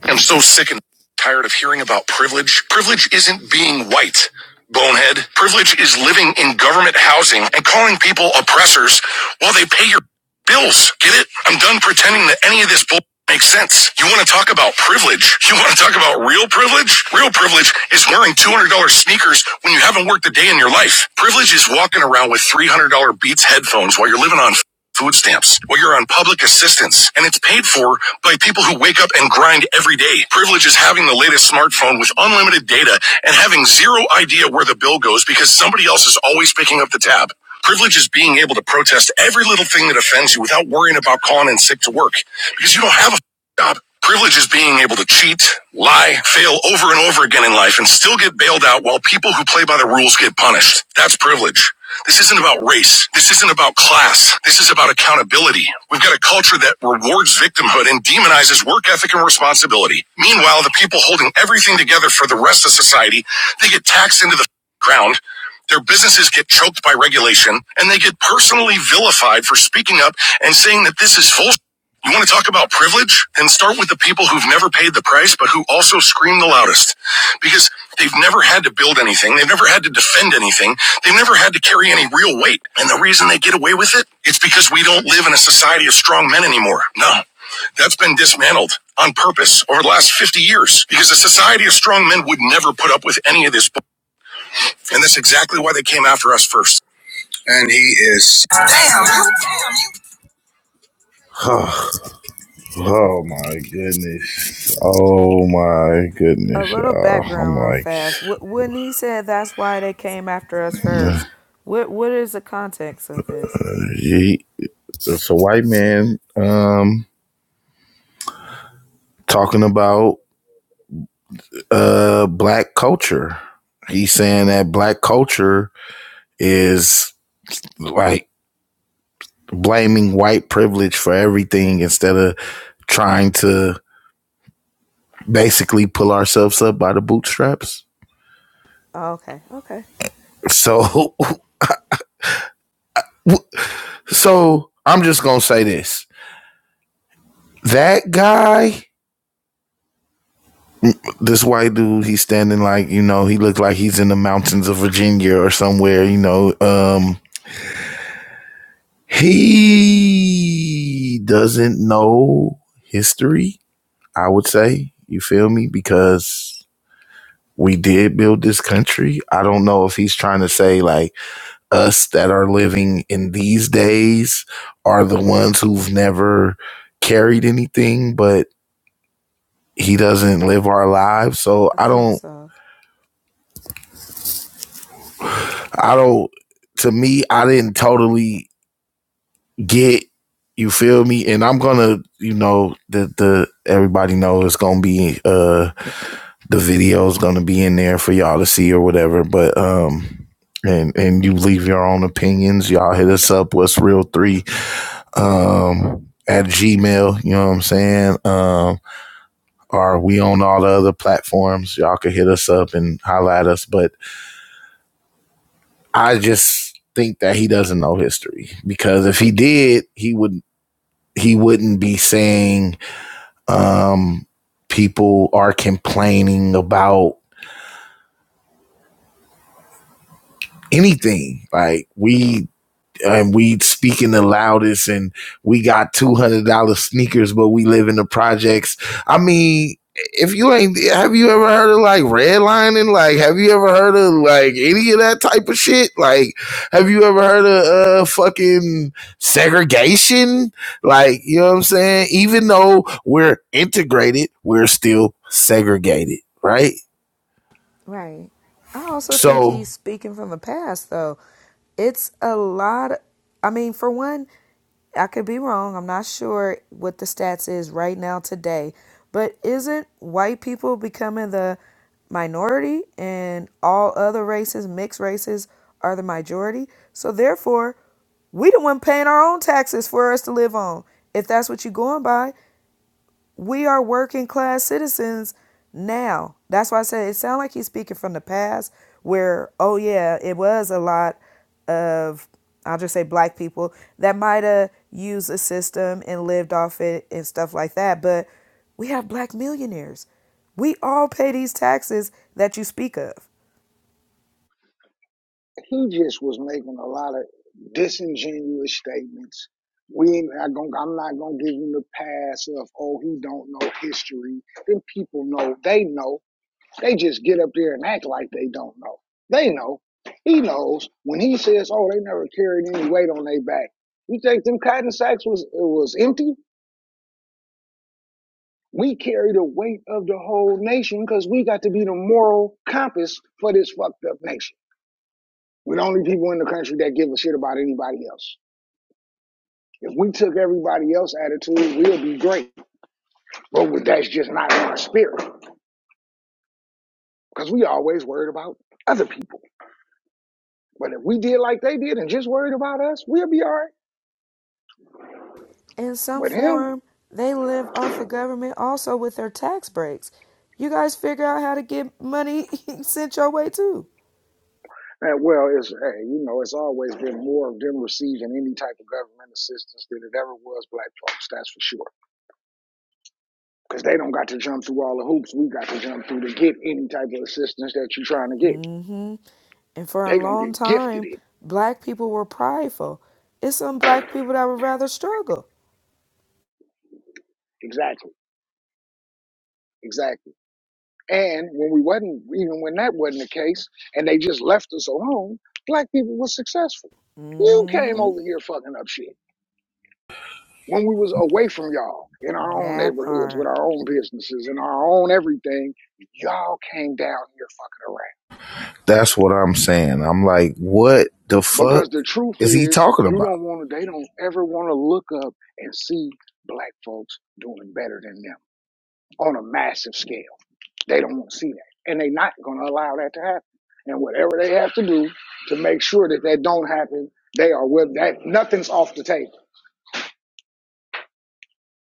[SPEAKER 1] I'm so sick and tired of hearing about privilege. Privilege isn't being white, bonehead. Privilege is living in government housing and calling people oppressors while they pay your bills. Get it? I'm done pretending that any of this bull makes sense. You want to talk about privilege? You want to talk about real privilege? Real privilege is wearing $200 sneakers when you haven't worked a day in your life. Privilege is walking around with $300 Beats headphones while you're living on food stamps. Well, you're on public assistance, and it's paid for by people who wake up and grind every day. Privilege is having the latest smartphone with unlimited data and having zero idea where the bill goes because somebody else is always picking up the tab. Privilege is being able to protest every little thing that offends you without worrying about calling in sick to work because you don't have a job. Privilege is being able to cheat, lie, fail over and over again in life and still get bailed out while people who play by the rules get punished. That's privilege. This isn't about race. This isn't about class. This is about accountability. We've got a culture that rewards victimhood and demonizes work ethic and responsibility. Meanwhile, the people holding everything together for the rest of society, they get taxed into the ground. Their businesses get choked by regulation and they get personally vilified for speaking up and saying that this is full. You want to talk about privilege? Then start with the people who've never paid the price, but who also scream the loudest because they've never had to build anything. They've never had to defend anything. They've never had to carry any real weight. And the reason they get away with it, it's because we don't live in a society of strong men anymore. No, that's been dismantled on purpose over the last 50 years because a society of strong men would never put up with any of this. And that's exactly why they came after us first. And he is. Damn. oh oh my goodness. Oh my
[SPEAKER 5] A
[SPEAKER 1] goodness,
[SPEAKER 5] little
[SPEAKER 1] y'all. I'm
[SPEAKER 5] background real
[SPEAKER 1] like,
[SPEAKER 5] fast. Wh- When he said that's why they came after us first, what what is the context of this?
[SPEAKER 1] he. It's a white man um, talking about uh, black culture. He's saying that black culture is like blaming white privilege for everything instead of trying to basically pull ourselves up by the bootstraps.
[SPEAKER 5] Okay, okay.
[SPEAKER 1] So, so I'm just gonna say this: that guy, this white dude, he's standing like you know he looked like he's in the mountains of Virginia or somewhere, you know, um, he doesn't know history, I would say. You feel me? Because we did build this country. I don't know if he's trying to say like us that are living in these days are the ones who've never carried anything, but he doesn't live our lives. So
[SPEAKER 5] I
[SPEAKER 1] I
[SPEAKER 5] think
[SPEAKER 1] don't,
[SPEAKER 5] so.
[SPEAKER 1] I don't, to me, I didn't totally get you feel me and i'm gonna you know the the everybody knows it's gonna be uh the video's gonna be in there for y'all to see or whatever but um and and you leave your own opinions y'all hit us up what's real three um at gmail you know what i'm saying um or we on all the other platforms y'all can hit us up and holla at us but i just think that he doesn't know history because if he did he would he wouldn't be saying Um, people are complaining about anything. Like we and we speaking the loudest, and we got two hundred dollar sneakers, but we live in the projects. I mean, if you ain't, have you ever heard of like redlining? Like, have you ever heard of like any of that type of shit? Like, have you ever heard of uh fucking segregation? Like, you know what I'm saying? Even though we're integrated, we're still segregated, right?
[SPEAKER 5] Right. I also think
[SPEAKER 1] So
[SPEAKER 5] he's speaking from the past, though. It's a lot. Of, I mean, for one, I could be wrong. I'm not sure what the stats is right now today, but isn't white people becoming the minority and all other races, mixed races, are the majority? So therefore, we the one paying our own taxes for us to live on. If that's what you're going by, we are working class citizens now. That's why I said it sounds like he's speaking from the past where, oh yeah, it was a lot of I'll just say black people that might have used a system and lived off it and stuff like that. But we have black millionaires. We all pay these taxes that you speak of.
[SPEAKER 8] He just was making a lot of disingenuous statements. We ain't not gonna. I'm not gonna give him the pass of oh he don't know history. Then people know they know. They just get up there and act like they don't know. They know. He knows. When he says, "Oh, they never carried any weight on their back," you think them cotton sacks was it was empty? We carry the weight of the whole nation because we got to be the moral compass for this fucked up nation. We're the only people in the country that give a shit about anybody else. If we took everybody else's attitude, we'll be great. But that's just not in our spirit because we always worried about other people. But if we did like they did and just worried about us, we'll be all right.
[SPEAKER 5] In some
[SPEAKER 8] But him,
[SPEAKER 5] form, they live off the government also with their tax breaks. You guys figure out how to get money sent your way too.
[SPEAKER 8] eh, well, it's hey, you know, it's always been more of them receiving any type of government assistance than it ever was black folks. That's for sure. because they don't got to jump through all the hoops we got to jump through to get any type of assistance that you're trying to get.
[SPEAKER 5] hmm And for
[SPEAKER 8] They
[SPEAKER 5] a
[SPEAKER 8] gonna
[SPEAKER 5] long
[SPEAKER 8] get gifted
[SPEAKER 5] time,
[SPEAKER 8] it.
[SPEAKER 5] black people were prideful. It's some black people that would rather struggle.
[SPEAKER 8] Exactly. Exactly. And when we wasn't, even when that wasn't the case, and they just left us alone, black people was successful. You came
[SPEAKER 5] hmm
[SPEAKER 8] over here fucking up shit when we was away from y'all in our own
[SPEAKER 5] That
[SPEAKER 8] neighborhoods with
[SPEAKER 5] part.
[SPEAKER 8] our own businesses and our own everything. Y'all came down here fucking around.
[SPEAKER 1] that's what I'm saying. I'm like, what the fuck
[SPEAKER 8] Because the truth
[SPEAKER 1] is he
[SPEAKER 8] is,
[SPEAKER 1] talking
[SPEAKER 8] you
[SPEAKER 1] about?
[SPEAKER 8] don't want to, they don't ever want to look up and see black folks doing better than them on a massive scale. They don't want to see that. And they're not going to allow that to happen. And whatever they have to do to make sure that that don't happen, they are with that. Nothing's off the table.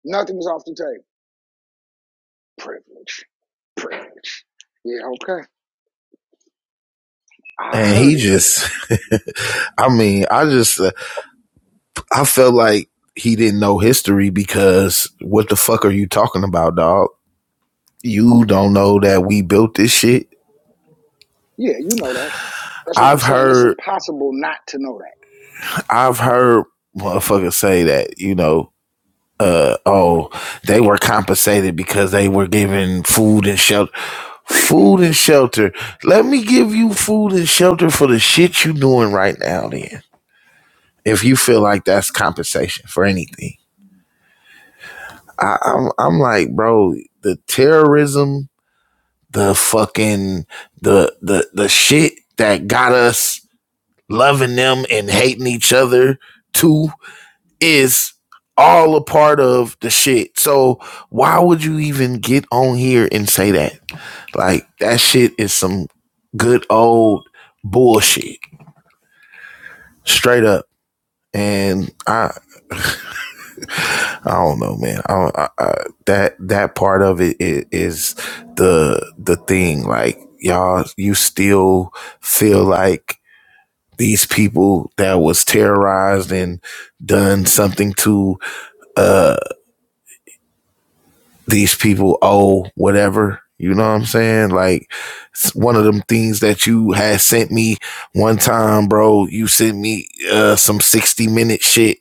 [SPEAKER 8] Nothing's off the table. Privilege. Privilege. Yeah, okay. I
[SPEAKER 1] And he
[SPEAKER 8] heard it.
[SPEAKER 1] just, I mean, I just, uh, I felt like he didn't know history because what the fuck are you talking about, dog? You don't know that we built this shit.
[SPEAKER 8] Yeah, you know that. That's what I'm
[SPEAKER 1] I've
[SPEAKER 8] saying. It's
[SPEAKER 1] heard,
[SPEAKER 8] impossible not to know
[SPEAKER 1] I've heard motherfuckers say that, you know, uh oh they were compensated because they were given food and shelter food and shelter let me give you food and shelter for the shit you doing right now then if you feel like that's compensation for anything I, I'm, I'm like bro the terrorism the fucking the the the shit that got us loving them and hating each other too is all a part of the shit. So why would you even get on here and say that? Like that shit is some good old bullshit, straight up. And I, I don't know, man. I, I, I that that part of it is the the thing. Like y'all, you still feel like these people that was terrorized and done something to uh. these people owe whatever. You know what I'm saying? Like one of them things that you had sent me one time, bro. You sent me uh, some 60 minute shit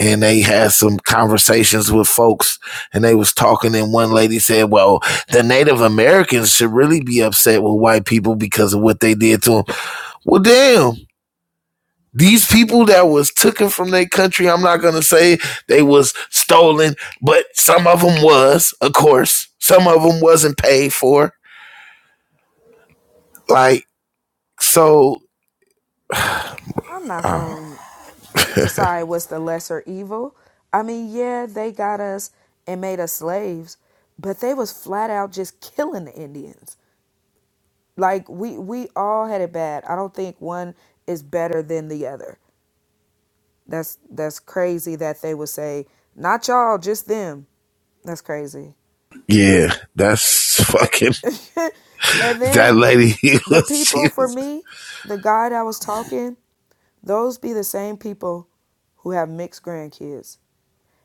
[SPEAKER 1] and they had some conversations with folks and they was talking and one lady said, well, the Native Americans should really be upset with white people because of what they did to them. Well, damn, these people that was taken from their country, I'm not gonna say they was stolen, but some of them was, of course. Some of them wasn't paid for. Like so,
[SPEAKER 5] I'm not going to decide what's the lesser evil. I mean, yeah, they got us and made us slaves, but they was flat out just killing the Indians. Like we we all had it bad. I don't think one is better than the other. That's that's crazy that they would say not y'all, just them. That's crazy.
[SPEAKER 1] yeah, that's fucking
[SPEAKER 5] And
[SPEAKER 1] that
[SPEAKER 5] then
[SPEAKER 1] lady. She
[SPEAKER 5] the
[SPEAKER 1] was,
[SPEAKER 5] people for me, the guy that was talking, those be the same people who have mixed grandkids.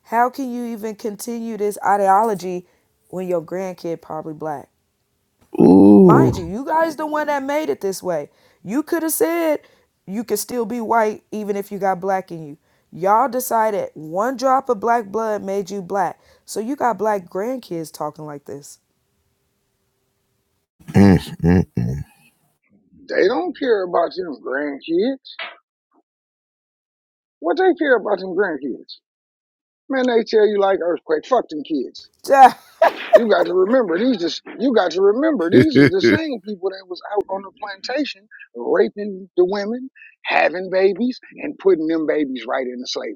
[SPEAKER 5] How can you even continue this ideology when your grandkid probably black?
[SPEAKER 1] ooh.
[SPEAKER 5] Mind you, you guys the one that made it this way. You could have said you could still be white even if you got black in you. Y'all decided one drop of black blood made you black. So you got black grandkids talking like this.
[SPEAKER 1] Mm, mm,
[SPEAKER 8] that. They don't care about your grandkids. What they care about them grandkids? Man, they tell you like earthquake. Fuck them kids. You got to remember these is you got to remember these
[SPEAKER 1] mm.
[SPEAKER 8] is the same people that was out on the plantation raping the women, having babies, and putting them babies right into slavery.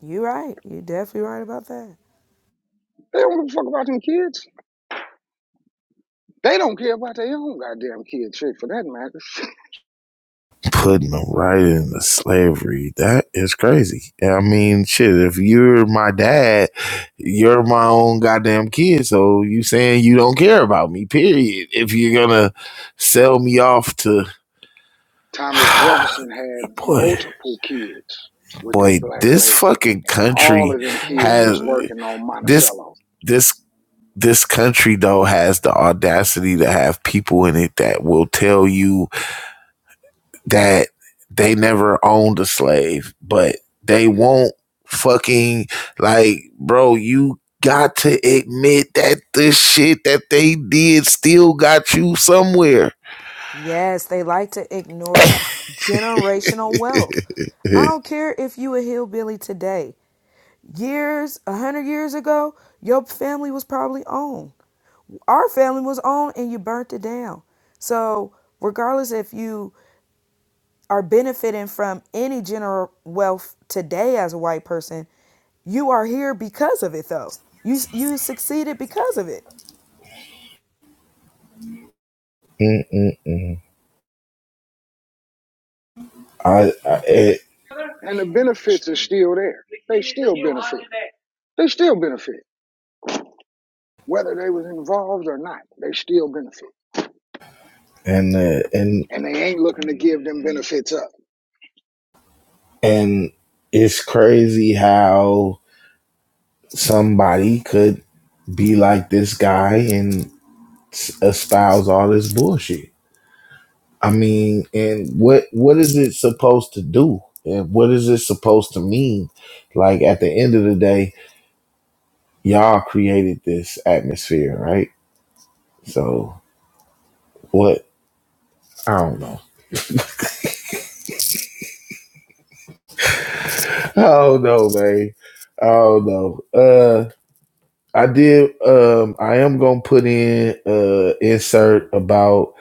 [SPEAKER 5] you right. You definitely right about that.
[SPEAKER 8] They don't give a fuck about them kids. They don't care about their own goddamn kids, shit for that matter.
[SPEAKER 1] putting them right into slavery. That is crazy. I mean, shit, if you're my dad, you're my own goddamn kid. So you saying you don't care about me, period. If you're gonna sell me off to
[SPEAKER 8] Thomas Jefferson had
[SPEAKER 1] boy,
[SPEAKER 8] multiple kids with that
[SPEAKER 1] boy,
[SPEAKER 8] black
[SPEAKER 1] this
[SPEAKER 8] lady,
[SPEAKER 1] fucking
[SPEAKER 8] and all
[SPEAKER 1] country
[SPEAKER 8] of them kids
[SPEAKER 5] Mm
[SPEAKER 1] has
[SPEAKER 8] was
[SPEAKER 5] hmm.
[SPEAKER 8] working on
[SPEAKER 1] this
[SPEAKER 8] Monticello.
[SPEAKER 1] this this country though has the audacity to have people in it that will tell you that they never owned a slave, but they won't fucking like, bro, you got to admit that the shit that they did still got you somewhere.
[SPEAKER 5] Yes, they like to ignore generational wealth. I don't care if you a hillbilly today. Years, a hundred years ago, your family was probably owned. Our family was owned and you burnt it down. So regardless if you are benefiting from any general wealth today as a white person, you are here because of it though. You you succeeded because of it.
[SPEAKER 1] I, I it,
[SPEAKER 8] and the benefits are still there. They still benefit. They still benefit, whether they was involved or not. They still benefit,
[SPEAKER 1] and uh, and
[SPEAKER 8] and they ain't looking to give them benefits up.
[SPEAKER 1] and it's crazy how somebody could be like this guy and espouse all this bullshit. I mean, and what what is it supposed to do? And what is it supposed to mean? Like at the end of the day, y'all created this atmosphere, right? So what? I don't know. I don't know, man. I don't know. Uh, I did. Um, I am gonna put in uh insert about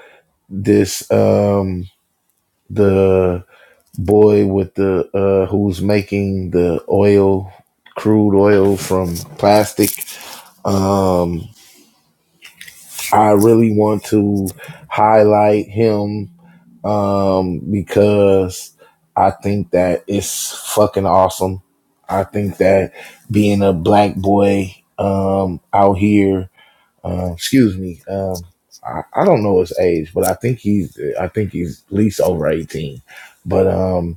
[SPEAKER 1] this. Um, the boy with the uh who's making the oil, crude oil from plastic Um, I really want to highlight him um, because I think that it's fucking awesome. I think that being a black boy um, out here, uh, excuse me, um, I, I don't know his age, but I think he's I think he's at least over eighteen. But um,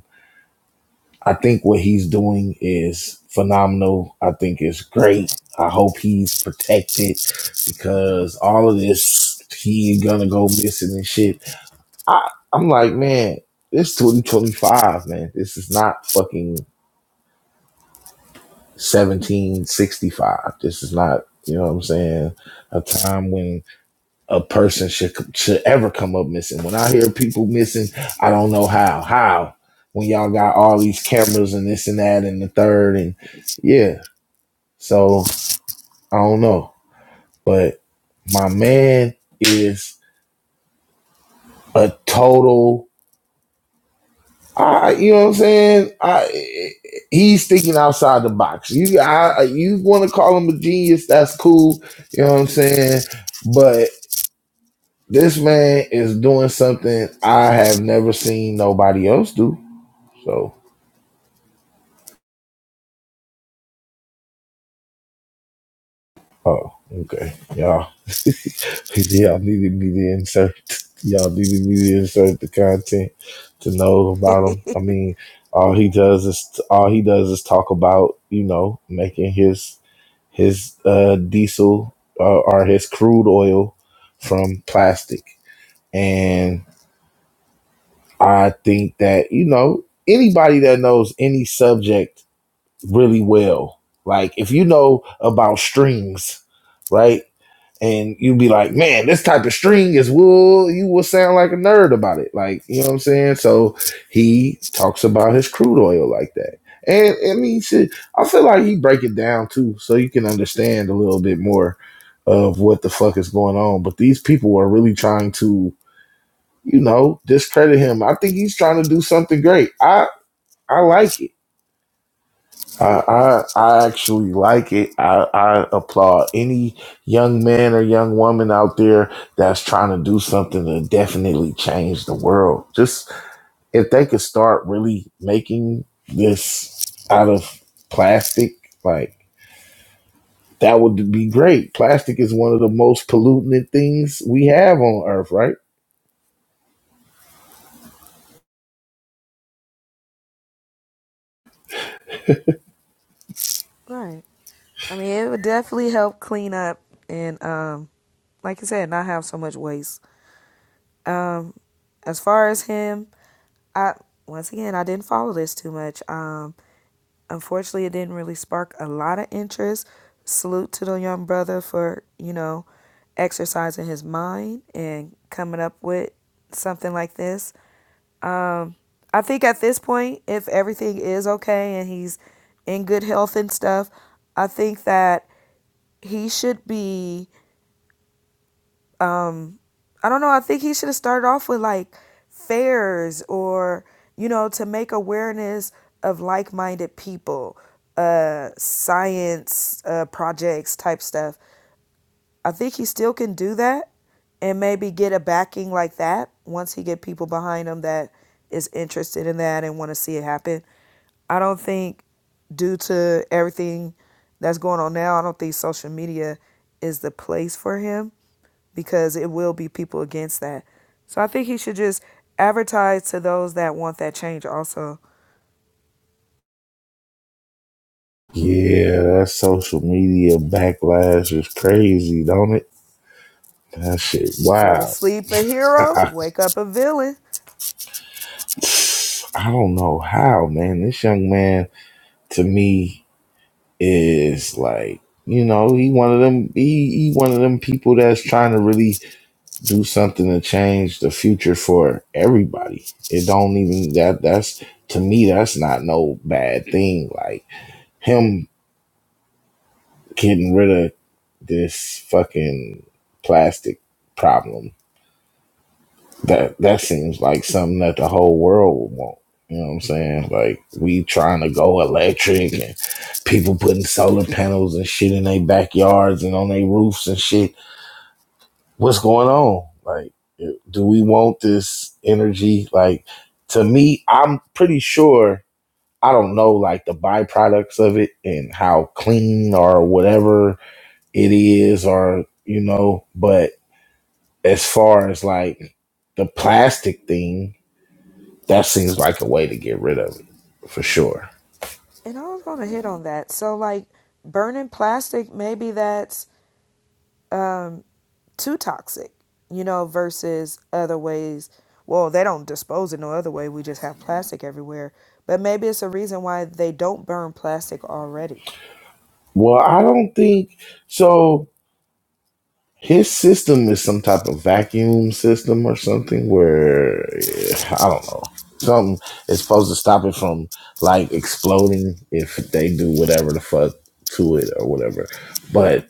[SPEAKER 1] I think what he's doing is phenomenal. I think it's great. I hope he's protected because all of this, he gonna go missing and shit. I'm like, man, it's 2025, man. This is not fucking 1765. This is not, you know what I'm saying, a time when a person should should ever come up missing. When I hear people missing, I don't know how. How? When y'all got all these cameras and this and that and the third and yeah, So I don't know. But my man is a total. I, you know what I'm saying? I he's thinking outside the box. You, I, you want to call him a genius? That's cool. You know what I'm saying? But this man is doing something I have never seen nobody else do. So, oh, okay, y'all. Y'all needed me to insert. Y'all needed me to insert the content to know about him. I mean, all he does is all he does is talk about you know making his his uh, diesel uh, or his crude oil from plastic, and I think that you know anybody that knows any subject really well, like if you know about strings, right? and you'd be like, man, this type of string is wool. You will sound like a nerd about it. Like, you know what I'm saying? So he talks about his crude oil like that. And I mean, shit, I feel like he break it down too, so you can understand a little bit more of what the fuck is going on. But these people are really trying to, you know, discredit him. I think he's trying to do something great. I I like it. I, I I actually like it. I, I applaud any young man or young woman out there that's trying to do something to definitely change the world. Just if they could start really making this out of plastic, like that would be great. Plastic is one of the most pollutant things we have on earth, right?
[SPEAKER 5] Right. I mean, it would definitely help clean up and, um, like I said, not have so much waste. Um, as far as him, I once again I didn't follow this too much. Um, unfortunately, it didn't really spark a lot of interest. Salute to the young brother for you know exercising his mind and coming up with something like this. Um, I think at this point, if everything is okay and he's in good health and stuff, I think that he should be i don't know i think he should have started off with like fairs or you know to make awareness of like-minded people uh science uh projects type stuff I think he still can do that and maybe get a backing like that once he get people behind him that is interested in that and want to see it happen. I don't think due to everything that's going on now, I don't think social media is the place for him because it will be people against that. So I think he should just advertise to those that want that change also.
[SPEAKER 1] Yeah, that social media backlash is crazy, don't it? That shit,
[SPEAKER 5] Go to
[SPEAKER 1] wow.
[SPEAKER 5] sleep a hero, wake up a villain.
[SPEAKER 1] I don't know how, man. This young man to me is like you know he one of them he, he one of them people that's trying to really do something to change the future for everybody it don't even that that's to me that's not no bad thing like him getting rid of this fucking plastic problem that that seems like something that the whole world would want. You know what I'm saying? Like we trying to go electric and people putting solar panels and shit in their backyards and on their roofs and shit. What's going on? Like, do we want this energy? Like, to me, I'm pretty sure. I don't know, like the byproducts of it and how clean or whatever it is, or you know. But as far as like the plastic thing, That seems like a way to get rid of it for sure.
[SPEAKER 5] And I was going to hit on that. So, like, burning plastic, maybe that's um, too toxic, you know, versus other ways. Well, they don't dispose it no other way. We just have plastic everywhere. But maybe it's a reason why they don't burn plastic already.
[SPEAKER 1] Well, I don't think so. His system is some type of vacuum system or something where yeah, I don't know. Something is supposed to stop it from like exploding if they do whatever the fuck to it or whatever. But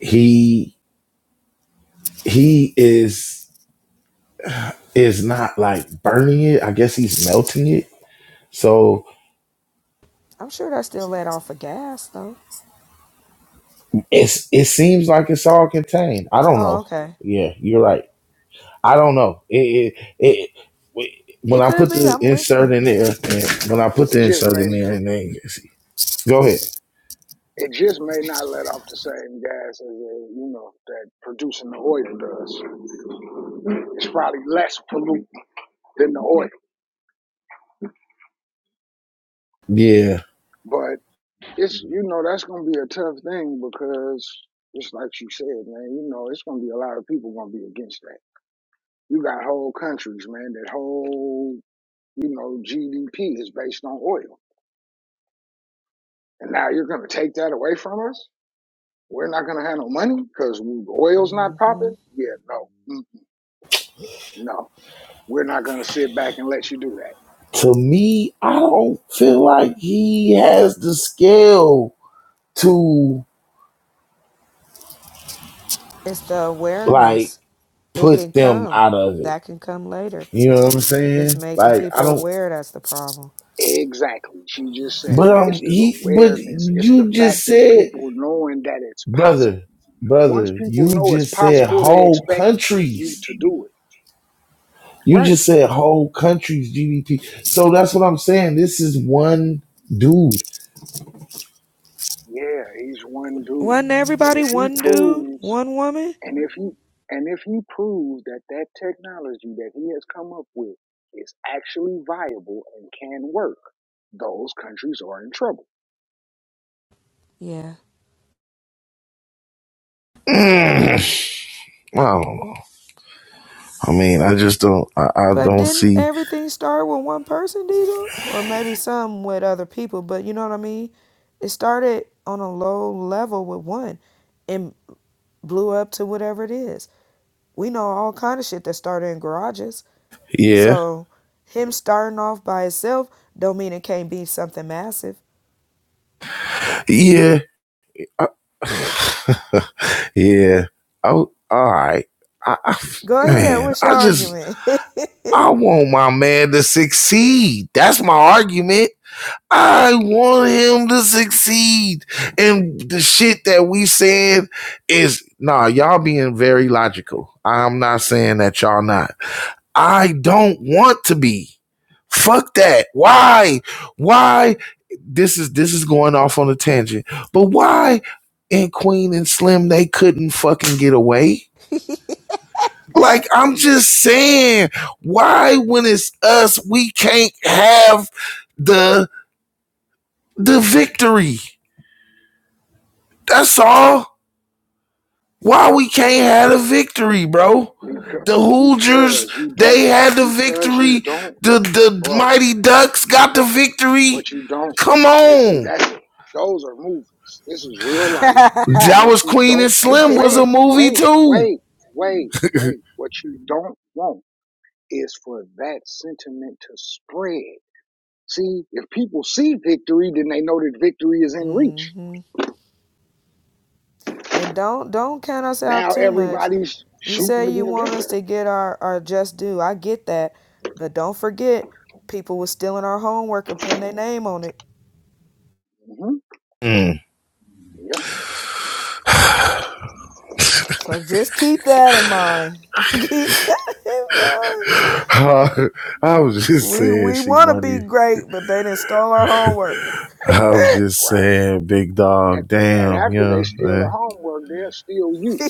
[SPEAKER 1] he he is is not like burning it. I guess he's melting it. So
[SPEAKER 5] I'm sure they're still let off of gas, though.
[SPEAKER 1] it's it seems like it's all contained. I don't
[SPEAKER 5] Oh,
[SPEAKER 1] know.
[SPEAKER 5] okay.
[SPEAKER 1] Yeah, you're right. I don't know. It, it, it, when
[SPEAKER 5] It
[SPEAKER 1] I
[SPEAKER 5] could
[SPEAKER 1] put
[SPEAKER 5] be.
[SPEAKER 1] the
[SPEAKER 5] I'm
[SPEAKER 1] insert
[SPEAKER 5] listening.
[SPEAKER 1] in there, and when I put
[SPEAKER 8] It
[SPEAKER 1] the
[SPEAKER 8] just
[SPEAKER 1] insert
[SPEAKER 8] may
[SPEAKER 1] in there, and then go ahead.
[SPEAKER 8] it just may not let off the same gas as uh, you know that producing the oil does. It's probably less pollutant than the oil,
[SPEAKER 1] Yeah.
[SPEAKER 8] but it's you know that's gonna be a tough thing because just like you said, man, you know it's gonna be a lot of people gonna be against that. You got whole countries, man, that whole you know, GDP is based on oil. And now you're going to take that away from us? We're not going to have no money because oil's not
[SPEAKER 5] mm hmm
[SPEAKER 8] popping? Yeah, no, Mm, no. We're not going to sit back and let you do that.
[SPEAKER 1] To me, I don't feel like he has the skill to
[SPEAKER 5] It's the
[SPEAKER 1] like
[SPEAKER 5] awareness. It can
[SPEAKER 1] put them
[SPEAKER 5] come.
[SPEAKER 1] out of it.
[SPEAKER 5] That can come later.
[SPEAKER 1] You know what I'm saying?
[SPEAKER 5] It's making
[SPEAKER 1] Like I
[SPEAKER 5] people
[SPEAKER 1] don't.
[SPEAKER 5] aware that's the problem.
[SPEAKER 8] Exactly. She just said it.
[SPEAKER 1] But um,
[SPEAKER 8] It's the
[SPEAKER 1] he. But
[SPEAKER 8] awareness. It's the
[SPEAKER 1] you
[SPEAKER 8] fact
[SPEAKER 1] just
[SPEAKER 8] of
[SPEAKER 1] said,
[SPEAKER 8] people knowing that it's possible.
[SPEAKER 1] brother,
[SPEAKER 8] Once
[SPEAKER 1] brother,
[SPEAKER 8] people
[SPEAKER 1] you
[SPEAKER 8] know it's
[SPEAKER 1] just said
[SPEAKER 8] possible, they
[SPEAKER 1] whole
[SPEAKER 8] expect you
[SPEAKER 1] countries.
[SPEAKER 8] to do it.
[SPEAKER 1] You
[SPEAKER 8] Right.
[SPEAKER 1] just said whole country's GDP. So that's what I'm saying. This is one dude.
[SPEAKER 8] Yeah, he's one dude.
[SPEAKER 5] Wasn't
[SPEAKER 8] But
[SPEAKER 5] everybody
[SPEAKER 8] if he
[SPEAKER 5] one dude,
[SPEAKER 8] proves,
[SPEAKER 5] one woman?
[SPEAKER 8] and if he, and if he proves that that technology that he has come up with is actually viable and can work, those countries are in trouble
[SPEAKER 5] Yeah.
[SPEAKER 1] Mm, I don't know. I mean, I just don't. I, I
[SPEAKER 5] But
[SPEAKER 1] don't
[SPEAKER 5] didn't
[SPEAKER 1] see.
[SPEAKER 5] everything start with one person, Diesel? Or maybe some with other people, but you know what I mean? It started on a low level with one and blew up to whatever it is. We know all kind of shit that started in garages.
[SPEAKER 1] Yeah,
[SPEAKER 5] So him starting off by himself don't mean it can't be something massive.
[SPEAKER 1] yeah, I- yeah. Oh, all right. I, I,
[SPEAKER 5] Go ahead,
[SPEAKER 1] man,
[SPEAKER 5] what's your
[SPEAKER 1] I just
[SPEAKER 5] argument?
[SPEAKER 1] I want my man to succeed. That's my argument. I want him to succeed. And the shit that we saying is nah, y'all being very logical. I'm not saying that y'all not. I don't want to be. Fuck that. Why? Why this is this is going off on a tangent. But why in Queen and Slim they couldn't fucking get away? Like I'm just saying, why when it's us we can't have the the victory? That's all. Why we can't have a victory, bro?
[SPEAKER 8] because,
[SPEAKER 1] The Hoosiers,
[SPEAKER 8] because you don't,
[SPEAKER 1] they had the
[SPEAKER 8] because you
[SPEAKER 1] victory.
[SPEAKER 8] don't,
[SPEAKER 1] The the
[SPEAKER 8] bro.
[SPEAKER 1] Mighty Ducks got the victory.
[SPEAKER 8] What you don't,
[SPEAKER 1] Come
[SPEAKER 8] this
[SPEAKER 1] on.
[SPEAKER 8] that's it. Those are movies. This is real life. And
[SPEAKER 1] That was
[SPEAKER 8] what you
[SPEAKER 1] Queen
[SPEAKER 8] don't,
[SPEAKER 1] and
[SPEAKER 8] and
[SPEAKER 1] Slim was
[SPEAKER 8] wait,
[SPEAKER 1] a movie
[SPEAKER 8] wait,
[SPEAKER 1] too.
[SPEAKER 8] wait, wait, wait. What you don't want is for that sentiment to spread. See, if people see victory, then they know that victory is in
[SPEAKER 5] Mm
[SPEAKER 8] reach.
[SPEAKER 5] hmm. And don't don't count us out
[SPEAKER 8] Now
[SPEAKER 5] too much.
[SPEAKER 8] everybody's
[SPEAKER 5] You
[SPEAKER 8] shooting
[SPEAKER 5] say
[SPEAKER 8] to be
[SPEAKER 5] you
[SPEAKER 8] the
[SPEAKER 5] want us
[SPEAKER 8] victor.
[SPEAKER 5] to get our, our just due. I get that. But don't forget, people was stealing our homework and putting their name on it.
[SPEAKER 8] hmm
[SPEAKER 1] Mm.
[SPEAKER 8] Yep,
[SPEAKER 5] So just keep that in mind. keep that in mind.
[SPEAKER 1] Uh, I was just
[SPEAKER 5] We
[SPEAKER 1] saying
[SPEAKER 5] we
[SPEAKER 1] she
[SPEAKER 5] wanna be
[SPEAKER 1] money.
[SPEAKER 5] great, but they didn't stole our homework.
[SPEAKER 1] I was just
[SPEAKER 8] right.
[SPEAKER 1] saying, big
[SPEAKER 8] And,
[SPEAKER 1] dog,
[SPEAKER 8] and
[SPEAKER 1] damn, you
[SPEAKER 8] after they
[SPEAKER 1] know what
[SPEAKER 8] steal the
[SPEAKER 1] I'm
[SPEAKER 8] homework, they'll steal you.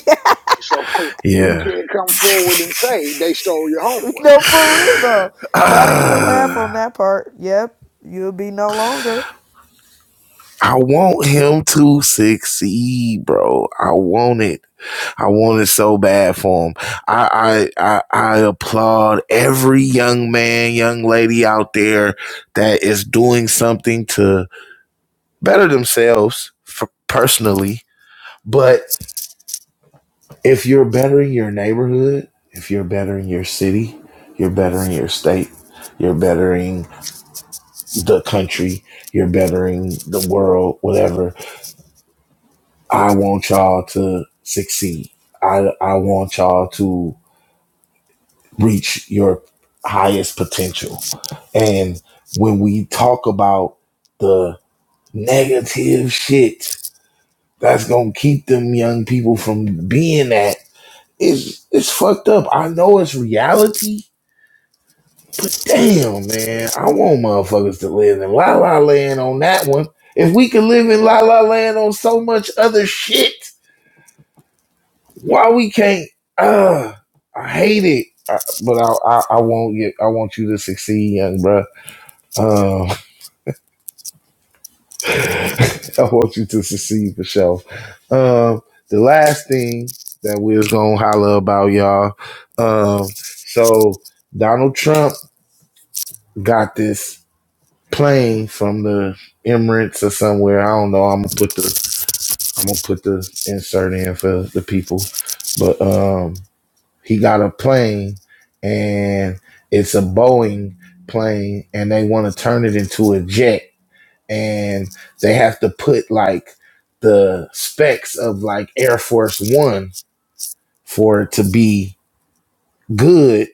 [SPEAKER 8] So
[SPEAKER 1] saying?
[SPEAKER 8] you
[SPEAKER 1] Yeah.
[SPEAKER 8] can't come forward and say they stole your homework.
[SPEAKER 5] No, for real though. Not even a laugh on
[SPEAKER 1] Ah,
[SPEAKER 5] that part. Yep, you'll be no longer.
[SPEAKER 1] I want him to succeed, bro. I want it. I want it so bad for him. I, I I I applaud every young man, young lady out there that is doing something to better themselves for personally. But if you're bettering your neighborhood, if you're bettering your city, you're bettering your state, you're bettering the country, you're bettering the world, whatever. I want y'all to succeed. I I want y'all to reach your highest potential. And when we talk about the negative shit that's gonna keep them young people from being that, it's it's fucked up. I know it's reality. Damn, man, I want motherfuckers to live in la la land on that one. If we could live in la la land on so much other shit, why we can't? Uh, I hate it. I, but I, I I want you I want you to succeed, young bruh. Um, I want you to succeed for sure. Um, the last thing that we was gonna holler about, y'all. Um, so Donald Trump got this plane from the Emirates or somewhere. I don't know. I'm gonna put the I'm gonna put the insert in for the people, but um, he got a plane and it's a Boeing plane, and they want to turn it into a jet and they have to put like the specs of like Air Force One for it to be good,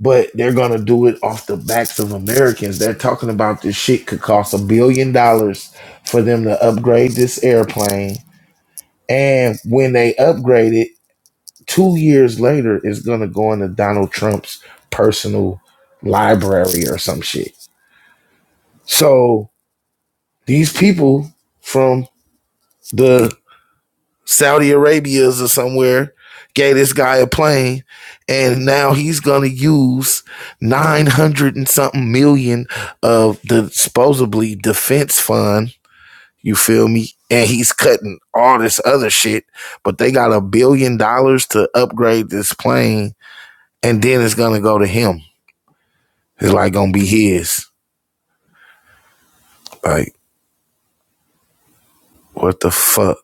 [SPEAKER 1] but they're gonna do it off the backs of Americans. They're talking about this shit could cost a billion dollars for them to upgrade this airplane, and when they upgrade it, two years later, it's gonna go into Donald Trump's personal library or some shit. So these people from the Saudi Arabia's or somewhere gave this guy a plane, and now he's gonna use nine hundred and something million of the supposedly defense fund. You feel me? And he's cutting all this other shit, but they got a billion dollars to upgrade this plane, and then it's gonna go to him. It's like gonna be his. Like what the fuck?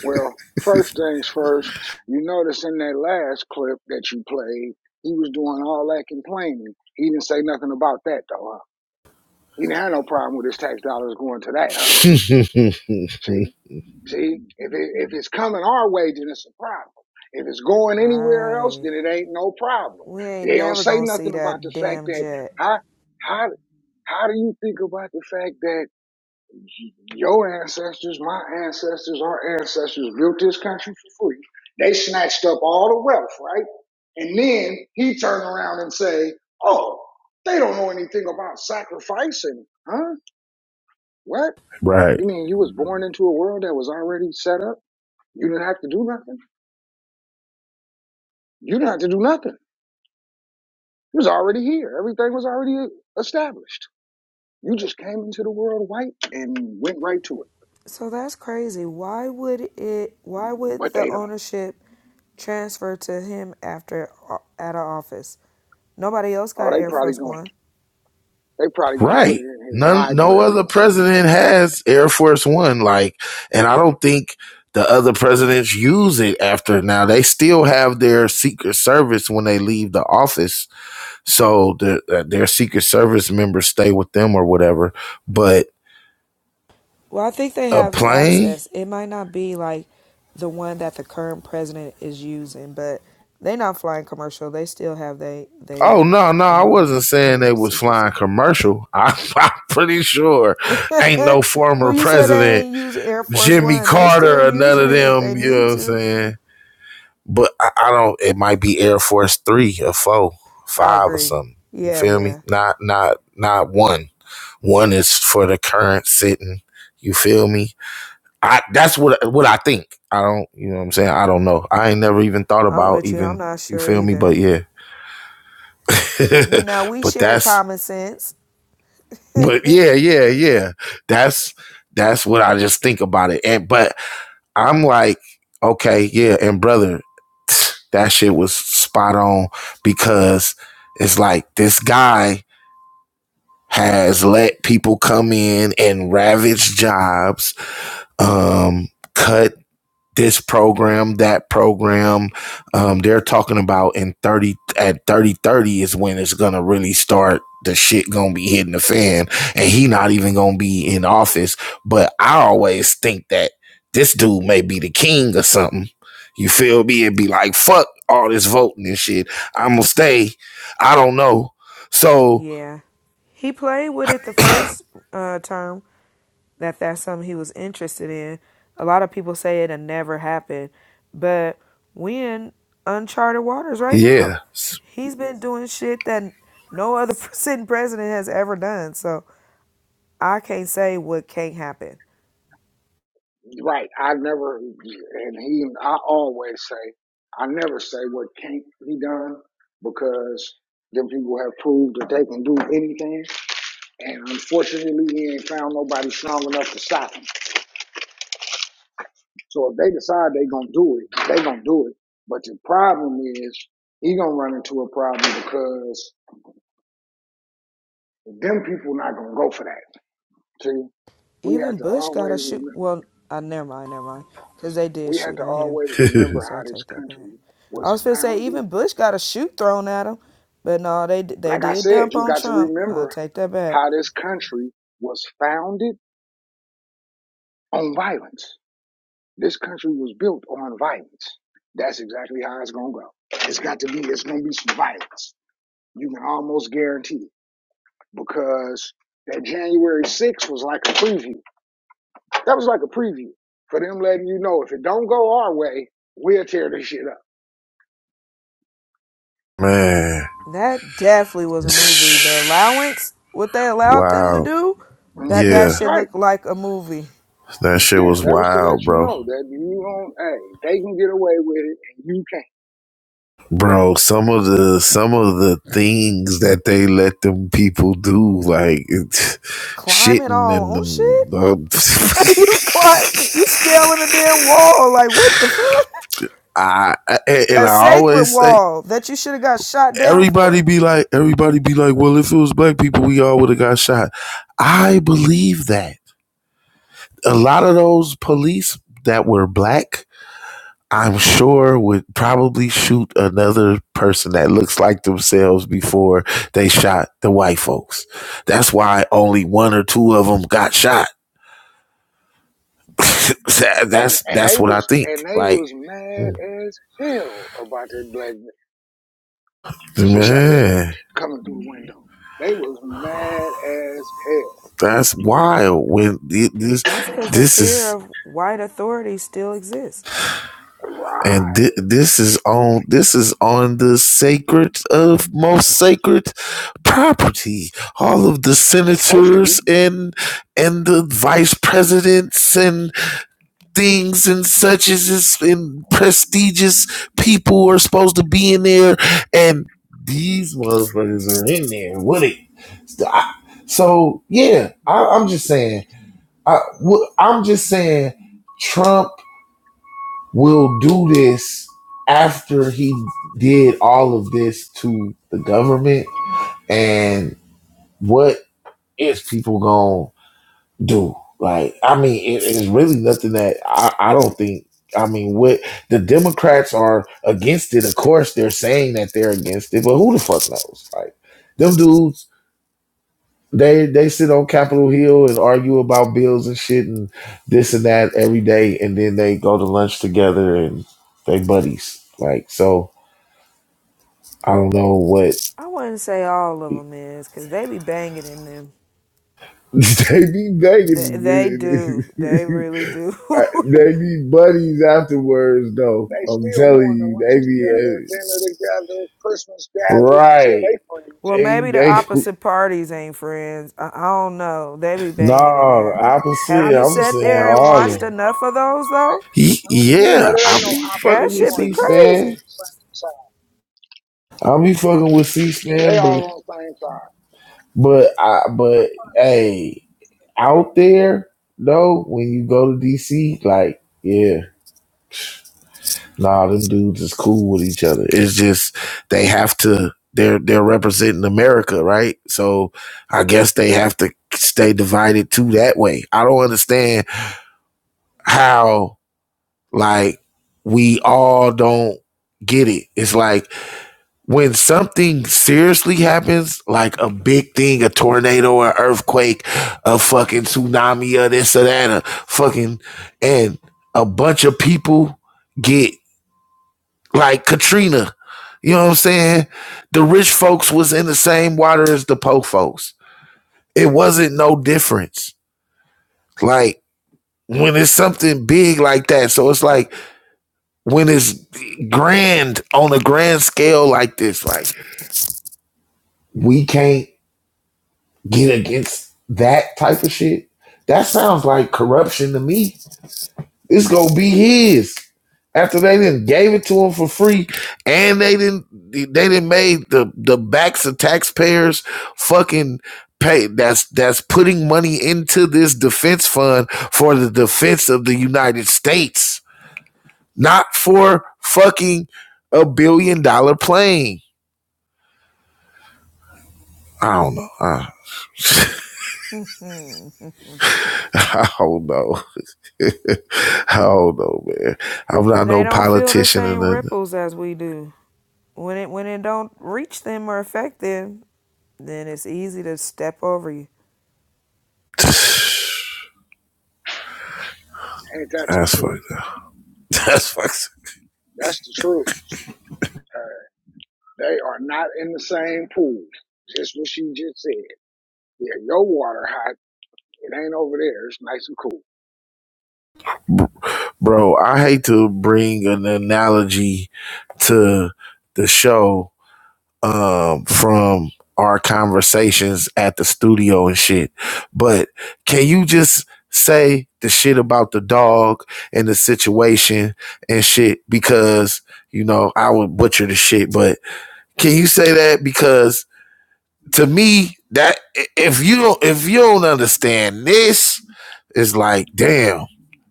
[SPEAKER 8] Well, first things first, you notice in that last clip that you played, he was doing all that complaining. He didn't say nothing about that though. Huh? He didn't have no problem with his tax dollars going to that, huh? See, see, if it, if it's coming our way, then it's a problem. If it's going anywhere else,
[SPEAKER 5] Right.
[SPEAKER 8] then it ain't no problem.
[SPEAKER 5] We ain't
[SPEAKER 8] They don't
[SPEAKER 5] never
[SPEAKER 8] say
[SPEAKER 5] gonna see
[SPEAKER 8] nothing about the
[SPEAKER 5] that
[SPEAKER 8] fact
[SPEAKER 5] damn
[SPEAKER 8] that
[SPEAKER 5] jet.
[SPEAKER 8] how how how do you think about the fact that your ancestors, my ancestors, our ancestors built this country for free. They snatched up all the wealth, right? And then he turned around and say, "Oh, they don't know anything about sacrificing, huh? What?
[SPEAKER 1] right.
[SPEAKER 8] You mean you was born into a world that was already set up? You didn't have to do nothing. You didn't have to do nothing. You was already here. Everything was already established. You just came into the world white and went right to it.
[SPEAKER 5] So that's crazy. Why would it? Why would
[SPEAKER 8] But
[SPEAKER 5] the
[SPEAKER 8] they don't.
[SPEAKER 5] ownership transfer to him after out of office? Nobody else
[SPEAKER 8] Oh,
[SPEAKER 5] got
[SPEAKER 8] they
[SPEAKER 5] Air
[SPEAKER 8] probably
[SPEAKER 5] Force
[SPEAKER 8] gonna
[SPEAKER 5] One.
[SPEAKER 8] They probably gonna put it
[SPEAKER 1] Right.
[SPEAKER 8] in his
[SPEAKER 1] None, no
[SPEAKER 8] library
[SPEAKER 1] other
[SPEAKER 8] or something.
[SPEAKER 1] president has Air Force One. Like, and I don't think the other presidents use it after now. They still have their Secret Service when they leave the office. So the, uh, their Secret Service members stay with them or whatever. But
[SPEAKER 5] Well, I think they
[SPEAKER 1] a
[SPEAKER 5] have
[SPEAKER 1] plane?
[SPEAKER 5] access. It might not be like the one that the current president is using, but they not flying commercial. They still have they they,
[SPEAKER 1] Oh, no, no. I
[SPEAKER 5] um,
[SPEAKER 1] wasn't
[SPEAKER 5] you
[SPEAKER 1] saying
[SPEAKER 5] know,
[SPEAKER 1] they was flying
[SPEAKER 5] secrecy.
[SPEAKER 1] commercial. I, I'm pretty sure ain't no former
[SPEAKER 5] well, you said they
[SPEAKER 1] president,
[SPEAKER 5] ain't using Air Force
[SPEAKER 1] Jimmy
[SPEAKER 5] One. They still
[SPEAKER 1] Carter or none
[SPEAKER 5] using
[SPEAKER 1] of
[SPEAKER 5] it if they
[SPEAKER 1] them, you know
[SPEAKER 5] need
[SPEAKER 1] what I'm
[SPEAKER 5] to.
[SPEAKER 1] saying? But I, I don't. It might be Air Force three or four,
[SPEAKER 5] I
[SPEAKER 1] five or
[SPEAKER 5] agree.
[SPEAKER 1] something. You
[SPEAKER 5] Yeah,
[SPEAKER 1] feel me?
[SPEAKER 5] yeah.
[SPEAKER 1] Not not not one. One is for the current sitting. You feel me? I that's what what I think. I don't. You know what I'm saying? I don't know. I ain't never even thought
[SPEAKER 5] I'm
[SPEAKER 1] about
[SPEAKER 5] with you. I'm
[SPEAKER 1] even.
[SPEAKER 5] not
[SPEAKER 1] You
[SPEAKER 5] sure
[SPEAKER 1] feel me?
[SPEAKER 5] either.
[SPEAKER 1] But yeah.
[SPEAKER 5] You know, we
[SPEAKER 1] but
[SPEAKER 5] share
[SPEAKER 1] that's.
[SPEAKER 5] common sense.
[SPEAKER 1] But yeah, yeah, yeah. That's that's what I just think about it. And but I'm like, okay, yeah, and brother, that shit was spot on because it's like this guy has let people come in and ravage jobs, um, cut this program, that program. Um, they're talking about in 30 at 30 30 is when it's gonna really start the shit gonna be hitting the fan and he not even gonna be in office. But I always think that this dude may be the king or something. You feel me? It'd be like fuck all this voting and shit. I'ma stay. I don't know. So
[SPEAKER 5] Yeah. He played with it the first uh, term that that's something he was interested in. A lot of people say it'll never happen, but we in uncharted waters right now.
[SPEAKER 1] yeah.
[SPEAKER 5] He's been doing shit that no other sitting president has ever done. So I can't say what can't happen.
[SPEAKER 8] Right. I never, and he, I always say, I never say what can't be done because them people have proved that they can do anything. And unfortunately, he ain't found nobody strong enough to stop him. So if they decide they gonna do it, they gonna do it. But the problem is, he gonna run into a problem because them people not gonna go for that. See, we have
[SPEAKER 5] Even
[SPEAKER 8] to
[SPEAKER 5] Bush got
[SPEAKER 8] always
[SPEAKER 5] a shoot.
[SPEAKER 8] remember.
[SPEAKER 5] Well, uh, never mind, never mind, because they did
[SPEAKER 8] we have
[SPEAKER 5] shoot
[SPEAKER 8] to
[SPEAKER 5] at him.
[SPEAKER 8] always remember
[SPEAKER 5] So I
[SPEAKER 8] how this
[SPEAKER 5] take that back.
[SPEAKER 8] country
[SPEAKER 5] I
[SPEAKER 8] was
[SPEAKER 5] was gonna say
[SPEAKER 8] founded.
[SPEAKER 5] even Bush got a shoe thrown at him, but no, they they
[SPEAKER 8] Like I
[SPEAKER 5] did
[SPEAKER 8] said,
[SPEAKER 5] dump
[SPEAKER 8] you
[SPEAKER 5] on
[SPEAKER 8] got to
[SPEAKER 5] Trump. I
[SPEAKER 8] remember
[SPEAKER 5] take that back.
[SPEAKER 8] how this country was founded on violence. This country was built on violence. That's exactly how it's gonna go. It's got to be. It's gonna be some violence. You can almost guarantee it because that January 6th was like a preview. That was like a preview for them letting you know if it don't go our way, we'll tear this shit up.
[SPEAKER 1] Man.
[SPEAKER 5] That definitely was a movie. The allowance, what they allowed them to
[SPEAKER 1] Wow.
[SPEAKER 5] do, that that
[SPEAKER 1] Yeah.
[SPEAKER 8] Mm-hmm.
[SPEAKER 5] shit
[SPEAKER 8] Right.
[SPEAKER 5] looked like a movie.
[SPEAKER 1] That shit
[SPEAKER 8] Yeah,
[SPEAKER 1] was
[SPEAKER 8] that was to let
[SPEAKER 1] wild,
[SPEAKER 8] you
[SPEAKER 1] bro.
[SPEAKER 8] know that you don't. Hey, they can get away with it, and you can't.
[SPEAKER 1] Bro, some of the some of the things that they let them people do, like it's
[SPEAKER 5] Climb it
[SPEAKER 1] shitting
[SPEAKER 5] all
[SPEAKER 1] and
[SPEAKER 5] on shit.
[SPEAKER 1] the,
[SPEAKER 5] you climb, you scaling a damn wall. Like what the fuck?
[SPEAKER 1] I I- and
[SPEAKER 5] A
[SPEAKER 1] I
[SPEAKER 5] sacred
[SPEAKER 1] always say
[SPEAKER 5] wall that you should have got shot down
[SPEAKER 1] everybody
[SPEAKER 5] for.
[SPEAKER 1] be like everybody be like, well, if it was black people, we all would have got shot. I believe that a lot of those police that were black I'm sure would probably shoot another person that looks like themselves before they shot the white folks. That's why only one or two of them got shot.
[SPEAKER 8] And
[SPEAKER 1] that's
[SPEAKER 8] and they
[SPEAKER 1] that's what I
[SPEAKER 8] was and
[SPEAKER 1] think.
[SPEAKER 8] they
[SPEAKER 1] Like
[SPEAKER 8] was mad as hell about that black that shot that lady
[SPEAKER 1] man,
[SPEAKER 8] coming through the window. They was mad as hell.
[SPEAKER 1] that's wild. When it, this
[SPEAKER 5] That's because the
[SPEAKER 1] this
[SPEAKER 5] fear
[SPEAKER 1] is
[SPEAKER 5] of white authority still exists.
[SPEAKER 1] and
[SPEAKER 8] Right,
[SPEAKER 1] thi- this is on this is on the sacred of most sacred property. All of the
[SPEAKER 8] supposed to be.
[SPEAKER 1] senators and and the vice presidents and. things and such as is and prestigious people are supposed to be in there, and these motherfuckers are in there with it. So, so, yeah, I, I'm just saying. I, I'm just saying Trump will do this after he did all of this to the government, and what is people going? do. Like, I mean, it is really nothing that I, I don't think. I mean, what the Democrats are against it. Of course, they're saying that they're against it, but who the fuck knows? Like, them dudes, they they sit on Capitol Hill and argue about bills and shit and this and that every day, and then they go to lunch together and they buddies. Like, so I don't know what
[SPEAKER 5] I wouldn't say all of them is, 'cause they be banging in them.
[SPEAKER 1] they be
[SPEAKER 5] They, they
[SPEAKER 1] begging.
[SPEAKER 5] do. They really do.
[SPEAKER 1] I, they be buddies afterwards, though.
[SPEAKER 8] They
[SPEAKER 1] I'm
[SPEAKER 8] still
[SPEAKER 1] telling
[SPEAKER 8] going to
[SPEAKER 1] you,
[SPEAKER 8] lunch
[SPEAKER 1] they
[SPEAKER 8] together,
[SPEAKER 1] be
[SPEAKER 8] dinner together, Christmas
[SPEAKER 1] uh,
[SPEAKER 8] gatherings. Yeah,
[SPEAKER 1] right.
[SPEAKER 8] they friends.
[SPEAKER 5] well,
[SPEAKER 1] They,
[SPEAKER 5] maybe the
[SPEAKER 1] they,
[SPEAKER 5] opposite parties ain't friends. I, I don't know. They be
[SPEAKER 1] no,
[SPEAKER 5] banging in there. Have
[SPEAKER 1] opposite.
[SPEAKER 5] you
[SPEAKER 1] I'm
[SPEAKER 8] Opposite
[SPEAKER 5] sat
[SPEAKER 1] saying
[SPEAKER 5] there and
[SPEAKER 8] parties
[SPEAKER 1] all of
[SPEAKER 5] watched
[SPEAKER 8] too.
[SPEAKER 1] them.
[SPEAKER 5] enough of those though?
[SPEAKER 1] He,
[SPEAKER 8] hmm
[SPEAKER 1] yeah,
[SPEAKER 8] but it
[SPEAKER 1] I
[SPEAKER 8] ain't no
[SPEAKER 1] be
[SPEAKER 5] That
[SPEAKER 8] opposite
[SPEAKER 1] fucking with
[SPEAKER 5] should be
[SPEAKER 8] party. They all
[SPEAKER 1] C-SPAN.
[SPEAKER 8] on
[SPEAKER 5] crazy.
[SPEAKER 8] the same side.
[SPEAKER 1] I be fucking with
[SPEAKER 8] They
[SPEAKER 1] C-SPAN,
[SPEAKER 8] all
[SPEAKER 1] but,
[SPEAKER 8] on the same side.
[SPEAKER 1] but, I, but, hey, out there, though, when you go to DC, like, yeah. Nah, them dudes is cool with each other. It's just they have to. They're they're representing America, right? So I guess they have to stay divided too that way. I don't understand how like we all don't get it. It's like when something seriously happens, like a big thing, a tornado, an earthquake, a fucking tsunami, or this or that, a fucking, and a bunch of people get like Katrina. You know what I'm saying? The rich folks was in the same water as the poor folks. It wasn't no difference. Like when it's something big like that. So it's like when it's grand on a grand scale like this, like we can't get against that type of shit. That sounds like corruption to me. It's gonna be his. After they didn't gave it to him for free, and they didn't they didn't made the the backs of taxpayers fucking pay. That's that's putting money into this defense fund for the defense of the United States, not for fucking a billion dollar plane. I don't know. I, I don't know. I don't know, man. I'm not no
[SPEAKER 5] They don't feel the
[SPEAKER 1] politician and
[SPEAKER 5] same
[SPEAKER 1] nothing.
[SPEAKER 5] ripples as we do. When it when it don't reach them or affect them, then it's easy to step over you.
[SPEAKER 8] Ain't that the
[SPEAKER 1] That's
[SPEAKER 8] truth?
[SPEAKER 1] fucked. That's fucked.
[SPEAKER 8] That's the truth. Uh, they are not in the same pool. Just what she just said. Yeah, your water hot. It ain't over there. It's nice and cool.
[SPEAKER 1] Bro, I hate to bring an analogy to the show um, from our conversations at the studio and shit, but can you just say the shit about the dog and the situation and shit? Because, you know, I would butcher the shit, but can you say that? Because to me, that if you don't if you don't understand this, it's like, damn,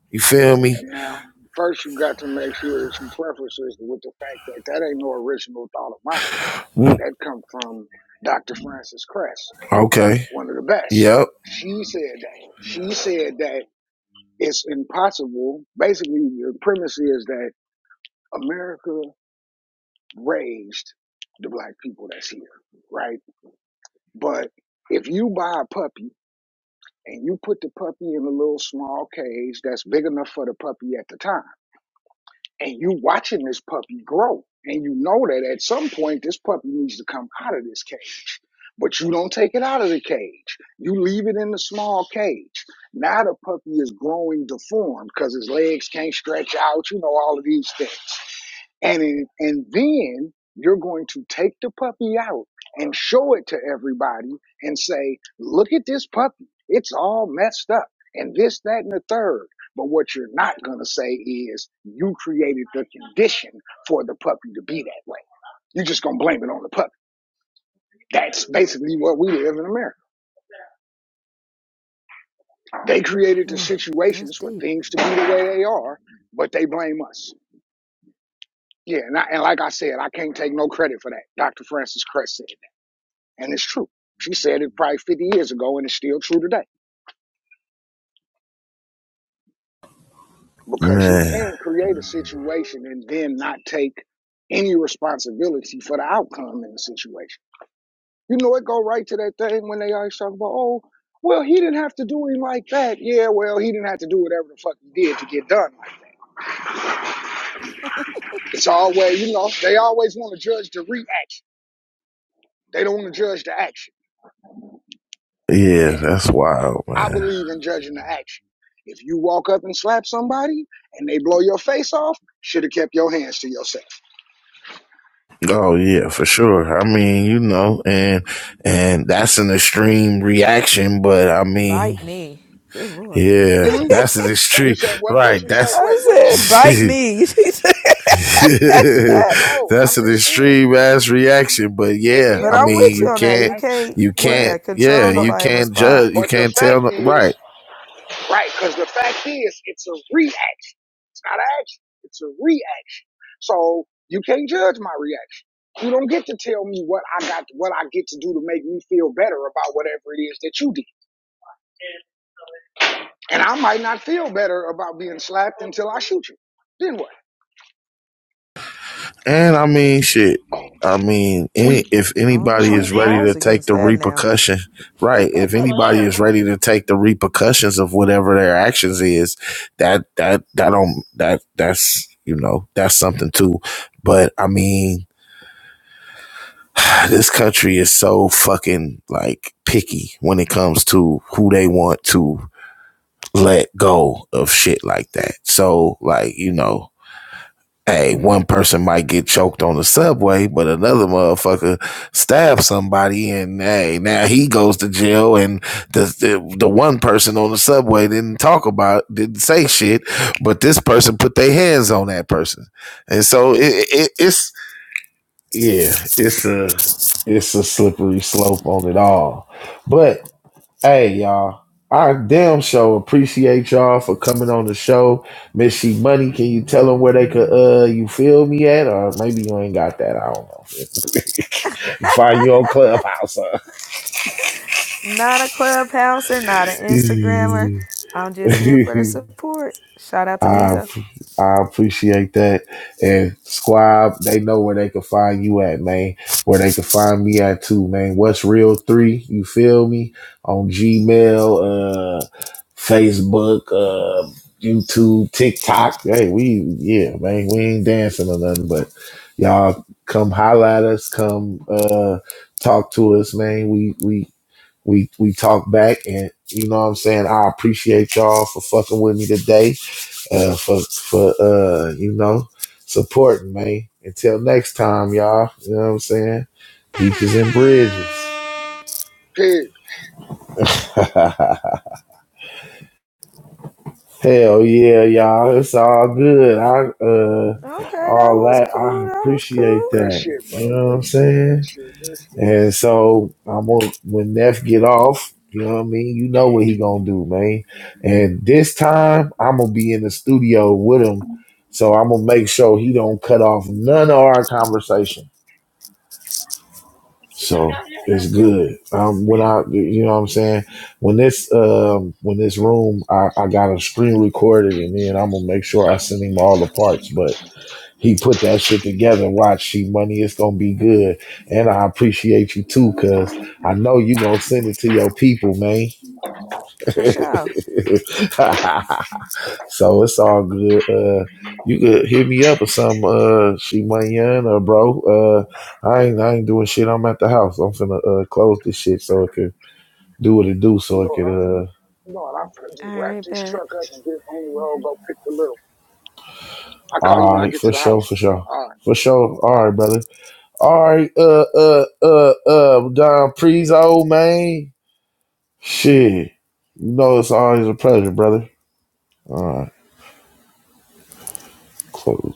[SPEAKER 1] you feel me?
[SPEAKER 8] And now, first you got to make sure that you preface this with the fact that that ain't no original thought of mine.
[SPEAKER 1] Mm,
[SPEAKER 8] That come from Dr. Francis Cress,
[SPEAKER 1] Okay.
[SPEAKER 8] one of the best.
[SPEAKER 1] Yep,
[SPEAKER 8] She said that. She said that it's impossible. Basically, the premise is that America raised the black people that's here, right? But if you buy a puppy and you put the puppy in a little small cage that's big enough for the puppy at the time, and you watching this puppy grow and you know that at some point this puppy needs to come out of this cage but you don't take it out of the cage you leave it in the small cage now the puppy is growing deformed because his legs can't stretch out you know all of these things and in, and then you're going to take the puppy out and show it to everybody and say look at this puppy it's all messed up and this that and the third but what you're not going to say is you created the condition for the puppy to be that way. You're just going to blame it on the puppy. That's basically what we live in America. They created the
[SPEAKER 5] That's
[SPEAKER 8] situations for
[SPEAKER 5] deep.
[SPEAKER 8] things to be the way they are, but they blame us. Yeah, and, I, and like I said, I can't take no credit for that. Dr. Francis Crest said that, and it's true. She said it probably 50 years ago, and it's still true today. Because you
[SPEAKER 1] man.
[SPEAKER 8] can't create a situation and then not take any responsibility for the outcome in the situation You know, it go right to that thing when they always talk about, oh, well, he didn't have to do him like that. Yeah, well, he didn't have to do whatever the fuck he did to get done like that. It's always, you know, they always want to judge the reaction. They don't want to judge the action.
[SPEAKER 1] Yeah,
[SPEAKER 8] And
[SPEAKER 1] that's wild,
[SPEAKER 8] I
[SPEAKER 1] man.
[SPEAKER 8] believe in judging the action. If you walk up and slap somebody and they blow your face off, should have kept your hands to yourself.
[SPEAKER 1] Oh yeah, for sure. I mean, you know, and and that's an extreme reaction, but I mean,
[SPEAKER 5] Bite me. Good lord.
[SPEAKER 1] yeah,
[SPEAKER 8] Hmm?
[SPEAKER 1] that's an
[SPEAKER 8] You
[SPEAKER 1] extreme,
[SPEAKER 8] said what? What
[SPEAKER 1] right?
[SPEAKER 8] you say?
[SPEAKER 1] That's
[SPEAKER 5] I
[SPEAKER 8] Wait, what did she
[SPEAKER 5] said,
[SPEAKER 1] that's
[SPEAKER 8] say?
[SPEAKER 5] bite me.
[SPEAKER 8] No, I'm
[SPEAKER 1] an
[SPEAKER 8] just saying
[SPEAKER 1] extreme ass reaction, but
[SPEAKER 8] it
[SPEAKER 1] yeah,
[SPEAKER 5] but
[SPEAKER 1] I
[SPEAKER 8] is
[SPEAKER 5] I'm
[SPEAKER 8] an
[SPEAKER 1] mean,
[SPEAKER 5] with you
[SPEAKER 1] you
[SPEAKER 8] extreme
[SPEAKER 5] on that.
[SPEAKER 1] can't,
[SPEAKER 5] You
[SPEAKER 8] reaction,
[SPEAKER 5] can't,
[SPEAKER 1] you
[SPEAKER 8] but
[SPEAKER 5] yeah,
[SPEAKER 1] can't,
[SPEAKER 5] control
[SPEAKER 1] yeah,
[SPEAKER 8] but
[SPEAKER 1] you
[SPEAKER 5] nobody's
[SPEAKER 1] can't judge, you
[SPEAKER 5] response.
[SPEAKER 8] but the
[SPEAKER 1] can't
[SPEAKER 8] fact
[SPEAKER 1] tell,
[SPEAKER 8] is
[SPEAKER 1] right?
[SPEAKER 8] Right, because the fact is, it's a reaction. It's not an action. It's a reaction. So you can't judge my reaction. You don't get to tell me what I got, what I get to do to make me feel better about whatever it is that you did. And I might not feel better about being slapped until I shoot you. Then what?
[SPEAKER 1] And I mean, shit. I mean, any,
[SPEAKER 8] Sweet,
[SPEAKER 1] if
[SPEAKER 5] I don't
[SPEAKER 1] anybody
[SPEAKER 5] know.
[SPEAKER 1] is
[SPEAKER 8] sweet.
[SPEAKER 5] It's
[SPEAKER 8] Pig.
[SPEAKER 1] ready
[SPEAKER 5] laws
[SPEAKER 1] to take
[SPEAKER 5] against
[SPEAKER 1] the
[SPEAKER 5] that now.
[SPEAKER 1] repercussion, right? If anybody is ready to take the repercussions of whatever their actions is, that that that don't that that's you know that's something too. But I mean, this country is so fucking like picky when it comes to who they want to let go of shit like that. So like you know, Hey, one person might get choked on the subway, but another motherfucker stabs somebody, and hey, now he goes to jail. And the, the the one person on the subway didn't talk about, didn't say shit, but this person put their hands on that person, and so it, it it's yeah, it's a it's a slippery slope on it all. But Hey y'all, I damn sure appreciate y'all for coming on the show. Miss She Money, can you tell them where they could uh you feel me at, or maybe you ain't got that? I don't know. Find you on Clubhouse. Huh?
[SPEAKER 5] Not a clubhouser, not an Instagrammer. I'm just here for the support. Shout out to
[SPEAKER 1] I
[SPEAKER 5] Diesel.
[SPEAKER 1] I appreciate that, and I, they know where they can find you at, man. Where they at too, man. What's real three me on uh Facebook. um, YouTube, TikTok. Hey, we yeah, man, we ain't dancing or nothing, but. Y'all come holler at us, come uh talk to us, man. We we we we talk back and you know what I'm saying? I appreciate y'all for fucking with me today. Uh for for uh, you know, supporting, man. Until next time, y'all. You know what I'm saying? Beaches and bridges. Hell yeah, y'all. It's all good. I uh
[SPEAKER 5] Okay, that
[SPEAKER 1] all
[SPEAKER 5] was
[SPEAKER 1] that I
[SPEAKER 5] cool. That was
[SPEAKER 1] appreciate
[SPEAKER 5] cool.
[SPEAKER 8] Good
[SPEAKER 1] that.
[SPEAKER 8] shit,
[SPEAKER 1] You
[SPEAKER 8] bro.
[SPEAKER 1] know what
[SPEAKER 8] Good
[SPEAKER 1] I'm
[SPEAKER 8] shit.
[SPEAKER 1] saying?
[SPEAKER 8] Good shit. Good shit.
[SPEAKER 1] And so I'm gonna when Neff get off, you know what I mean? You know what he gonna do, man. And this time I'm gonna be in the studio with him. So I'm gonna make sure he don't cut off none of our conversation. So it's good. Um when I you know what I'm saying? When this um when this room I, I got a screen recorded and then I'm gonna make sure I send him all the parts. but. He put that shit together. Watch, she money. It's gonna be good, and I appreciate you too, cause I know you gonna send it to your people, man.
[SPEAKER 5] For sure.
[SPEAKER 1] so it's all good. Uh, you could hit me up or some uh, she money or bro. Uh, I ain't I ain't doing shit. I'm at the house. I'm finna uh, close this shit so it could do what it do. So
[SPEAKER 8] You
[SPEAKER 1] it
[SPEAKER 8] know
[SPEAKER 1] could.
[SPEAKER 8] what I'm finna,
[SPEAKER 1] Uh,
[SPEAKER 8] do? you know what I'm finna do?
[SPEAKER 5] All
[SPEAKER 8] Wrap
[SPEAKER 5] right,
[SPEAKER 8] this
[SPEAKER 5] bet.
[SPEAKER 8] truck up and get on the road, go pick the little. I call you
[SPEAKER 1] all
[SPEAKER 8] when I
[SPEAKER 1] right,
[SPEAKER 8] get to
[SPEAKER 1] for
[SPEAKER 8] the
[SPEAKER 1] sure,
[SPEAKER 8] house.
[SPEAKER 1] for sure.
[SPEAKER 8] All right.
[SPEAKER 1] For sure.
[SPEAKER 8] All
[SPEAKER 1] All
[SPEAKER 8] right.
[SPEAKER 1] right, brother. All right, uh, uh, uh, uh, Don Prezo, man. Shit. You know it's always a pleasure, brother. All right, close.